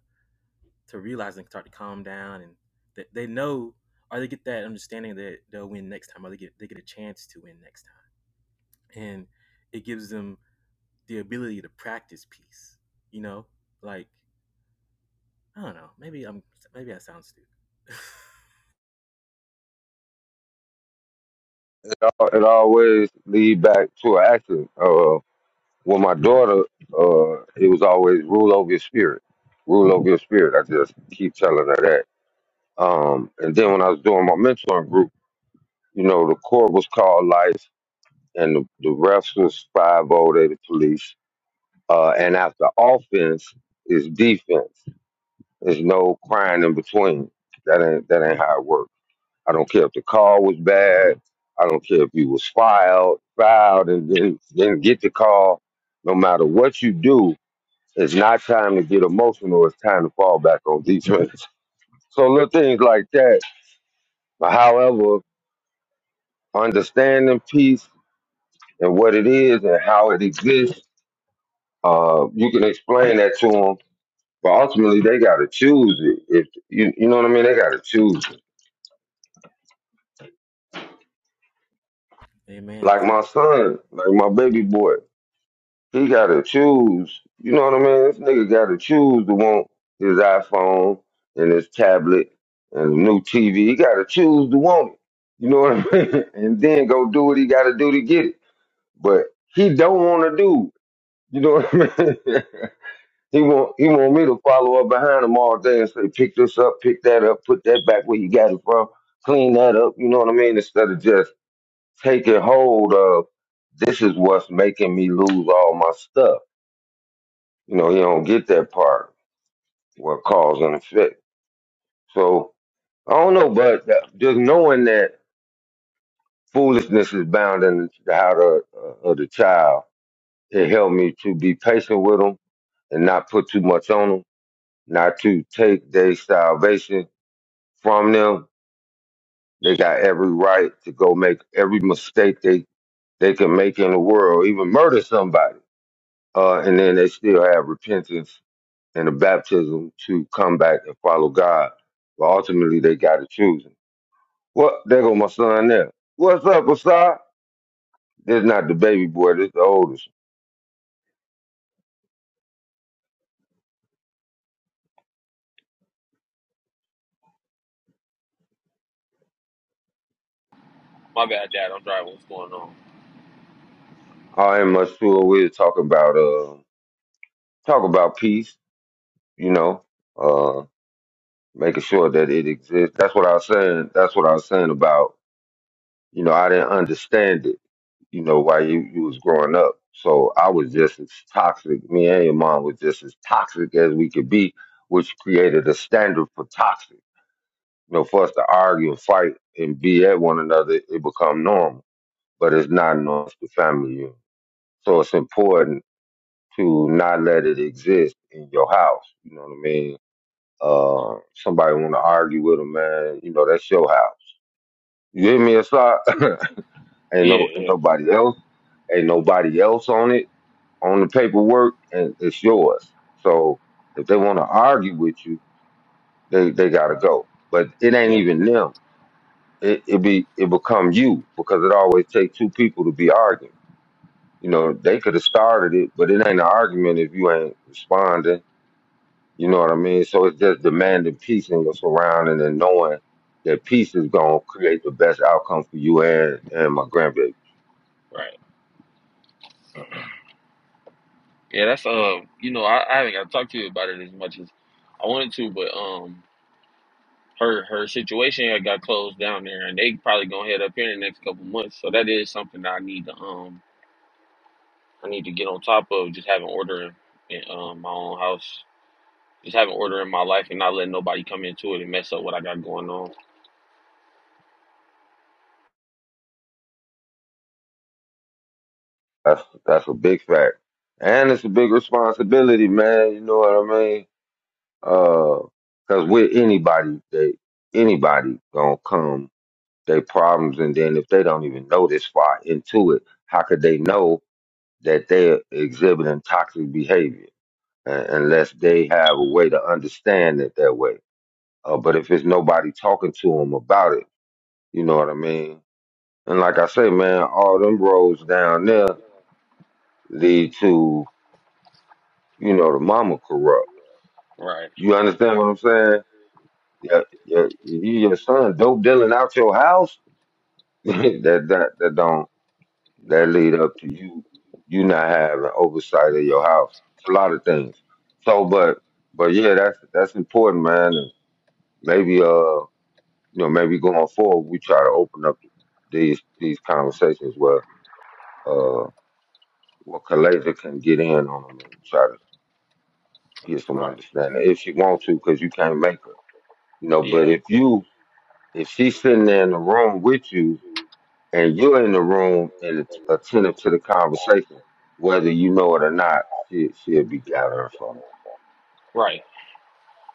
Speaker 11: to realize and start to calm down and they, they know or they get that understanding that they'll win next time or they get they get a chance to win next time and it gives them the ability to practice peace you know like i don't know maybe i'm maybe i sound stupid
Speaker 1: Uh, it always lead back to an accident. Uh, with my daughter, uh, it was always rule over your spirit, rule over your spirit. I just keep telling her that. Um, and then when I was doing my mentoring group, you know, the court was called life, and the, the refs was five zero. They the police. Uh, and after offense is defense. There's no crying in between. That ain't that ain't how it works. I don't care if the call was bad. I don't care if you was filed, filed, and then didn't get the call. No matter what you do, it's not time to get emotional. It's time to fall back on defense. So little things like that. however, understanding peace and what it is and how it exists, uh, you can explain that to them. But ultimately, they got to choose it. If you, you know what I mean, they got to choose. It.
Speaker 11: amen
Speaker 1: Like my
Speaker 11: exactly
Speaker 1: son, like my baby boy. He gotta choose. You know what I mean? This nigga gotta choose to want his iPhone and his tablet and a new TV. He gotta choose to want it. You know what I mean? And then go do what he gotta do to get it. But he don't wanna do. You know what I mean? he want he want me to follow up behind him all day and say, pick this up, pick that up, put that back where you got it from, clean that up. You know what I mean? Instead of just taking hold of this is what's making me lose all my stuff You know, you don't get that part what cause and effect. So I don't know, but that- just knowing that foolishness is bound in the heart of, uh, of the child, it helped me to be patient with them and not put too much on them, not to take their salvation from them. They got every right to go make every mistake they they can make in the world, even murder somebody, uh, and then they still have repentance and a baptism to come back and follow God. But ultimately, they got to choose. What? There go my son there. What's up, Asad? This not the baby boy. This the oldest.
Speaker 15: My bad, Dad. I'm driving. What's going on?
Speaker 1: I am Masur. We're talking about uh, talk about peace. You know, uh, making sure that it exists. That's what I was saying. That's what I was saying about. You know, I didn't understand it. You know, while you you was growing up, so I was just as toxic. Me and your mom was just as toxic as we could be, which created a standard for toxic. You know, for us to argue and fight and be at one another, it become normal but it's not enough to family unit. So it's important to not let it exist in your house. You know what I mean? Uh, somebody want to argue with a man, you know, that's your house. You hear me? It's not, ain't
Speaker 15: Yeah,
Speaker 1: no, ain't
Speaker 15: yeah,
Speaker 1: nobody else, ain't nobody else on it, on the paperwork, and it's yours. So if they want to argue with you, they, they gotta go. But it ain't
Speaker 15: exactly.
Speaker 1: even them. It, it be, it become you because it always take two people to be arguing. You know, they could have started it, but it ain't an argument if you ain't responding. You know what I mean? So it's just
Speaker 15: Right,
Speaker 1: demanding peace in your surrounding and knowing that peace is gonna create the best outcome for you and and my grandbaby.
Speaker 15: right. Yeah, that's um. You know, I, I haven't got to talk to you about it as much as I wanted to, but um, her her situation had got closed down there, and they probably gonna head up here in the next couple months. So that is something that I need to um I need to get on top of, just having order in, in um, my own house, just having order in my life, and not letting nobody come into it and mess up what I got going on.
Speaker 1: That's that's a big fact, and it's a big responsibility, man. You know what I mean? Uh, cause with anybody, they anybody gonna come their problems, and then if they don't even know this far into it, how could they know that they're exhibiting toxic behavior? un- unless they have a way to understand it that way. Uh, but if it's nobody talking to them about it, you know what I mean? And like I say, man, all them roads down there lead to, you know, the mama corrupt.
Speaker 15: Right,
Speaker 1: You understand what I'm saying? Yeah, yeah, you, your son dope dealing out your house. that that that don't that
Speaker 15: right,
Speaker 1: lead up to you you not having oversight of your house. It's a lot of things. So, but but yeah, that's that's important, man. And maybe uh you know, maybe going forward, we try to open up these these conversations where uh where Kalaja can get in on them and try to get some
Speaker 15: right.
Speaker 1: understanding if she wants to, because you can't make her, you know. But
Speaker 15: Yeah,
Speaker 1: if you if she's sitting there in the room with you and you're in the room and it's attentive to the conversation, whether you know it or not, she she'll be gathering from it.
Speaker 15: right.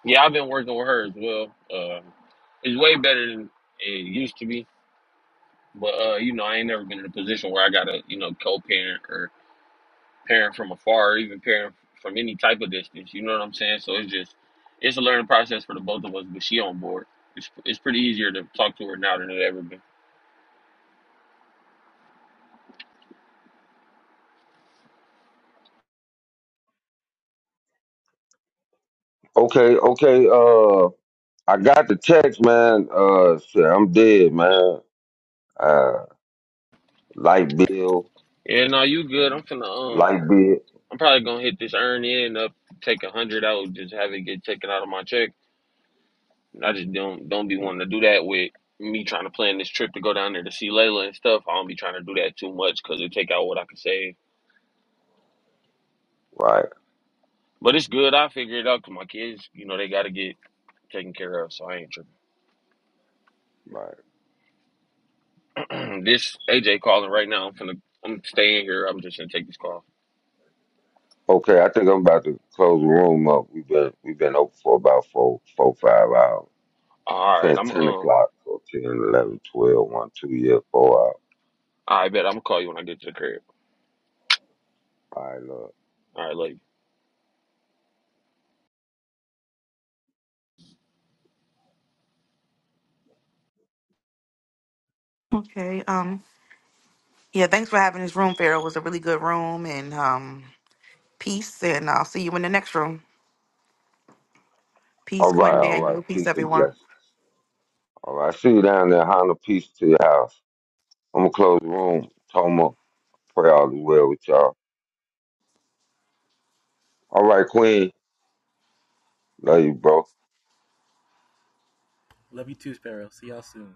Speaker 15: Yeah, I've been working with her as well. Um, it's way better than it used to be. But uh, you know, I ain't never been in a position where I gotta, you know, co-parent or parent from afar, or even parent from any type of distance. You know what I'm saying? So it's just, it's a learning process for the both of us. But she on board. It's it's pretty easier to talk to her now than it ever been.
Speaker 1: Okay, okay, uh. I got the text, man. Uh, shit, I'm dead, man. Uh, light bill,
Speaker 15: Yeah, no, you good. I'm finna um,
Speaker 1: light bill.
Speaker 15: I'm probably gonna hit this earn in up, take a hundred out, just have it get taken out of my check. I just don't don't be wanting to do that with me trying to plan this trip to go down there to see Layla and stuff. I don't be trying to do that too much because it take out what I could save.
Speaker 1: right.
Speaker 15: But it's good. I figure it out. Cause my kids, you know, they got to get taken care of. So I ain't
Speaker 1: Right.
Speaker 15: tripping. this AJ calling right now. I'm finna, I'm staying here. I'm just gonna take this call.
Speaker 1: Okay, I think I'm about to close the room up. We've been we've been open for about four four five hours
Speaker 15: All right.
Speaker 1: since
Speaker 15: I'm
Speaker 1: ten
Speaker 15: um.
Speaker 1: o'clock, so ten eleven twelve, one, 2, yeah, four hours.
Speaker 15: I bet I'm gonna call you when I get to the crib.
Speaker 1: All right, love.
Speaker 15: All right, love you.
Speaker 9: Okay. Um. Yeah. Thanks for having this room, Pharaoh. It was a really good room, and um, peace. And I'll see you in the next room. Peace,
Speaker 1: All right,
Speaker 9: Quinn
Speaker 1: all right.
Speaker 9: Daniel. Peace,
Speaker 1: Peace and
Speaker 9: everyone.
Speaker 1: blessings. All right, see you down there. Honda, peace to your house. I'm gonna close the room. Toma, pray all is well with y'all. All right, Queen. Love you, bro.
Speaker 11: love you too sparrow see y'all soon